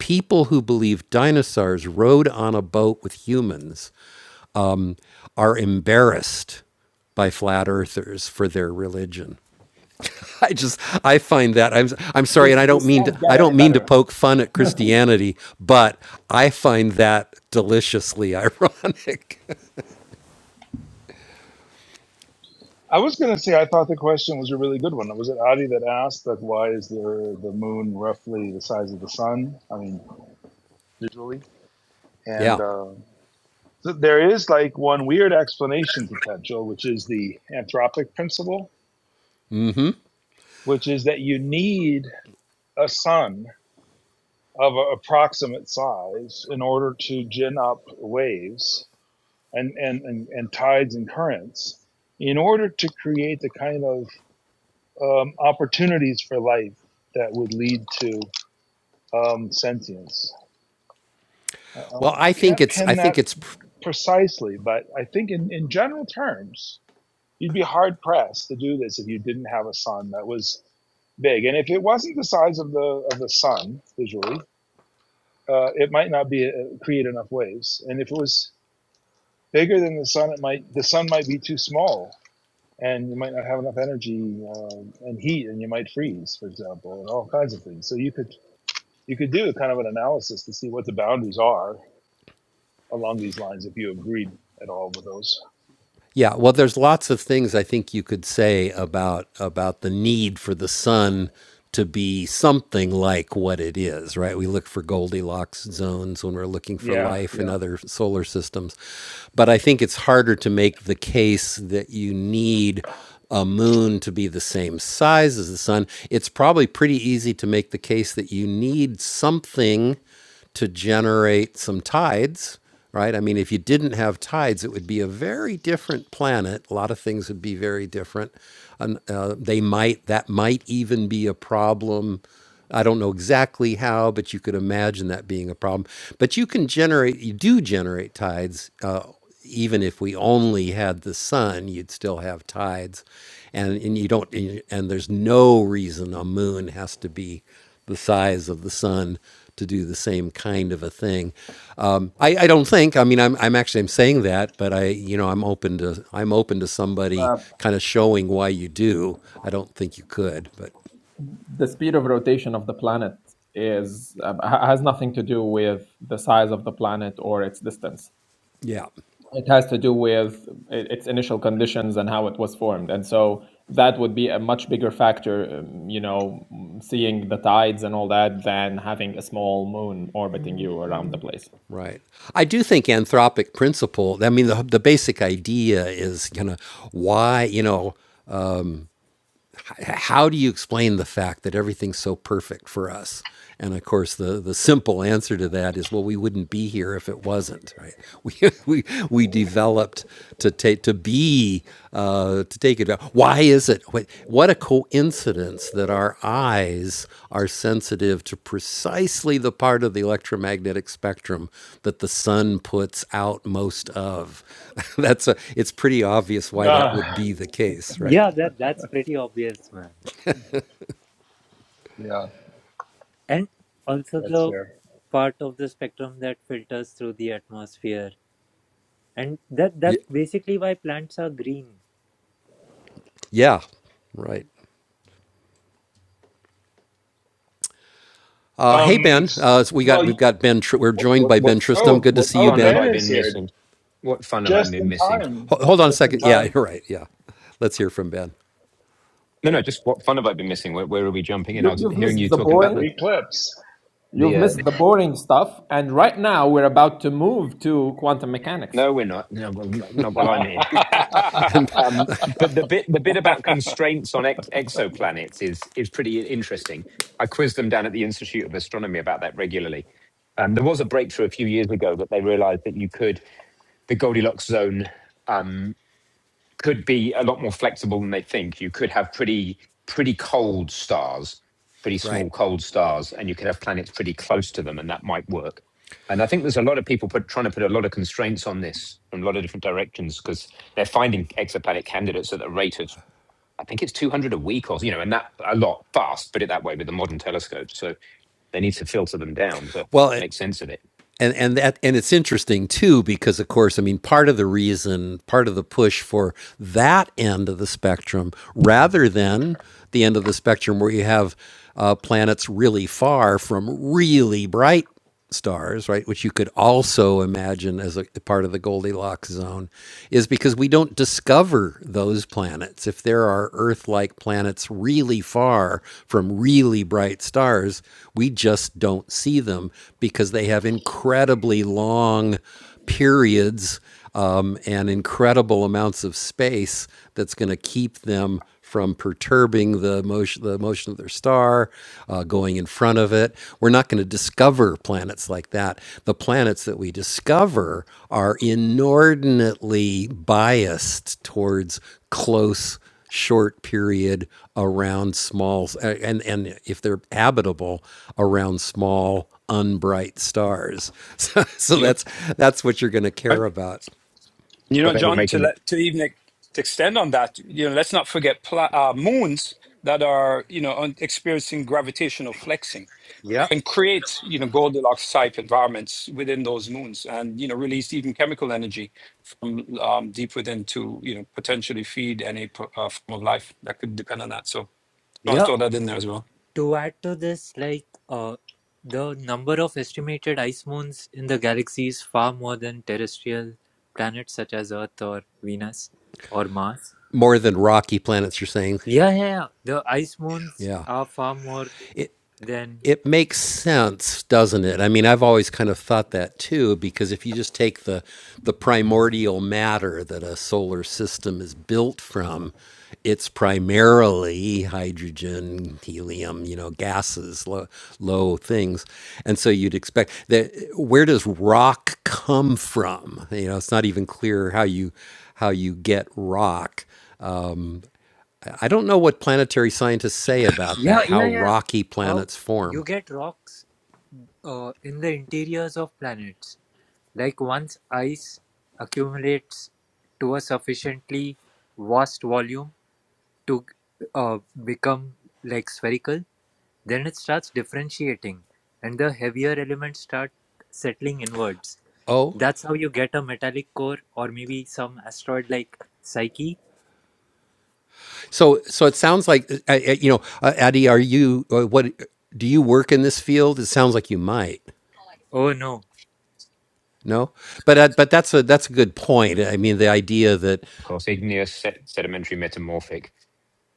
[SPEAKER 1] people who believe dinosaurs rode on a boat with humans are embarrassed by flat earthers for their religion. I just I find that I'm I'm sorry and
[SPEAKER 4] This,
[SPEAKER 1] I don't
[SPEAKER 4] this
[SPEAKER 1] mean to
[SPEAKER 4] can't
[SPEAKER 1] I
[SPEAKER 4] get any
[SPEAKER 1] don't mean to
[SPEAKER 4] better.
[SPEAKER 1] poke fun at Christianity, but I find that deliciously ironic.
[SPEAKER 2] I was going to say I thought the question was a really good one. Was it Adi that asked, like, why is there the moon roughly the size of the sun? I mean, visually, and
[SPEAKER 1] yeah.
[SPEAKER 2] uh, so there is like one weird explanation potential, which is the anthropic principle, which is that you need a sun of a approximate size in order to gin up waves and and and, and tides and currents in order to create the kind of um, opportunities for life that would lead to um, sentience. I,
[SPEAKER 1] Well, I think
[SPEAKER 2] can't
[SPEAKER 1] it's I
[SPEAKER 2] pin
[SPEAKER 1] think
[SPEAKER 2] that
[SPEAKER 1] it's pr-
[SPEAKER 2] precisely, but I think in, in general terms, you'd be hard pressed to do this if you didn't have a sun that was big. And if it wasn't the size of the of the sun visually, uh, it might not be uh, create enough waves. And if it was bigger than the sun, it might the sun might be too small. And you might not have enough energy uh, and heat, and you might freeze, for example, and all kinds of things. So you could you could do kind of an analysis to see what the boundaries are along these lines if you agreed at all with those.
[SPEAKER 1] Yeah, well, there's lots of things I think you could say about about the need for the sun to be something like what it is, right? We look for Goldilocks zones when we're looking for
[SPEAKER 2] Yeah,
[SPEAKER 1] life in
[SPEAKER 2] yeah,
[SPEAKER 1] other solar systems, but I think it's harder to make the case that you need a moon to be the same size as the sun. It's probably pretty easy to make the case that you need something to generate some tides, right? I mean, if you didn't have tides, it would be a very different planet. A lot of things would be very different. And, uh, they might that might even be a problem. I don't know exactly how, but you could imagine that being a problem. But you can generate, you do generate tides. Uh, even if we only had the sun, you'd still have tides, and and you don't and there's no reason a moon has to be the size of the sun to do the same kind of a thing. Um, I, I don't think. I mean, I'm, I'm actually I'm saying that, but I you know I'm open to I'm open to somebody
[SPEAKER 4] Uh,
[SPEAKER 1] kind of showing why you do. I don't think you could, but
[SPEAKER 4] the speed of rotation of the planet is uh, has nothing to do with the size of the planet or its distance.
[SPEAKER 1] yeah.
[SPEAKER 4] It has to do with its initial conditions and how it was formed, and so that would be a much bigger factor, um, you know, seeing the tides and all that, than having a small moon orbiting you around the place.
[SPEAKER 1] Right. I do think anthropic principle, I mean, the, the basic idea is kind of why, you know, how do you explain the fact that everything's so perfect for us? And of course, the, the simple answer to that is, well, we wouldn't be here if it wasn't, right? We, we, we developed to take to be uh, to take it. Why is it? What, what a coincidence that our eyes are sensitive to precisely the part of the electromagnetic spectrum that the sun puts out most of. That's a. It's pretty obvious why that
[SPEAKER 2] uh,
[SPEAKER 1] would be the case, right?
[SPEAKER 8] Yeah, that that's pretty obvious, man.
[SPEAKER 2] yeah.
[SPEAKER 8] And also
[SPEAKER 2] That's
[SPEAKER 8] the
[SPEAKER 2] fair.
[SPEAKER 8] part of the spectrum that filters through the atmosphere and that
[SPEAKER 1] Yeah.
[SPEAKER 8] that's basically why plants are green
[SPEAKER 1] Yeah, right. Uh, hey
[SPEAKER 2] Um,
[SPEAKER 1] Ben, uh, so we got we've
[SPEAKER 2] well,
[SPEAKER 1] got Ben. Tr- we're
[SPEAKER 9] What
[SPEAKER 1] joined
[SPEAKER 9] what
[SPEAKER 1] by
[SPEAKER 9] what
[SPEAKER 1] Ben Tristram.
[SPEAKER 9] what
[SPEAKER 1] Good
[SPEAKER 2] oh,
[SPEAKER 1] to
[SPEAKER 9] what
[SPEAKER 1] see you,
[SPEAKER 2] oh,
[SPEAKER 9] fun have
[SPEAKER 1] Ben.
[SPEAKER 2] Ben
[SPEAKER 9] I
[SPEAKER 2] is
[SPEAKER 9] been
[SPEAKER 2] here
[SPEAKER 9] missing? What fun have I
[SPEAKER 2] just
[SPEAKER 9] been
[SPEAKER 2] in
[SPEAKER 9] missing?
[SPEAKER 2] time.
[SPEAKER 1] Ho- hold on a
[SPEAKER 2] Just in
[SPEAKER 1] second. Yeah,
[SPEAKER 2] time.
[SPEAKER 1] you're right. Yeah, let's hear from Ben.
[SPEAKER 9] No,
[SPEAKER 2] Hi,
[SPEAKER 9] no,
[SPEAKER 2] Ben.
[SPEAKER 9] just what fun have I been missing? Where, where are we jumping in? I
[SPEAKER 4] You,
[SPEAKER 9] was
[SPEAKER 4] you've
[SPEAKER 9] hearing
[SPEAKER 4] missed
[SPEAKER 9] you
[SPEAKER 4] the
[SPEAKER 9] talking about
[SPEAKER 4] boring.
[SPEAKER 9] the
[SPEAKER 2] Eclipse.
[SPEAKER 4] You've
[SPEAKER 9] the. Uh,
[SPEAKER 4] missed the boring stuff, and right now we're about to move to quantum mechanics.
[SPEAKER 9] no, we're not. No, well, not, not while I'm here.
[SPEAKER 7] measure.
[SPEAKER 9] Um, but the bit the bit about constraints on ex- exoplanets is is pretty interesting. I quiz them down at the Institute of Astronomy about that regularly. Um, there was a breakthrough a few years ago that they realised that you could the Goldilocks zone. um, could be a lot more flexible than they think. You could have pretty pretty cold stars, pretty small
[SPEAKER 1] Right.
[SPEAKER 9] cold stars, and you could have planets pretty close to them, and that might work. And I think there's a lot of people put, trying to put a lot of constraints on this from a lot of different directions because they're finding exoplanet candidates at the rate of I think it's 200 a week or you know, and that a lot fast. Put it that way with the modern telescopes, so they need to filter them down to
[SPEAKER 1] Well, it,
[SPEAKER 9] make sense of it.
[SPEAKER 1] and and that and it's interesting too because of course i mean part of the reason part of the push for that end of the spectrum rather than the end of the spectrum where you have uh, planets really far from really bright stars right which you could also imagine as a part of the goldilocks zone is because we don't discover those those planets, if there are Earth like planets really far from really bright stars, we just don't see them because they have incredibly long periods um, and incredible amounts of space that's going to keep them from perturbing the motion, the motion of their star, uh, going in front of it. We're not going to discover planets like that. The planets that we discover are inordinately biased towards close, short period around small, and and if they're habitable around small, unbright stars. So, so
[SPEAKER 7] Yep.
[SPEAKER 1] that's that's what you're going to care
[SPEAKER 7] Right.
[SPEAKER 1] about
[SPEAKER 7] You
[SPEAKER 9] Where
[SPEAKER 7] know,
[SPEAKER 9] they were
[SPEAKER 7] John, to
[SPEAKER 9] making, the,
[SPEAKER 7] let to even ex- to extend on that, you know, let's not forget pla- uh, moons that are you know on, experiencing gravitational flexing
[SPEAKER 8] Yeah.
[SPEAKER 7] and create you know Goldilocks type environments within those moons, and you know release even chemical energy from um, deep within to you know potentially feed any p- uh, form of life that could depend on that. So I want to
[SPEAKER 8] yeah
[SPEAKER 7] throw that in there as well.
[SPEAKER 8] to add to this like uh the number of estimated ice moons in the galaxy is far more than terrestrial planets such as earth or venus or mars
[SPEAKER 1] more than rocky planets. You're saying,
[SPEAKER 8] yeah yeah, yeah. the ice moons
[SPEAKER 1] yeah.
[SPEAKER 8] are far more
[SPEAKER 1] It,
[SPEAKER 8] than
[SPEAKER 1] it makes sense, doesn't it? I mean, I've always kind of thought that too, because if you just take the the primordial matter that a solar system is built from, it's primarily hydrogen, helium, you know, gases, low, low things, and so you'd expect that. Where does rock come from? You know, it's not even clear how you how you get rock. I don't know what planetary scientists say about
[SPEAKER 8] yeah
[SPEAKER 1] that. How
[SPEAKER 8] yeah yeah
[SPEAKER 1] rocky
[SPEAKER 8] how
[SPEAKER 1] planets form.
[SPEAKER 8] you get rocks uh, in the interiors of planets Like once ice accumulates to a sufficiently vast volume to uh, become like spherical, then it starts differentiating and the heavier elements start settling inwards.
[SPEAKER 1] Oh.
[SPEAKER 8] That's how you get a metallic core or maybe some asteroid like Psyche.
[SPEAKER 1] So, so it sounds like, uh, uh, you know, uh, Addie, are you, uh, what, do you work in this field? It sounds like you might.
[SPEAKER 8] Oh no.
[SPEAKER 1] No, but uh, but that's a that's a good point. I mean, the idea that
[SPEAKER 9] of course, igneous, sed- sedimentary, metamorphic,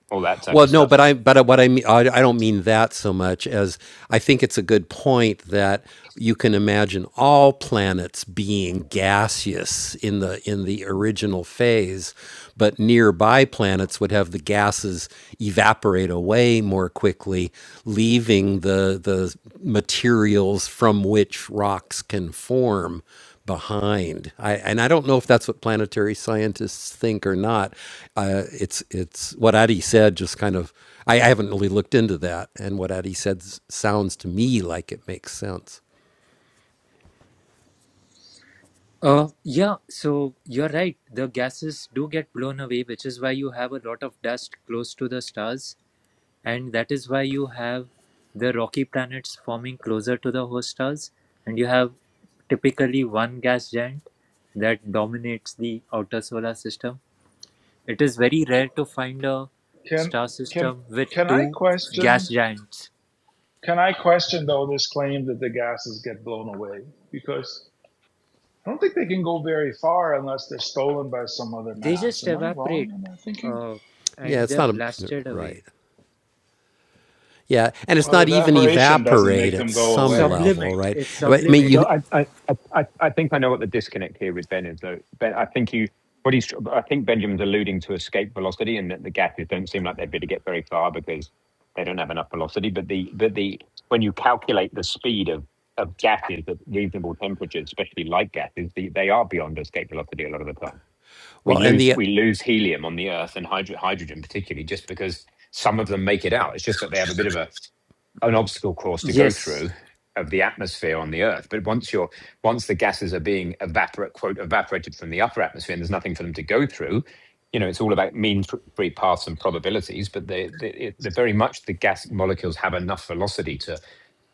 [SPEAKER 9] all that type
[SPEAKER 1] Well,
[SPEAKER 9] of
[SPEAKER 1] no,
[SPEAKER 9] stuff
[SPEAKER 1] but I but what I mean I, I don't mean that so much as I think it's a good point that you can imagine all planets being gaseous in the in the original phase, but nearby planets would have the gases evaporate away more quickly, leaving the the materials from which rocks can form behind. I, and I don't know if that's what planetary scientists think or not. Uh, it's it's what Adi said. Just kind of, I, I haven't really looked into that. And what Adi said s- sounds to me like it makes sense.
[SPEAKER 8] Uh, yeah, so you're right. The gases do get blown away, which is why you have a lot of dust close to the stars and that is why you have the rocky planets forming closer to the host stars and you have typically one gas giant that dominates the outer solar system it is very rare to find a
[SPEAKER 2] can
[SPEAKER 8] star
[SPEAKER 2] can
[SPEAKER 8] system with
[SPEAKER 2] can I
[SPEAKER 8] two gas
[SPEAKER 2] question?
[SPEAKER 8] giants
[SPEAKER 2] Can I question though this claim that the gases get blown away? Because I don't think they can go very far unless they're stolen by some other
[SPEAKER 8] they
[SPEAKER 2] mass.
[SPEAKER 8] just
[SPEAKER 2] Am I wrong
[SPEAKER 8] evaporate
[SPEAKER 2] in that thinking?
[SPEAKER 8] uh,
[SPEAKER 1] Yeah,
[SPEAKER 8] and
[SPEAKER 1] it's
[SPEAKER 8] they're
[SPEAKER 1] not a
[SPEAKER 8] blasted away
[SPEAKER 1] right. Yeah, and it's
[SPEAKER 2] Well,
[SPEAKER 1] not even
[SPEAKER 2] evaporation doesn't
[SPEAKER 1] evaporate
[SPEAKER 2] make
[SPEAKER 1] at
[SPEAKER 2] them go
[SPEAKER 1] some
[SPEAKER 2] away.
[SPEAKER 1] level,
[SPEAKER 8] sublimate
[SPEAKER 1] right?
[SPEAKER 8] it's
[SPEAKER 1] I mean,
[SPEAKER 9] So
[SPEAKER 8] sublimate
[SPEAKER 1] you
[SPEAKER 9] I, I, I, I I think I know what the disconnect here with Ben is. Though Ben, I think you, what he's, I think Benjamin's alluding to escape velocity and that the gases don't seem like they'd be to get very far because they don't have enough velocity. But the, but the, when you calculate the speed of of gases at reasonable temperatures, especially light gases, they, they are beyond escape velocity a lot of the time we
[SPEAKER 1] well, and
[SPEAKER 9] lose
[SPEAKER 1] the
[SPEAKER 9] we lose helium on the Earth and hydro- hydrogen particularly just because some of them make it out. It's just that they have a bit of a an obstacle course to go
[SPEAKER 8] yes
[SPEAKER 9] through of the atmosphere on the Earth. But once you're once the gases are being evaporate quote evaporated from the upper atmosphere, and there's nothing for them to go through. You know, it's all about mean f- free paths and probabilities, but they, they, it, they're very much the gas molecules have enough velocity to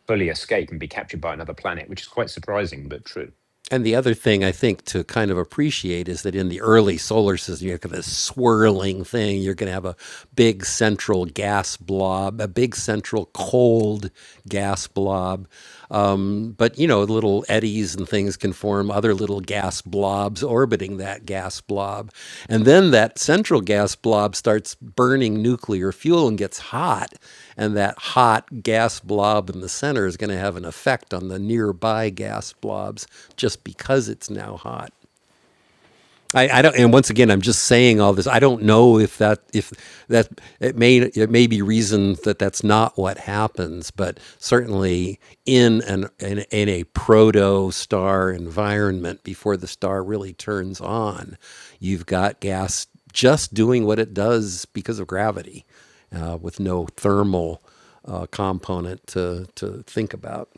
[SPEAKER 9] fully escape and be captured by another planet, which is quite surprising but true.
[SPEAKER 1] And the other thing I think to kind of appreciate is that in the early solar system, you have kind of this swirling thing. You're going to have a big central gas blob, a big central cold gas blob. Um, but, you know, little eddies and things can form, other little little gas blobs orbiting that gas blob. And then that central gas blob starts burning nuclear fuel and gets hot. And that hot gas blob in the center is going to have an effect on the nearby gas blobs just because it's now hot. I, I don't, and once again, I'm just saying all this. I don't know if that, if that, it may, it may be reason that that's not what happens, but certainly in an, in, in a proto star environment before the star really turns on, you've got gas just doing what it does because of gravity, uh, with no thermal uh, component to, to think about.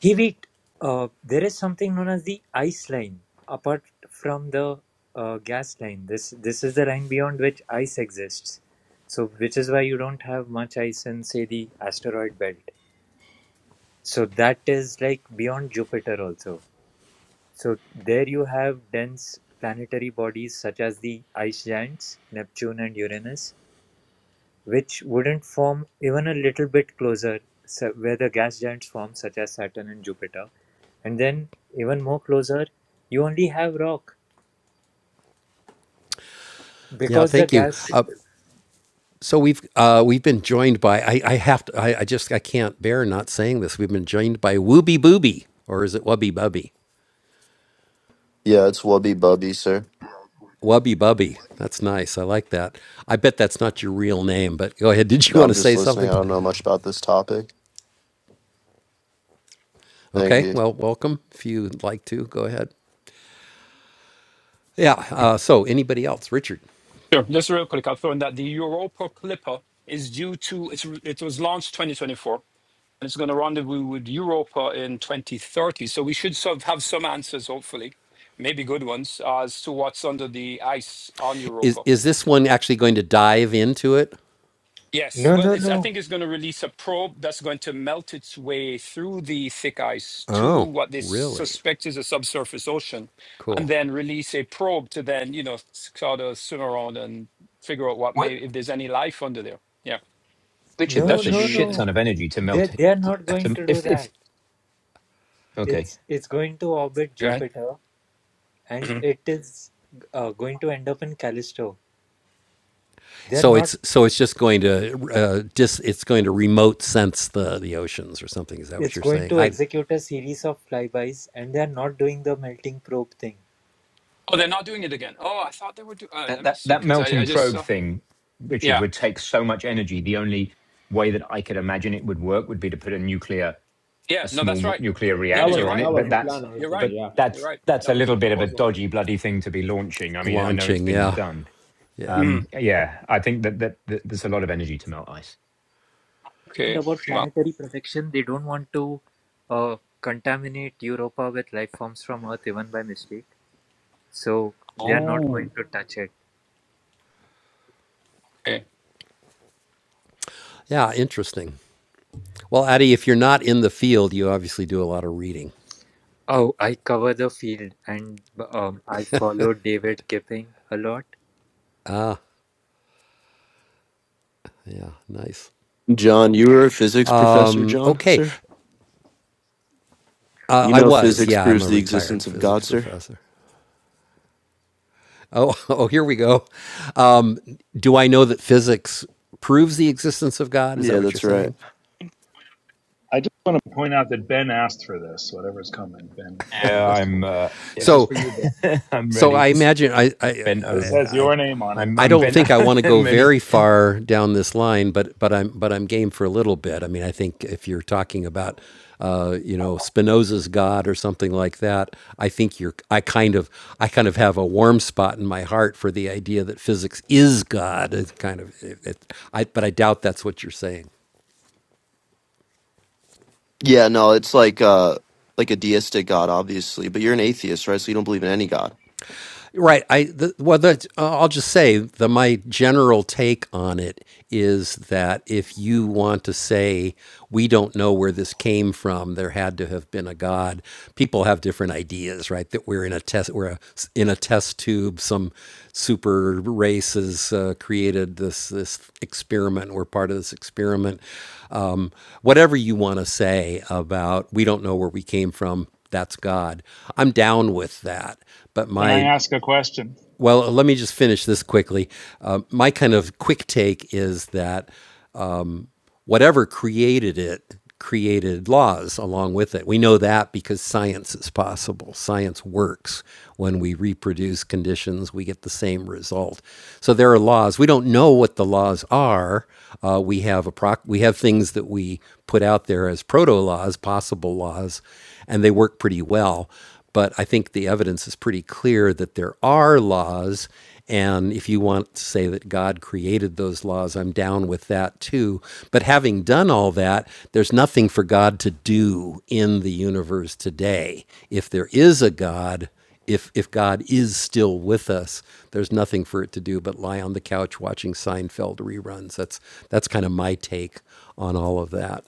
[SPEAKER 8] Give it. Uh, there is something known as the ice line, apart from the uh, gas line. This this is the line beyond which ice exists. So, which is why you don't have much ice in, say, the asteroid belt. So that is like beyond Jupiter also. So there you have dense planetary bodies such as the ice giants, Neptune and Uranus, which wouldn't form even a little bit closer so where the gas giants form, such as Saturn and Jupiter. And then, even more closer, you only have rock
[SPEAKER 1] Yeah,
[SPEAKER 8] because the
[SPEAKER 1] thank you.
[SPEAKER 8] gas.
[SPEAKER 1] Uh, So we've uh, we've been joined by I, I have to I, I just I can't bear not saying this. We've been joined by Wooby Booby or is it Wubby Bubby?
[SPEAKER 10] Yeah, it's Wubby Bubby, sir.
[SPEAKER 1] Wubby Bubby. That's nice. I like that. I bet that's not your real name, but go ahead. Did you
[SPEAKER 10] No,
[SPEAKER 1] want to
[SPEAKER 10] I'm just
[SPEAKER 1] say
[SPEAKER 10] listening.
[SPEAKER 1] something?
[SPEAKER 10] I don't know much about this topic. Thank
[SPEAKER 1] Okay.
[SPEAKER 10] you.
[SPEAKER 1] Well, welcome. If you'd like to, go ahead. Yeah. Uh, so anybody else? Richard,
[SPEAKER 7] Sure. Just real quick, I'll throw in that the Europa Clipper is due to it's it was launched 2024 it's going to rendezvous with Europa in 2030. So we should sort of have some answers, hopefully, maybe good ones, as to what's under the ice on
[SPEAKER 1] is
[SPEAKER 7] Europa.
[SPEAKER 1] is this one actually going to dive into it?
[SPEAKER 7] Yes,
[SPEAKER 8] No,
[SPEAKER 7] well,
[SPEAKER 8] no,
[SPEAKER 7] it's, I
[SPEAKER 8] no,
[SPEAKER 7] think it's going to release a probe that's going to melt its way through the thick ice to
[SPEAKER 1] Oh,
[SPEAKER 7] what they
[SPEAKER 1] really?
[SPEAKER 7] suspect is a subsurface ocean, and
[SPEAKER 1] Cool.
[SPEAKER 7] then release a probe to then, you know, sort of swim around and figure out what may, if there's any life under there. Yeah,
[SPEAKER 9] Richard,
[SPEAKER 7] so that
[SPEAKER 8] no,
[SPEAKER 9] that's a
[SPEAKER 7] should
[SPEAKER 8] no,
[SPEAKER 7] be.
[SPEAKER 9] shit
[SPEAKER 8] no.
[SPEAKER 9] ton
[SPEAKER 7] int-
[SPEAKER 9] of energy to
[SPEAKER 8] They
[SPEAKER 9] melt.
[SPEAKER 8] they are
[SPEAKER 9] To,
[SPEAKER 8] not going
[SPEAKER 9] to
[SPEAKER 8] to do
[SPEAKER 9] if
[SPEAKER 8] that.
[SPEAKER 9] if okay,
[SPEAKER 8] It's it's going to orbit
[SPEAKER 7] Go ahead.
[SPEAKER 8] Jupiter, and it is uh, going to end up in Callisto. They're
[SPEAKER 1] So
[SPEAKER 8] not.
[SPEAKER 1] it's so it's just going to uh, dis, it's going to remote sense the the oceans or something. Is that what
[SPEAKER 8] It's
[SPEAKER 1] you're
[SPEAKER 8] going
[SPEAKER 1] saying?
[SPEAKER 8] to
[SPEAKER 1] I
[SPEAKER 8] execute a series of flybys, and they're not doing the melting probe thing
[SPEAKER 7] Oh, they're not doing it again. Oh, I thought they were doing. Uh,
[SPEAKER 9] that
[SPEAKER 7] let me
[SPEAKER 9] that
[SPEAKER 7] see,
[SPEAKER 9] that
[SPEAKER 7] because I, I
[SPEAKER 9] melting
[SPEAKER 7] just
[SPEAKER 9] probe
[SPEAKER 7] saw.
[SPEAKER 9] thing, Richard,
[SPEAKER 7] Yeah,
[SPEAKER 9] would take so much energy. The only way that I could imagine it would work would be to put a nuclear,
[SPEAKER 7] yeah.
[SPEAKER 9] a
[SPEAKER 7] No, that's
[SPEAKER 9] small
[SPEAKER 7] right.
[SPEAKER 9] nuclear
[SPEAKER 7] No, no, you're
[SPEAKER 9] reactor on
[SPEAKER 7] right.
[SPEAKER 9] it. But that's
[SPEAKER 7] You're right.
[SPEAKER 9] but
[SPEAKER 7] You're
[SPEAKER 9] that's
[SPEAKER 7] right.
[SPEAKER 9] that's
[SPEAKER 7] That
[SPEAKER 9] a
[SPEAKER 7] was the
[SPEAKER 9] little bit of a
[SPEAKER 7] proposal.
[SPEAKER 9] dodgy bloody thing to be launching. I mean, I know it's
[SPEAKER 1] launching,
[SPEAKER 9] been
[SPEAKER 1] yeah,
[SPEAKER 9] done.
[SPEAKER 1] yeah,
[SPEAKER 9] Um,
[SPEAKER 7] Mm.
[SPEAKER 9] yeah, I think that, that that there's a lot of energy to melt ice.
[SPEAKER 7] Okay.
[SPEAKER 8] about
[SPEAKER 7] Wow.
[SPEAKER 8] planetary protection. They don't want to uh, contaminate Europa with life forms from Earth even by mistake. So they are not going
[SPEAKER 7] Oh.
[SPEAKER 8] to touch it.
[SPEAKER 7] Okay.
[SPEAKER 1] yeah. Interesting. Well, Adi, if you're not in the field, you obviously do a lot of reading.
[SPEAKER 8] Oh, I cover the field and um, I follow David Kipping a lot.
[SPEAKER 1] Yeah, nice.
[SPEAKER 10] John, you were a physics professor,
[SPEAKER 1] Mm,
[SPEAKER 10] John,
[SPEAKER 1] Okay,
[SPEAKER 10] sir?
[SPEAKER 1] uh,
[SPEAKER 10] You
[SPEAKER 1] I
[SPEAKER 10] know
[SPEAKER 1] was.
[SPEAKER 10] physics
[SPEAKER 1] Yeah, I'm
[SPEAKER 10] proves
[SPEAKER 1] a
[SPEAKER 10] the
[SPEAKER 1] retired
[SPEAKER 10] existence of
[SPEAKER 1] physics
[SPEAKER 10] God, sir?
[SPEAKER 1] professor. Oh, oh, here we go. Um, do I know that physics proves the existence of God? Is that
[SPEAKER 10] Yeah,
[SPEAKER 1] what you're
[SPEAKER 10] that's right.
[SPEAKER 1] saying?
[SPEAKER 2] I just want to point out that Ben asked for this. Whatever's coming, Ben Ben
[SPEAKER 9] Yeah,
[SPEAKER 2] asked
[SPEAKER 9] I'm
[SPEAKER 2] for it.
[SPEAKER 9] uh,
[SPEAKER 2] This
[SPEAKER 9] yeah,
[SPEAKER 2] is
[SPEAKER 1] So,
[SPEAKER 2] for you, Ben.
[SPEAKER 9] I'm
[SPEAKER 1] so I
[SPEAKER 9] ready.
[SPEAKER 1] imagine I, I
[SPEAKER 9] Bent
[SPEAKER 2] This
[SPEAKER 9] over.
[SPEAKER 2] has your name on it.
[SPEAKER 9] I'm
[SPEAKER 1] I
[SPEAKER 9] I'm
[SPEAKER 1] don't
[SPEAKER 9] bent.
[SPEAKER 1] think I want to go
[SPEAKER 9] I'm
[SPEAKER 1] very
[SPEAKER 9] ready.
[SPEAKER 1] far down this line, but but I'm but I'm game for a little bit. I mean, I think if you're talking about uh, you know Spinoza's God or something like that, I think you're I kind of I kind of have a warm spot in my heart for the idea that physics is God. It's kind of it, it, I, but I doubt that's what you're saying.
[SPEAKER 10] Yeah, no, it's like uh like a deistic God, obviously, but you're an atheist, right? So you don't believe in any God.
[SPEAKER 1] Right. I the, well, the, uh, I'll just say that my general take on it is that if you want to say we don't know where this came from, there had to have been a god. People have different ideas, right? That we're in a test, we're a, in a test tube. Some super race has uh, created this this experiment. We're part of this experiment. Um, whatever you want to say about we don't know where we came from that's God. I'm down with that. But
[SPEAKER 2] Can I
[SPEAKER 1] my
[SPEAKER 2] ask a question?
[SPEAKER 1] well, let me just finish this quickly. Um, my kind of quick take is that whatever created it created laws along with it. We know that because science is possible. Science works. When we reproduce conditions, we get the same result. So there are laws. We don't know what the laws are. Uh, we have a proc- we have things that we put out there as proto laws, possible laws, and they work pretty well. But I think the evidence is pretty clear that there are laws. And if you want to say that God created those laws, I'm down with that too. But having done all that, there's nothing for God to do in the universe today. If there is a God, if if God is still with us, there's nothing for it to do but lie on the couch watching Seinfeld reruns. That's that's kind of my take on all of that.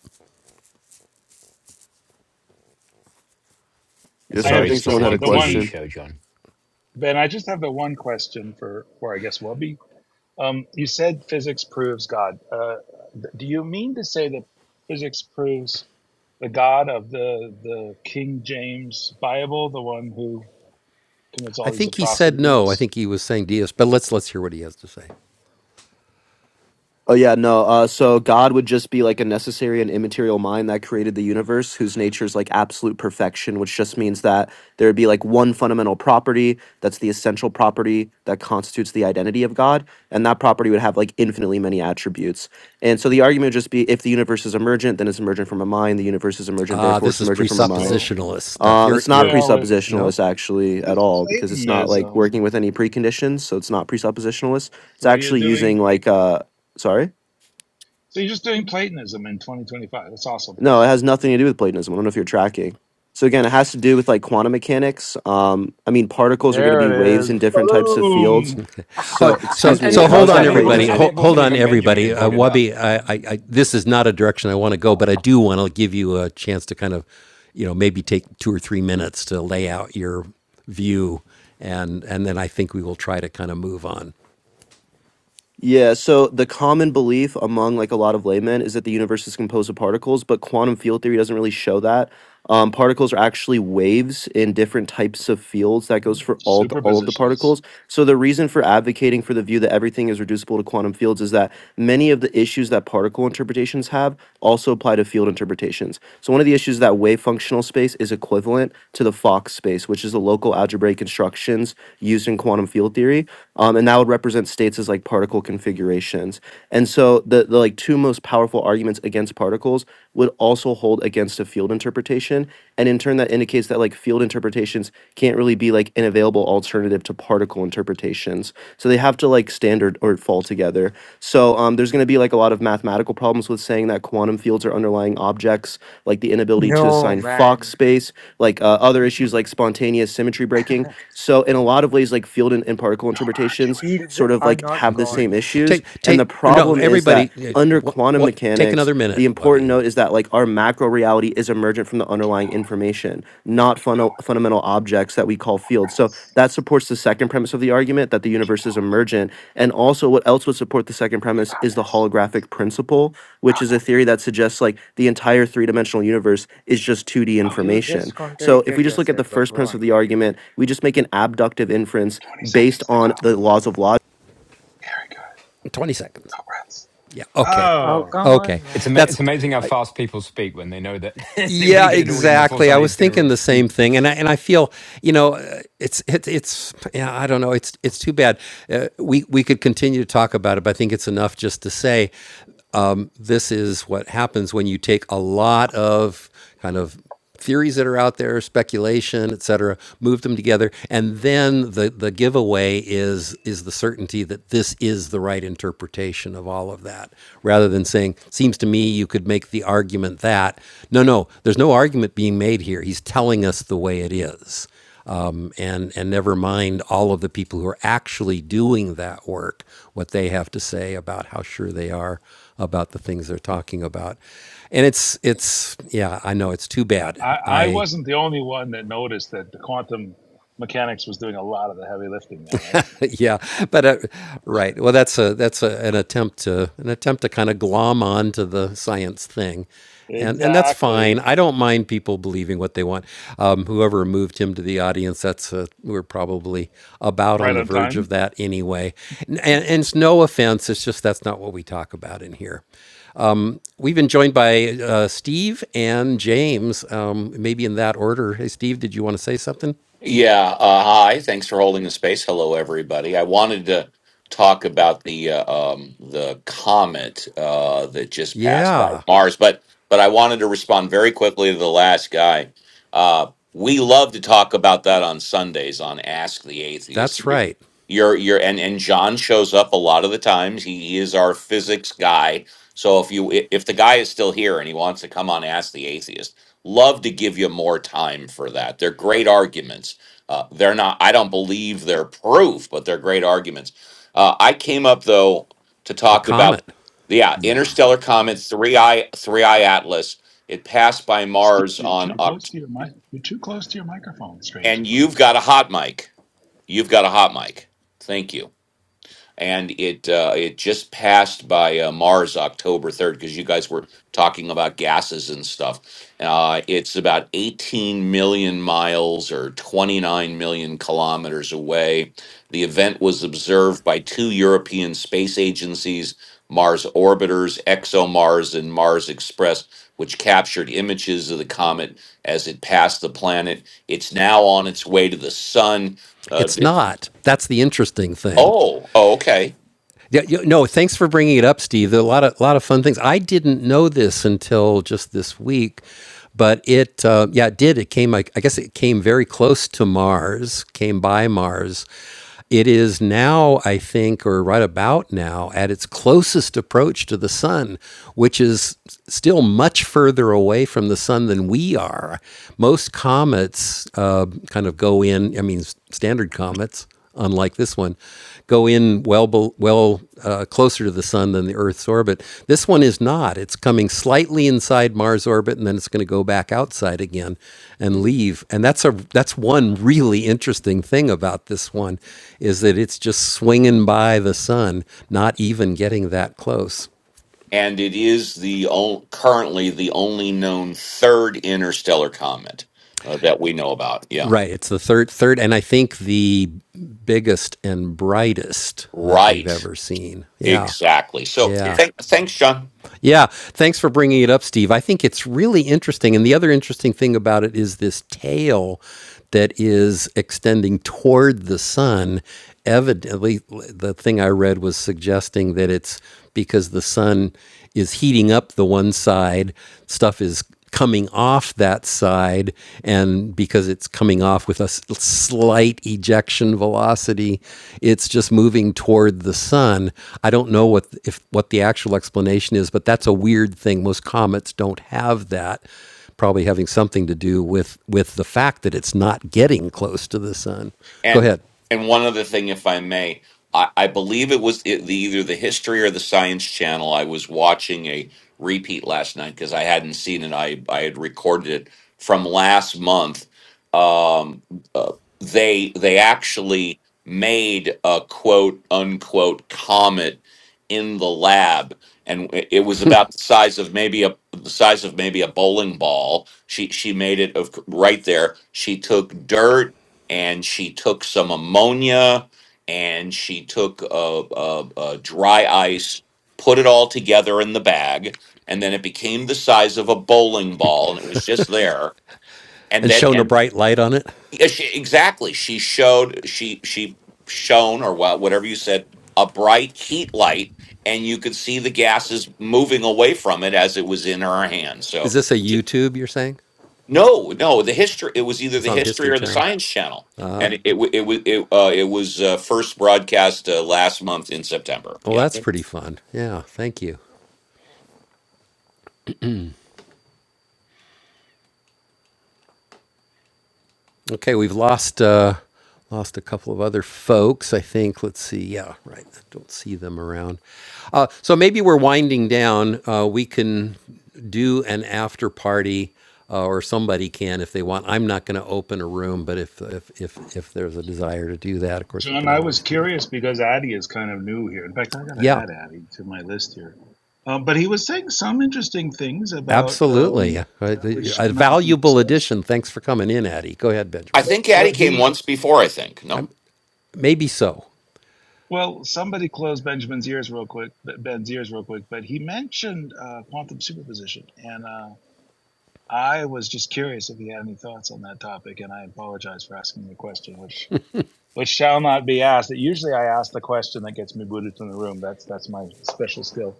[SPEAKER 9] It's
[SPEAKER 10] Yes,
[SPEAKER 9] a
[SPEAKER 2] I
[SPEAKER 10] sir. I
[SPEAKER 2] have
[SPEAKER 9] very
[SPEAKER 10] think
[SPEAKER 2] just the
[SPEAKER 10] someone had
[SPEAKER 2] one.
[SPEAKER 10] a
[SPEAKER 9] specific
[SPEAKER 2] The
[SPEAKER 9] TV
[SPEAKER 10] question.
[SPEAKER 2] one,
[SPEAKER 9] show, John.
[SPEAKER 2] Ben. I just have the one question for, or I guess Wubby. Um, you said physics proves God. Uh, th- do you mean to say that physics proves the God of the the King James Bible, the one who commits
[SPEAKER 1] I
[SPEAKER 2] all these
[SPEAKER 1] think he said no. I
[SPEAKER 2] atrocities?
[SPEAKER 1] think he was saying Diaz, but let's let's hear what he has to say.
[SPEAKER 10] Oh yeah, no. Uh, so God would just be like a necessary and immaterial mind that created the universe, whose nature is like absolute perfection, which just means that there would be like one fundamental property that's the essential property that constitutes the identity of God, and that property would have like infinitely many attributes. And so the argument would just be if the universe is emergent, then it's emergent from a mind. The universe is emergent,
[SPEAKER 1] Ah,
[SPEAKER 10] therefore
[SPEAKER 1] this
[SPEAKER 10] it's
[SPEAKER 1] is
[SPEAKER 10] emergent from a mind.
[SPEAKER 2] So,
[SPEAKER 1] presuppositionalist stuff.
[SPEAKER 10] Um,
[SPEAKER 1] You're
[SPEAKER 10] it's not
[SPEAKER 1] you're
[SPEAKER 2] well, it's
[SPEAKER 1] no.
[SPEAKER 10] presuppositionalist
[SPEAKER 2] it's
[SPEAKER 10] actually at
[SPEAKER 2] just
[SPEAKER 10] all because it's not like
[SPEAKER 2] Platonism.
[SPEAKER 10] working with any preconditions, so it's not presuppositionalist. It's
[SPEAKER 2] So you're
[SPEAKER 10] actually using
[SPEAKER 2] doing
[SPEAKER 10] like uh, sorry.
[SPEAKER 2] so you're just doing Platonism in 2025. That's awesome.
[SPEAKER 10] No, it has nothing to do with Platonism. I don't know if you're tracking. So again, it has to do with like quantum mechanics. Um, I mean, particles are going to be
[SPEAKER 2] There it
[SPEAKER 10] waves
[SPEAKER 2] is.
[SPEAKER 10] in different types of fields.
[SPEAKER 2] Boom.
[SPEAKER 1] Oh,
[SPEAKER 10] So,
[SPEAKER 1] so
[SPEAKER 10] excuse
[SPEAKER 9] And and
[SPEAKER 10] me,
[SPEAKER 1] so
[SPEAKER 9] it
[SPEAKER 10] how
[SPEAKER 1] hold
[SPEAKER 10] is
[SPEAKER 9] wasn't
[SPEAKER 1] on,
[SPEAKER 10] that
[SPEAKER 9] and it wasn't
[SPEAKER 1] everybody.
[SPEAKER 10] Platonism?
[SPEAKER 9] and
[SPEAKER 1] Hold,
[SPEAKER 9] it
[SPEAKER 1] hold
[SPEAKER 9] wasn't
[SPEAKER 1] on,
[SPEAKER 9] even Benjamin who
[SPEAKER 1] everybody. Uh,
[SPEAKER 9] brought it up.
[SPEAKER 1] Wabi, I, I, I this is not a direction I want to go, but I do want to give you a chance to kind of, you know, maybe take two or three minutes to lay out your view, and and then I think we will try to kind of move on.
[SPEAKER 10] Yeah, so the common belief among like a lot of laymen is that the universe is composed of particles, but quantum field theory doesn't really show that. Um, particles are actually waves in different types of fields. That goes for all t- all of the
[SPEAKER 2] Superpositions.
[SPEAKER 10] particles. So the reason for advocating for the view that everything is reducible to quantum fields is that many of the issues that particle interpretations have also apply to field interpretations. So one of the issues is that wave functional space is equivalent to the Fock space, which is the local algebraic constructions used in quantum field theory um, and that would represent states as like particle configurations. And so the, the like two most powerful arguments against particles would also hold against a field interpretation, and in turn that indicates that like field interpretations can't really be like an available alternative to particle interpretations. So they have to like standard or fall together. So um, there's going to be like a lot of mathematical problems with saying that quantum fields are underlying objects, like the inability to
[SPEAKER 8] No,
[SPEAKER 10] assign Fock
[SPEAKER 8] man.
[SPEAKER 10] space, like uh, other issues like spontaneous symmetry breaking so in a lot of ways, like field and, and particle
[SPEAKER 2] Don't argue
[SPEAKER 10] interpretations
[SPEAKER 2] it.
[SPEAKER 8] Fields
[SPEAKER 10] sort of
[SPEAKER 8] are
[SPEAKER 10] like
[SPEAKER 8] not
[SPEAKER 10] have the same
[SPEAKER 8] gods.
[SPEAKER 10] issues.
[SPEAKER 1] Take
[SPEAKER 10] And the
[SPEAKER 1] take no,
[SPEAKER 10] problem is that
[SPEAKER 1] everybody. uh,
[SPEAKER 10] under
[SPEAKER 1] What
[SPEAKER 10] quantum
[SPEAKER 1] what? Take
[SPEAKER 10] mechanics,
[SPEAKER 1] another minute,
[SPEAKER 10] the important
[SPEAKER 1] Wabi.
[SPEAKER 10] note is that like our macro reality is emergent from the underlying information, not
[SPEAKER 2] Keep
[SPEAKER 10] funnel,
[SPEAKER 2] going.
[SPEAKER 10] fundamental objects that we call fields. So
[SPEAKER 2] Yes.
[SPEAKER 10] that supports the second premise of the argument that the
[SPEAKER 2] Keep
[SPEAKER 10] universe is
[SPEAKER 2] going.
[SPEAKER 10] emergent. And also what else would support the second
[SPEAKER 2] You
[SPEAKER 10] premise
[SPEAKER 2] got
[SPEAKER 10] is the
[SPEAKER 2] this.
[SPEAKER 10] holographic principle, which is a theory that suggests like the entire three-dimensional universe is just 2D
[SPEAKER 2] Oh yeah.
[SPEAKER 8] You
[SPEAKER 10] information
[SPEAKER 8] just
[SPEAKER 10] so if we
[SPEAKER 8] contradicted
[SPEAKER 10] just look at
[SPEAKER 8] yourself,
[SPEAKER 10] the
[SPEAKER 8] but
[SPEAKER 10] first
[SPEAKER 8] go
[SPEAKER 10] premise of
[SPEAKER 8] on.
[SPEAKER 10] the argument, we just make an abductive inference
[SPEAKER 2] 20
[SPEAKER 10] based
[SPEAKER 2] seconds to go.
[SPEAKER 10] on the laws of logic.
[SPEAKER 2] Here we
[SPEAKER 1] Twenty seconds. Yeah. Okay.
[SPEAKER 8] Oh,
[SPEAKER 2] Oh,
[SPEAKER 8] come
[SPEAKER 1] Okay.
[SPEAKER 8] on,
[SPEAKER 9] It's ama-
[SPEAKER 8] man.
[SPEAKER 9] it's
[SPEAKER 1] That's
[SPEAKER 9] amazing how fast people speak when they know that when you
[SPEAKER 1] Yeah,
[SPEAKER 9] get it all in before
[SPEAKER 1] exactly. I
[SPEAKER 9] somebody's
[SPEAKER 1] was
[SPEAKER 9] going to
[SPEAKER 1] thinking the same
[SPEAKER 9] refute.
[SPEAKER 1] thing, and I, and I feel you know uh, it's it, it's yeah I don't know it's it's too bad. Uh, we we could continue to talk about it, but I think it's enough just to say um, this is what happens when you take a lot of kind of theories that are out there, speculation, et cetera, move them together, and then the the giveaway is is the certainty that this is the right interpretation of all of that, rather than saying seems to me you could make the argument that no no there's no argument being made here. He's telling us the way it is um, and and never mind all of the people who are actually doing that work, what they have to say about how sure they are about the things they're talking about, and it's it's yeah, I know it's too
[SPEAKER 2] I,
[SPEAKER 1] bad.
[SPEAKER 2] I
[SPEAKER 1] I
[SPEAKER 2] wasn't the only one that noticed that the quantum mechanics was doing a lot of the heavy lifting there, right?
[SPEAKER 1] yeah, but uh, right. Well, that's a that's a, an attempt to an attempt to kind of glom on to the science thing, and and that's fine.
[SPEAKER 2] Exactly.
[SPEAKER 1] I don't mind people believing what they want. Um, whoever moved him to the audience, that's uh we're probably about on
[SPEAKER 2] Right
[SPEAKER 1] the
[SPEAKER 2] on
[SPEAKER 1] verge
[SPEAKER 2] time.
[SPEAKER 1] of that anyway. And, and and it's no offense. It's just that's not what we talk about in here. We've been joined by uh, Steve and James, um, maybe in that order. Hey, Steve, did you want to say something?
[SPEAKER 11] Yeah, uh, hi. Thanks for holding the space. Hello, everybody. I wanted to talk about the uh, um, the comet uh, that just passed by
[SPEAKER 1] Yeah,
[SPEAKER 11] Mars, but but I wanted to respond very quickly to the last guy. Uh, we love to talk about that on Sundays on Ask the Atheist.
[SPEAKER 1] that's right.
[SPEAKER 11] You're you're and and John shows up a lot of the times. He, he is our physics guy. So if you i- if the guy is still here and he wants to come on Ask the Atheist, love to give you more time for that. They're great arguments. Uh, they're not. I don't believe they're proof, but they're great arguments. Uh, I came up though to
[SPEAKER 1] The
[SPEAKER 11] talk about
[SPEAKER 1] comet.
[SPEAKER 11] yeah,
[SPEAKER 8] Yeah.
[SPEAKER 11] interstellar comet three I three I Atlas. It passed by
[SPEAKER 2] Steve,
[SPEAKER 11] Mars
[SPEAKER 2] You're
[SPEAKER 11] on
[SPEAKER 2] too close
[SPEAKER 11] October,
[SPEAKER 2] to your mic. You're too close to your microphone.
[SPEAKER 11] and
[SPEAKER 2] Strangely.
[SPEAKER 11] you've got a hot mic. You've got a hot mic. Thank you and it uh, it just passed by uh, Mars October third because you guys were talking about gases and stuff. Uh, it's about eighteen million miles or twenty nine million kilometers away. The event was observed by two European space agencies, Mars Orbiters, ExoMars, and Mars Express, which captured images of the comet as it passed the planet. It's now on its way to the sun. Uh,
[SPEAKER 1] It's
[SPEAKER 11] thi-
[SPEAKER 1] not. That's the interesting thing.
[SPEAKER 11] oh, oh, okay.
[SPEAKER 1] Yeah, you, no, thanks for bringing it up, Steve. There are a lot of lot of fun things. I didn't know this until just this week, but it uh, yeah, it did. It came. I, I guess it came very close to Mars. Came by Mars. It is now, I think, or right about now, at its closest approach to the sun, which is still much further away from the sun than we are. Most comets uh, kind of go in. I mean, standard comets unlike this one, go in well, well uh, closer to the sun than the Earth's orbit. This one is not. It's coming slightly inside Mars orbit, and then it's going to go back outside again and
[SPEAKER 11] Mm-hmm.
[SPEAKER 1] leave. And that's a that's one really interesting thing about this one is that it's just swinging by the sun, not even getting that close.
[SPEAKER 11] and it is the on, currently the only known third interstellar comet uh, that we know about. Yeah,
[SPEAKER 1] Right. It's the third, third, and I think the biggest and brightest that we've
[SPEAKER 11] right,
[SPEAKER 1] ever seen. Yeah.
[SPEAKER 11] exactly. So, th-
[SPEAKER 1] Yeah.
[SPEAKER 11] thanks, John.
[SPEAKER 1] Yeah, thanks for bringing it up, Steve. I think it's really interesting. And the other interesting thing about it is this tail that is extending toward the sun. Evidently, the thing I read was suggesting that it's because the sun is heating up the one side, stuff is coming off that side and because it's coming off with a slight ejection velocity it's just moving toward the sun i don't know what if what the actual explanation is but that's a weird thing most comets don't have that probably having something to do with with the fact that it's not getting close to the sun go
[SPEAKER 11] And
[SPEAKER 1] ahead
[SPEAKER 11] and one other thing, if I may, I, I believe it was it, the, either the History or the Science Channel. I was watching a repeat last night because I hadn't seen it. I I had recorded it from last month. Um, uh, they they actually made a quote unquote comet in the lab and it it was about the size of maybe a the size of maybe a bowling ball she she made it of right there she took dirt and she took some ammonia and she took a, a, a dry ice, put it all together in the bag, and then it became the size of a bowling ball, and it was just there. And
[SPEAKER 1] and
[SPEAKER 11] then,
[SPEAKER 1] shone a
[SPEAKER 11] and
[SPEAKER 1] bright light on it
[SPEAKER 11] yeah, she, exactly, she showed she she shone or what whatever you said a bright heat light, and you could see the gases moving away from it as it was in her hand.
[SPEAKER 1] is
[SPEAKER 11] So.
[SPEAKER 1] this a youtube you're saying
[SPEAKER 11] No, no, the history. It was either
[SPEAKER 1] it's
[SPEAKER 11] the
[SPEAKER 1] on the
[SPEAKER 11] History
[SPEAKER 1] history
[SPEAKER 11] or the
[SPEAKER 1] channel
[SPEAKER 11] Science Channel, and it it wa- it was it, uh, it was uh, first broadcast uh, last month in September.
[SPEAKER 1] well
[SPEAKER 11] Yeah,
[SPEAKER 1] that's pretty fun yeah thank you Okay, we've lost uh, lost a couple of other folks. I think. Let's see. Yeah, right. I don't see them around. Uh, so maybe we're winding down. Uh, we can do an after party, uh, or somebody can if they want. I'm not going to open a room, but if, if if if there's a desire to do that, of course we
[SPEAKER 2] John,
[SPEAKER 1] can
[SPEAKER 2] I was
[SPEAKER 1] always do that.
[SPEAKER 2] curious because Addy is kind of new here. In fact, I got to
[SPEAKER 1] Yeah,
[SPEAKER 2] add Addy to my list here. Um, but he was saying some interesting things about
[SPEAKER 1] absolutely.
[SPEAKER 2] um,
[SPEAKER 1] Uh,
[SPEAKER 2] that which
[SPEAKER 1] A
[SPEAKER 2] should not be
[SPEAKER 1] valuable
[SPEAKER 2] discussed.
[SPEAKER 1] addition. Thanks for coming in, Addie. Go ahead,
[SPEAKER 11] I
[SPEAKER 1] Benjamin.
[SPEAKER 11] think
[SPEAKER 2] Well,
[SPEAKER 11] Addie
[SPEAKER 2] well,
[SPEAKER 11] came
[SPEAKER 2] he,
[SPEAKER 11] once before. I think
[SPEAKER 1] Um,
[SPEAKER 11] no,
[SPEAKER 1] maybe so.
[SPEAKER 2] well, somebody closed Benjamin's ears real quick, Ben's ears real quick. But he mentioned uh, quantum superposition, and uh, I was just curious if he had any thoughts on that topic. And I apologize for asking the question, which which shall not be asked. Usually, I ask the question that gets me booted from the room. That's that's my special skill.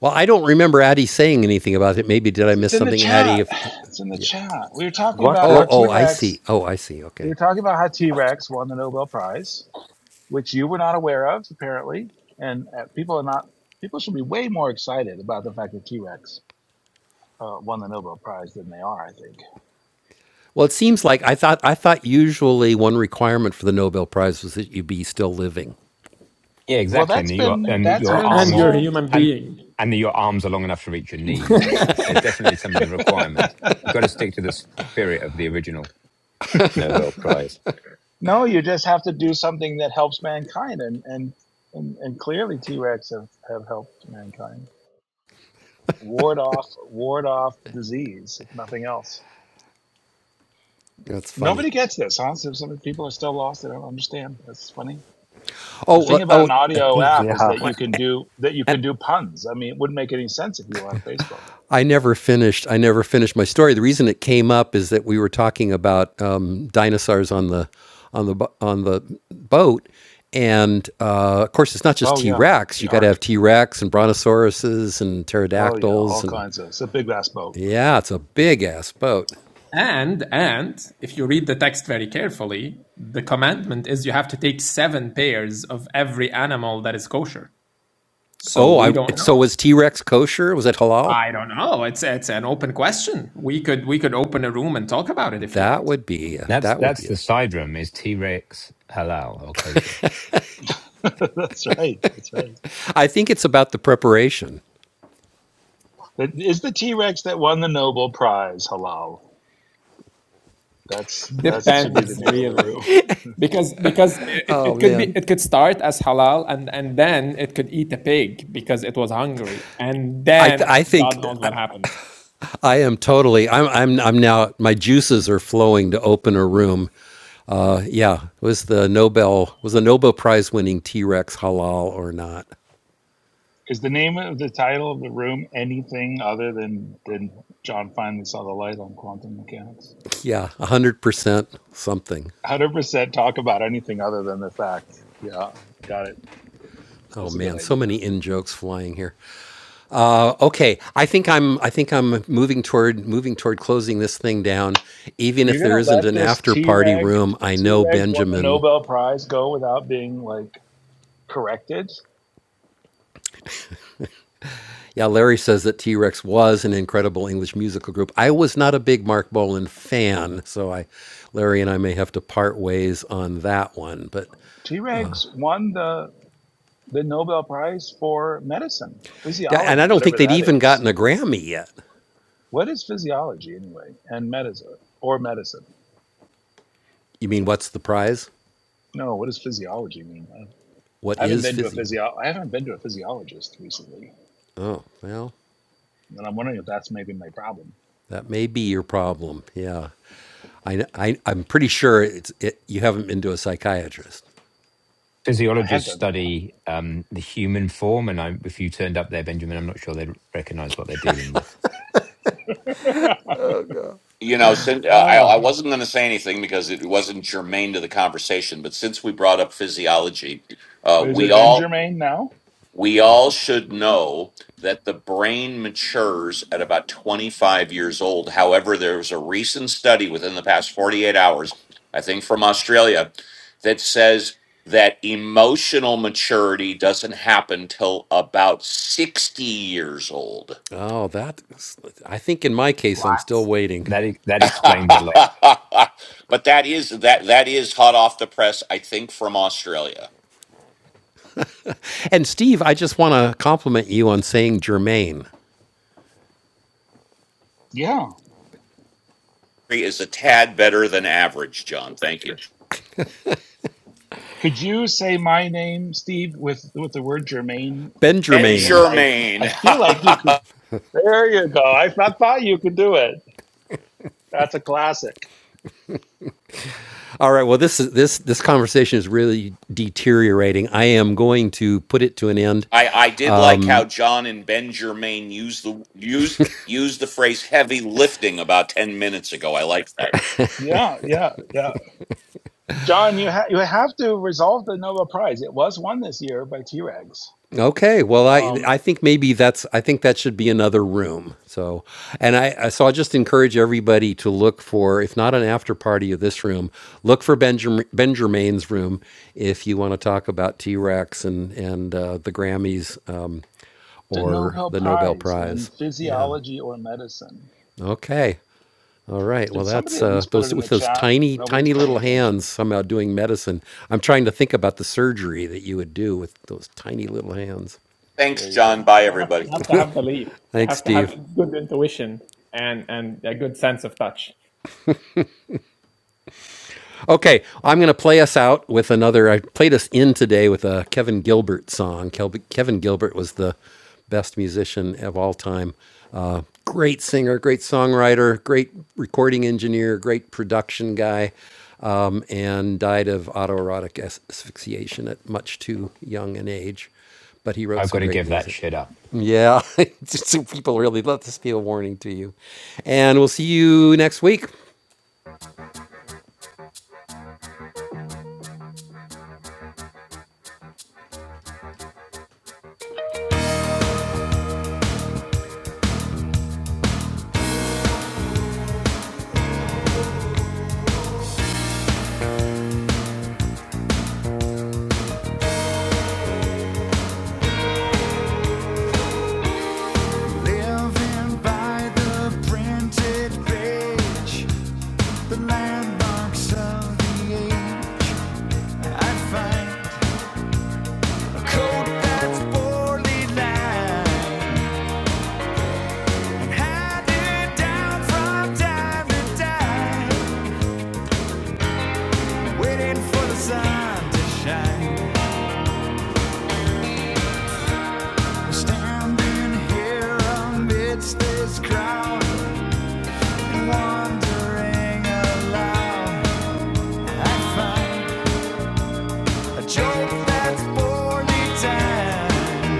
[SPEAKER 1] Well, I don't remember Addie saying anything about it. Maybe did I miss
[SPEAKER 2] It's in the
[SPEAKER 1] something, Addie?
[SPEAKER 2] chat.
[SPEAKER 1] If
[SPEAKER 2] It's in the
[SPEAKER 1] yeah.
[SPEAKER 2] chat. We were talking
[SPEAKER 8] What?
[SPEAKER 2] about
[SPEAKER 1] Oh,
[SPEAKER 2] how
[SPEAKER 8] What?
[SPEAKER 2] T
[SPEAKER 1] oh, I see.
[SPEAKER 2] Rex.
[SPEAKER 1] Oh, I see.
[SPEAKER 2] We
[SPEAKER 1] Okay.
[SPEAKER 2] were talking about how T Rex won the Nobel Prize, which you were not aware of apparently, and uh, people are not. People should be way more excited about the fact that T Rex uh, won the Nobel Prize than they are. I think.
[SPEAKER 1] Well, it seems like I thought. I thought usually one requirement for the Nobel Prize was that you be still living.
[SPEAKER 9] Yeah,
[SPEAKER 2] Well,
[SPEAKER 9] exactly. And
[SPEAKER 2] that's
[SPEAKER 9] that your
[SPEAKER 2] been
[SPEAKER 9] and that
[SPEAKER 2] that's
[SPEAKER 9] your
[SPEAKER 2] been
[SPEAKER 4] and
[SPEAKER 9] arms
[SPEAKER 4] you're a
[SPEAKER 2] solved.
[SPEAKER 4] human
[SPEAKER 9] and
[SPEAKER 4] being.
[SPEAKER 9] and that your arms are long enough to reach your knees. They're definitely some of the requirements. You've got to stick to the spirit of the original Nobel Prize.
[SPEAKER 2] no, you just have to do something that helps mankind, and and and, and clearly T Rex have have helped mankind ward off ward off disease, if nothing else.
[SPEAKER 1] That's funny.
[SPEAKER 2] Nobody gets this, huh? So some people are still lost. They don't understand. That's funny.
[SPEAKER 1] Oh,
[SPEAKER 2] The
[SPEAKER 1] well,
[SPEAKER 2] thing about
[SPEAKER 1] oh,
[SPEAKER 2] an
[SPEAKER 1] uh,
[SPEAKER 2] audio app is
[SPEAKER 8] Yeah.
[SPEAKER 2] that you can
[SPEAKER 1] what?
[SPEAKER 2] do that. You can do puns. I mean, it wouldn't make any sense if you were on Facebook.
[SPEAKER 1] I never finished. I never finished my story. The reason it came up is that we were talking about um, dinosaurs on the on the on the boat, and uh, of course, it's not just
[SPEAKER 2] Oh
[SPEAKER 1] T
[SPEAKER 2] yeah,
[SPEAKER 1] Rex.
[SPEAKER 2] the
[SPEAKER 1] You got to
[SPEAKER 2] Ark.
[SPEAKER 1] have T Rex and brontosauruses and
[SPEAKER 2] Oh yeah,
[SPEAKER 1] pterodactyls,
[SPEAKER 2] all
[SPEAKER 1] and
[SPEAKER 2] kinds of. It's a big last boat.
[SPEAKER 1] yeah, it's a big ass boat.
[SPEAKER 4] And and if you read the text very carefully, the commandment is you have to take seven pairs of every animal that is kosher. So
[SPEAKER 1] Oh,
[SPEAKER 4] we
[SPEAKER 1] I
[SPEAKER 4] don't
[SPEAKER 1] it, so
[SPEAKER 4] know.
[SPEAKER 1] was T Rex kosher? Was it halal?
[SPEAKER 4] I don't know. It's it's an open question. We could we could open a room and talk about it if you
[SPEAKER 1] That
[SPEAKER 4] want.
[SPEAKER 1] would be uh,
[SPEAKER 9] That's
[SPEAKER 1] that would
[SPEAKER 9] that's
[SPEAKER 1] be.
[SPEAKER 9] the side room is T Rex halal or kosher.
[SPEAKER 2] that's right. That's right.
[SPEAKER 1] I think it's about the preparation.
[SPEAKER 2] It is the T Rex that won the Nobel Prize halal? That's that should be the
[SPEAKER 4] Depends
[SPEAKER 2] name of the
[SPEAKER 4] really.
[SPEAKER 2] room.
[SPEAKER 4] Because because it,
[SPEAKER 1] Oh
[SPEAKER 4] it could be
[SPEAKER 1] man.
[SPEAKER 4] it could start as halal and, and then it could eat a pig because it was hungry. And
[SPEAKER 1] I, th-
[SPEAKER 4] then
[SPEAKER 1] I
[SPEAKER 4] God
[SPEAKER 1] think
[SPEAKER 4] knows what happens.
[SPEAKER 1] I am totally. I'm. I'm. I'm now. My juices are flowing to open a room. Uh, yeah, it was the Nobel was a Nobel Prize winning T Rex halal or not?
[SPEAKER 2] Is the name of the title of the room anything other than than John finally saw the light on quantum mechanics?
[SPEAKER 1] Yeah, a hundred percent something.
[SPEAKER 2] one hundred percent talk about anything other than the fact. Yeah, got it.
[SPEAKER 1] Oh
[SPEAKER 2] That's a good
[SPEAKER 1] man, so
[SPEAKER 2] idea.
[SPEAKER 1] many in jokes flying here. Uh, okay, I think I'm. I think I'm moving toward moving toward closing this thing down. Even
[SPEAKER 2] Are you
[SPEAKER 1] if there
[SPEAKER 2] gonna
[SPEAKER 1] isn't
[SPEAKER 2] let
[SPEAKER 1] an
[SPEAKER 2] this
[SPEAKER 1] after
[SPEAKER 2] T
[SPEAKER 1] party
[SPEAKER 2] Reg
[SPEAKER 1] room, I
[SPEAKER 2] T
[SPEAKER 1] know
[SPEAKER 2] Regs won the
[SPEAKER 1] Benjamin
[SPEAKER 2] Nobel Prize go without being like corrected?
[SPEAKER 1] Yeah, Larry says that T Rex was an incredible English musical group. I was not a big Mark Bolan fan, so I, Larry and I may have to part ways on that one. But
[SPEAKER 2] T Regs won the the Nobel Prize for medicine,
[SPEAKER 1] yeah, and I
[SPEAKER 2] physiology,
[SPEAKER 1] don't think
[SPEAKER 2] whatever
[SPEAKER 1] they'd
[SPEAKER 2] that
[SPEAKER 1] even
[SPEAKER 2] is.
[SPEAKER 1] gotten a Grammy yet.
[SPEAKER 2] What is physiology anyway? And medicine or medicine?
[SPEAKER 1] You mean what's the prize?
[SPEAKER 2] No, what does physiology mean?
[SPEAKER 1] What
[SPEAKER 2] I haven't
[SPEAKER 1] is
[SPEAKER 2] been to a
[SPEAKER 1] Fizzy?
[SPEAKER 2] physio I haven't been to a physiologist recently.
[SPEAKER 1] Oh, well,
[SPEAKER 2] And I'm wondering if that's maybe my problem.
[SPEAKER 1] that may be your problem. Yeah, I, I I'm pretty sure it's it. You haven't been to a psychiatrist.
[SPEAKER 2] I have
[SPEAKER 9] physiologists
[SPEAKER 2] done
[SPEAKER 9] study um, the human form, and I, if you turned up there, Benjamin, I'm not sure they'd recognize what they're dealing with.
[SPEAKER 2] that.
[SPEAKER 11] you know, since uh, I I
[SPEAKER 2] Ah,
[SPEAKER 11] wasn't going to say anything because it wasn't germane to the conversation, but since we brought up physiology, uh,
[SPEAKER 2] is
[SPEAKER 11] we
[SPEAKER 2] it Ben
[SPEAKER 11] all
[SPEAKER 2] Germain now?
[SPEAKER 11] We all should know that the brain matures at about 25 years old. However, there was a recent study within the past 48 hours, I think from Australia, that says that emotional maturity doesn't happen till about 60 years old.
[SPEAKER 1] Oh, that is, I think in my case, I'm still waiting.
[SPEAKER 9] That that
[SPEAKER 11] but
[SPEAKER 9] explains a lot.
[SPEAKER 11] that is that that is hot off the press, I think, from Australia.
[SPEAKER 1] And Steve, I just want to compliment you on saying Germaine.
[SPEAKER 2] Yeah.
[SPEAKER 11] Is a tad better than average, John. Thank you.
[SPEAKER 2] Could you say my name, Steve, with with the word Germain
[SPEAKER 11] Ben
[SPEAKER 2] buried in it?
[SPEAKER 1] Benjamin.
[SPEAKER 2] I I
[SPEAKER 11] Germain.
[SPEAKER 2] feel like you could. There you go. I, I thought you could do it. That's a classic.
[SPEAKER 1] All right. Well, this is this this conversation is really deteriorating. I am going to put it to an end.
[SPEAKER 11] I, I did like how John and Ben Germain used the use used the phrase heavy lifting about ten minutes ago. I like that.
[SPEAKER 2] Yeah, yeah, yeah. John, you ha- you have to resolve the Nobel Prize. It was won this year by T Rex.
[SPEAKER 1] Okay. Well, I
[SPEAKER 2] Um,
[SPEAKER 1] I think maybe that's I think that should be another room. So, and I so I just encourage everybody to look for if not an after party of this room, look for Benjamin Benjamin's room if you want to talk about T Rex and and uh, the Grammys um,
[SPEAKER 2] the
[SPEAKER 1] or
[SPEAKER 2] Nobel
[SPEAKER 1] the Nobel
[SPEAKER 2] Prize in
[SPEAKER 1] Prize. Yeah.
[SPEAKER 2] physiology or medicine.
[SPEAKER 1] Okay. All right. Well,
[SPEAKER 2] Did somebody
[SPEAKER 1] that's
[SPEAKER 2] at
[SPEAKER 1] uh,
[SPEAKER 2] least put it
[SPEAKER 1] those
[SPEAKER 2] in
[SPEAKER 1] with
[SPEAKER 2] the
[SPEAKER 1] those
[SPEAKER 2] chat?
[SPEAKER 1] tiny,
[SPEAKER 2] Nobody's
[SPEAKER 1] tiny
[SPEAKER 2] paying
[SPEAKER 1] little hands
[SPEAKER 2] attention.
[SPEAKER 1] somehow doing medicine. I'm trying to think about the surgery that you would do with those tiny little hands.
[SPEAKER 2] There
[SPEAKER 11] Thanks,
[SPEAKER 2] you
[SPEAKER 11] John.
[SPEAKER 2] go.
[SPEAKER 11] Bye
[SPEAKER 4] You have,
[SPEAKER 11] everybody.
[SPEAKER 4] you have to have belief. You
[SPEAKER 1] Thanks,
[SPEAKER 4] have to have
[SPEAKER 1] Steve.
[SPEAKER 4] good intuition and, and a good sense of touch.
[SPEAKER 1] Okay, I'm going to play us out with another. I played us in today with a Kevin Gilbert song. Kevin Gilbert was the best musician of all time. Uh, great singer, great songwriter, great recording engineer, great production guy, um, and died of autoerotic as- asphyxiation at much too young an age. But he wrote
[SPEAKER 9] I've
[SPEAKER 1] some
[SPEAKER 9] got to
[SPEAKER 1] great
[SPEAKER 9] give that
[SPEAKER 1] music.
[SPEAKER 9] shit up.
[SPEAKER 1] Yeah, just so people really let this be a warning to you. And we'll see you next week. Living by the printed page, the landmarks of the age. I find a coat that's poorly lined, handed down from time to time, waiting for the sun to shine. Standing here amidst this crowd and wondering aloud, I find. A joke that's born in time.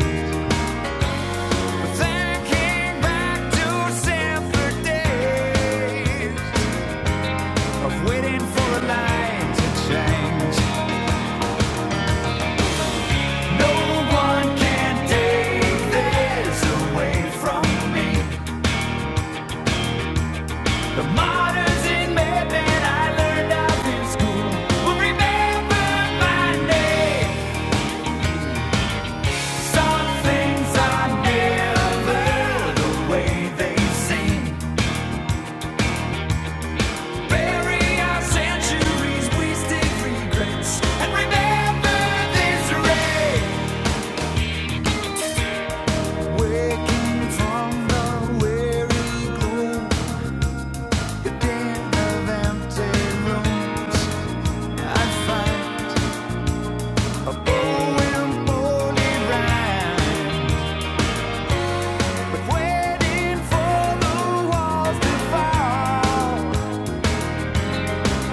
[SPEAKER 1] Thinking back to simpler days of waiting for a light to change. No one can take this away from me. The martyrs in Mebane I learned of will remember my name. Some things are never the way they seem.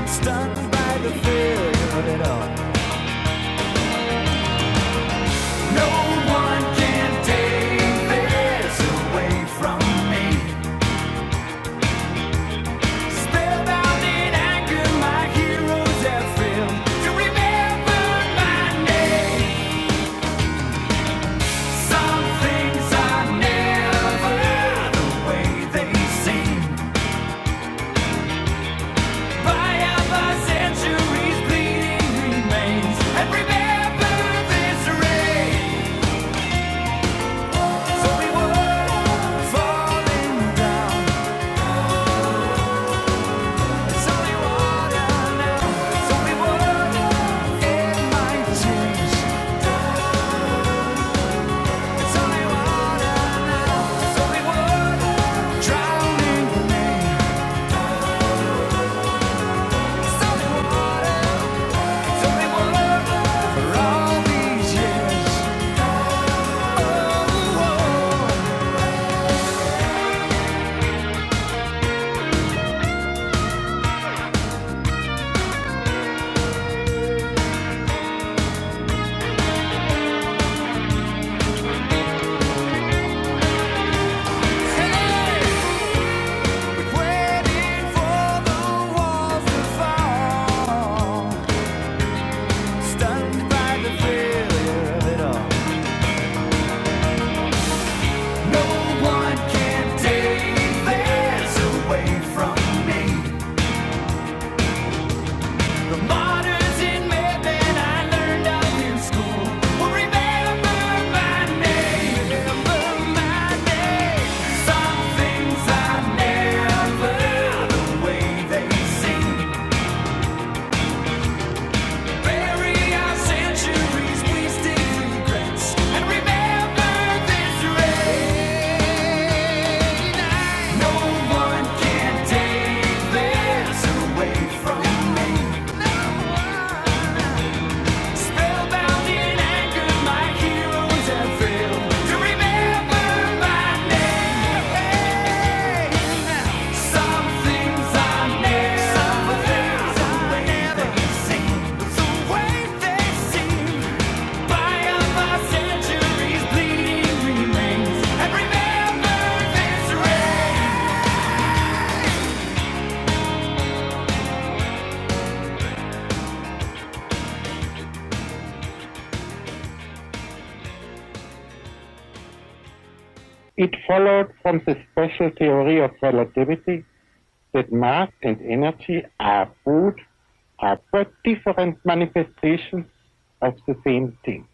[SPEAKER 1] Stunned by the thrill of it all. I can't take me, Spellbound in anger, Michael. Drowning me, it's only water. No one can take this away from me. Martyrs in Maitland, I learned of in school. Well, remember my name, remember my name. Some things I never the way they seem. Bury our centuries, wasted regrets, and remember this rain. No one can take this away from me. It followed from the special theory of relativity that mass and energy are both are but different manifestations of the same thing.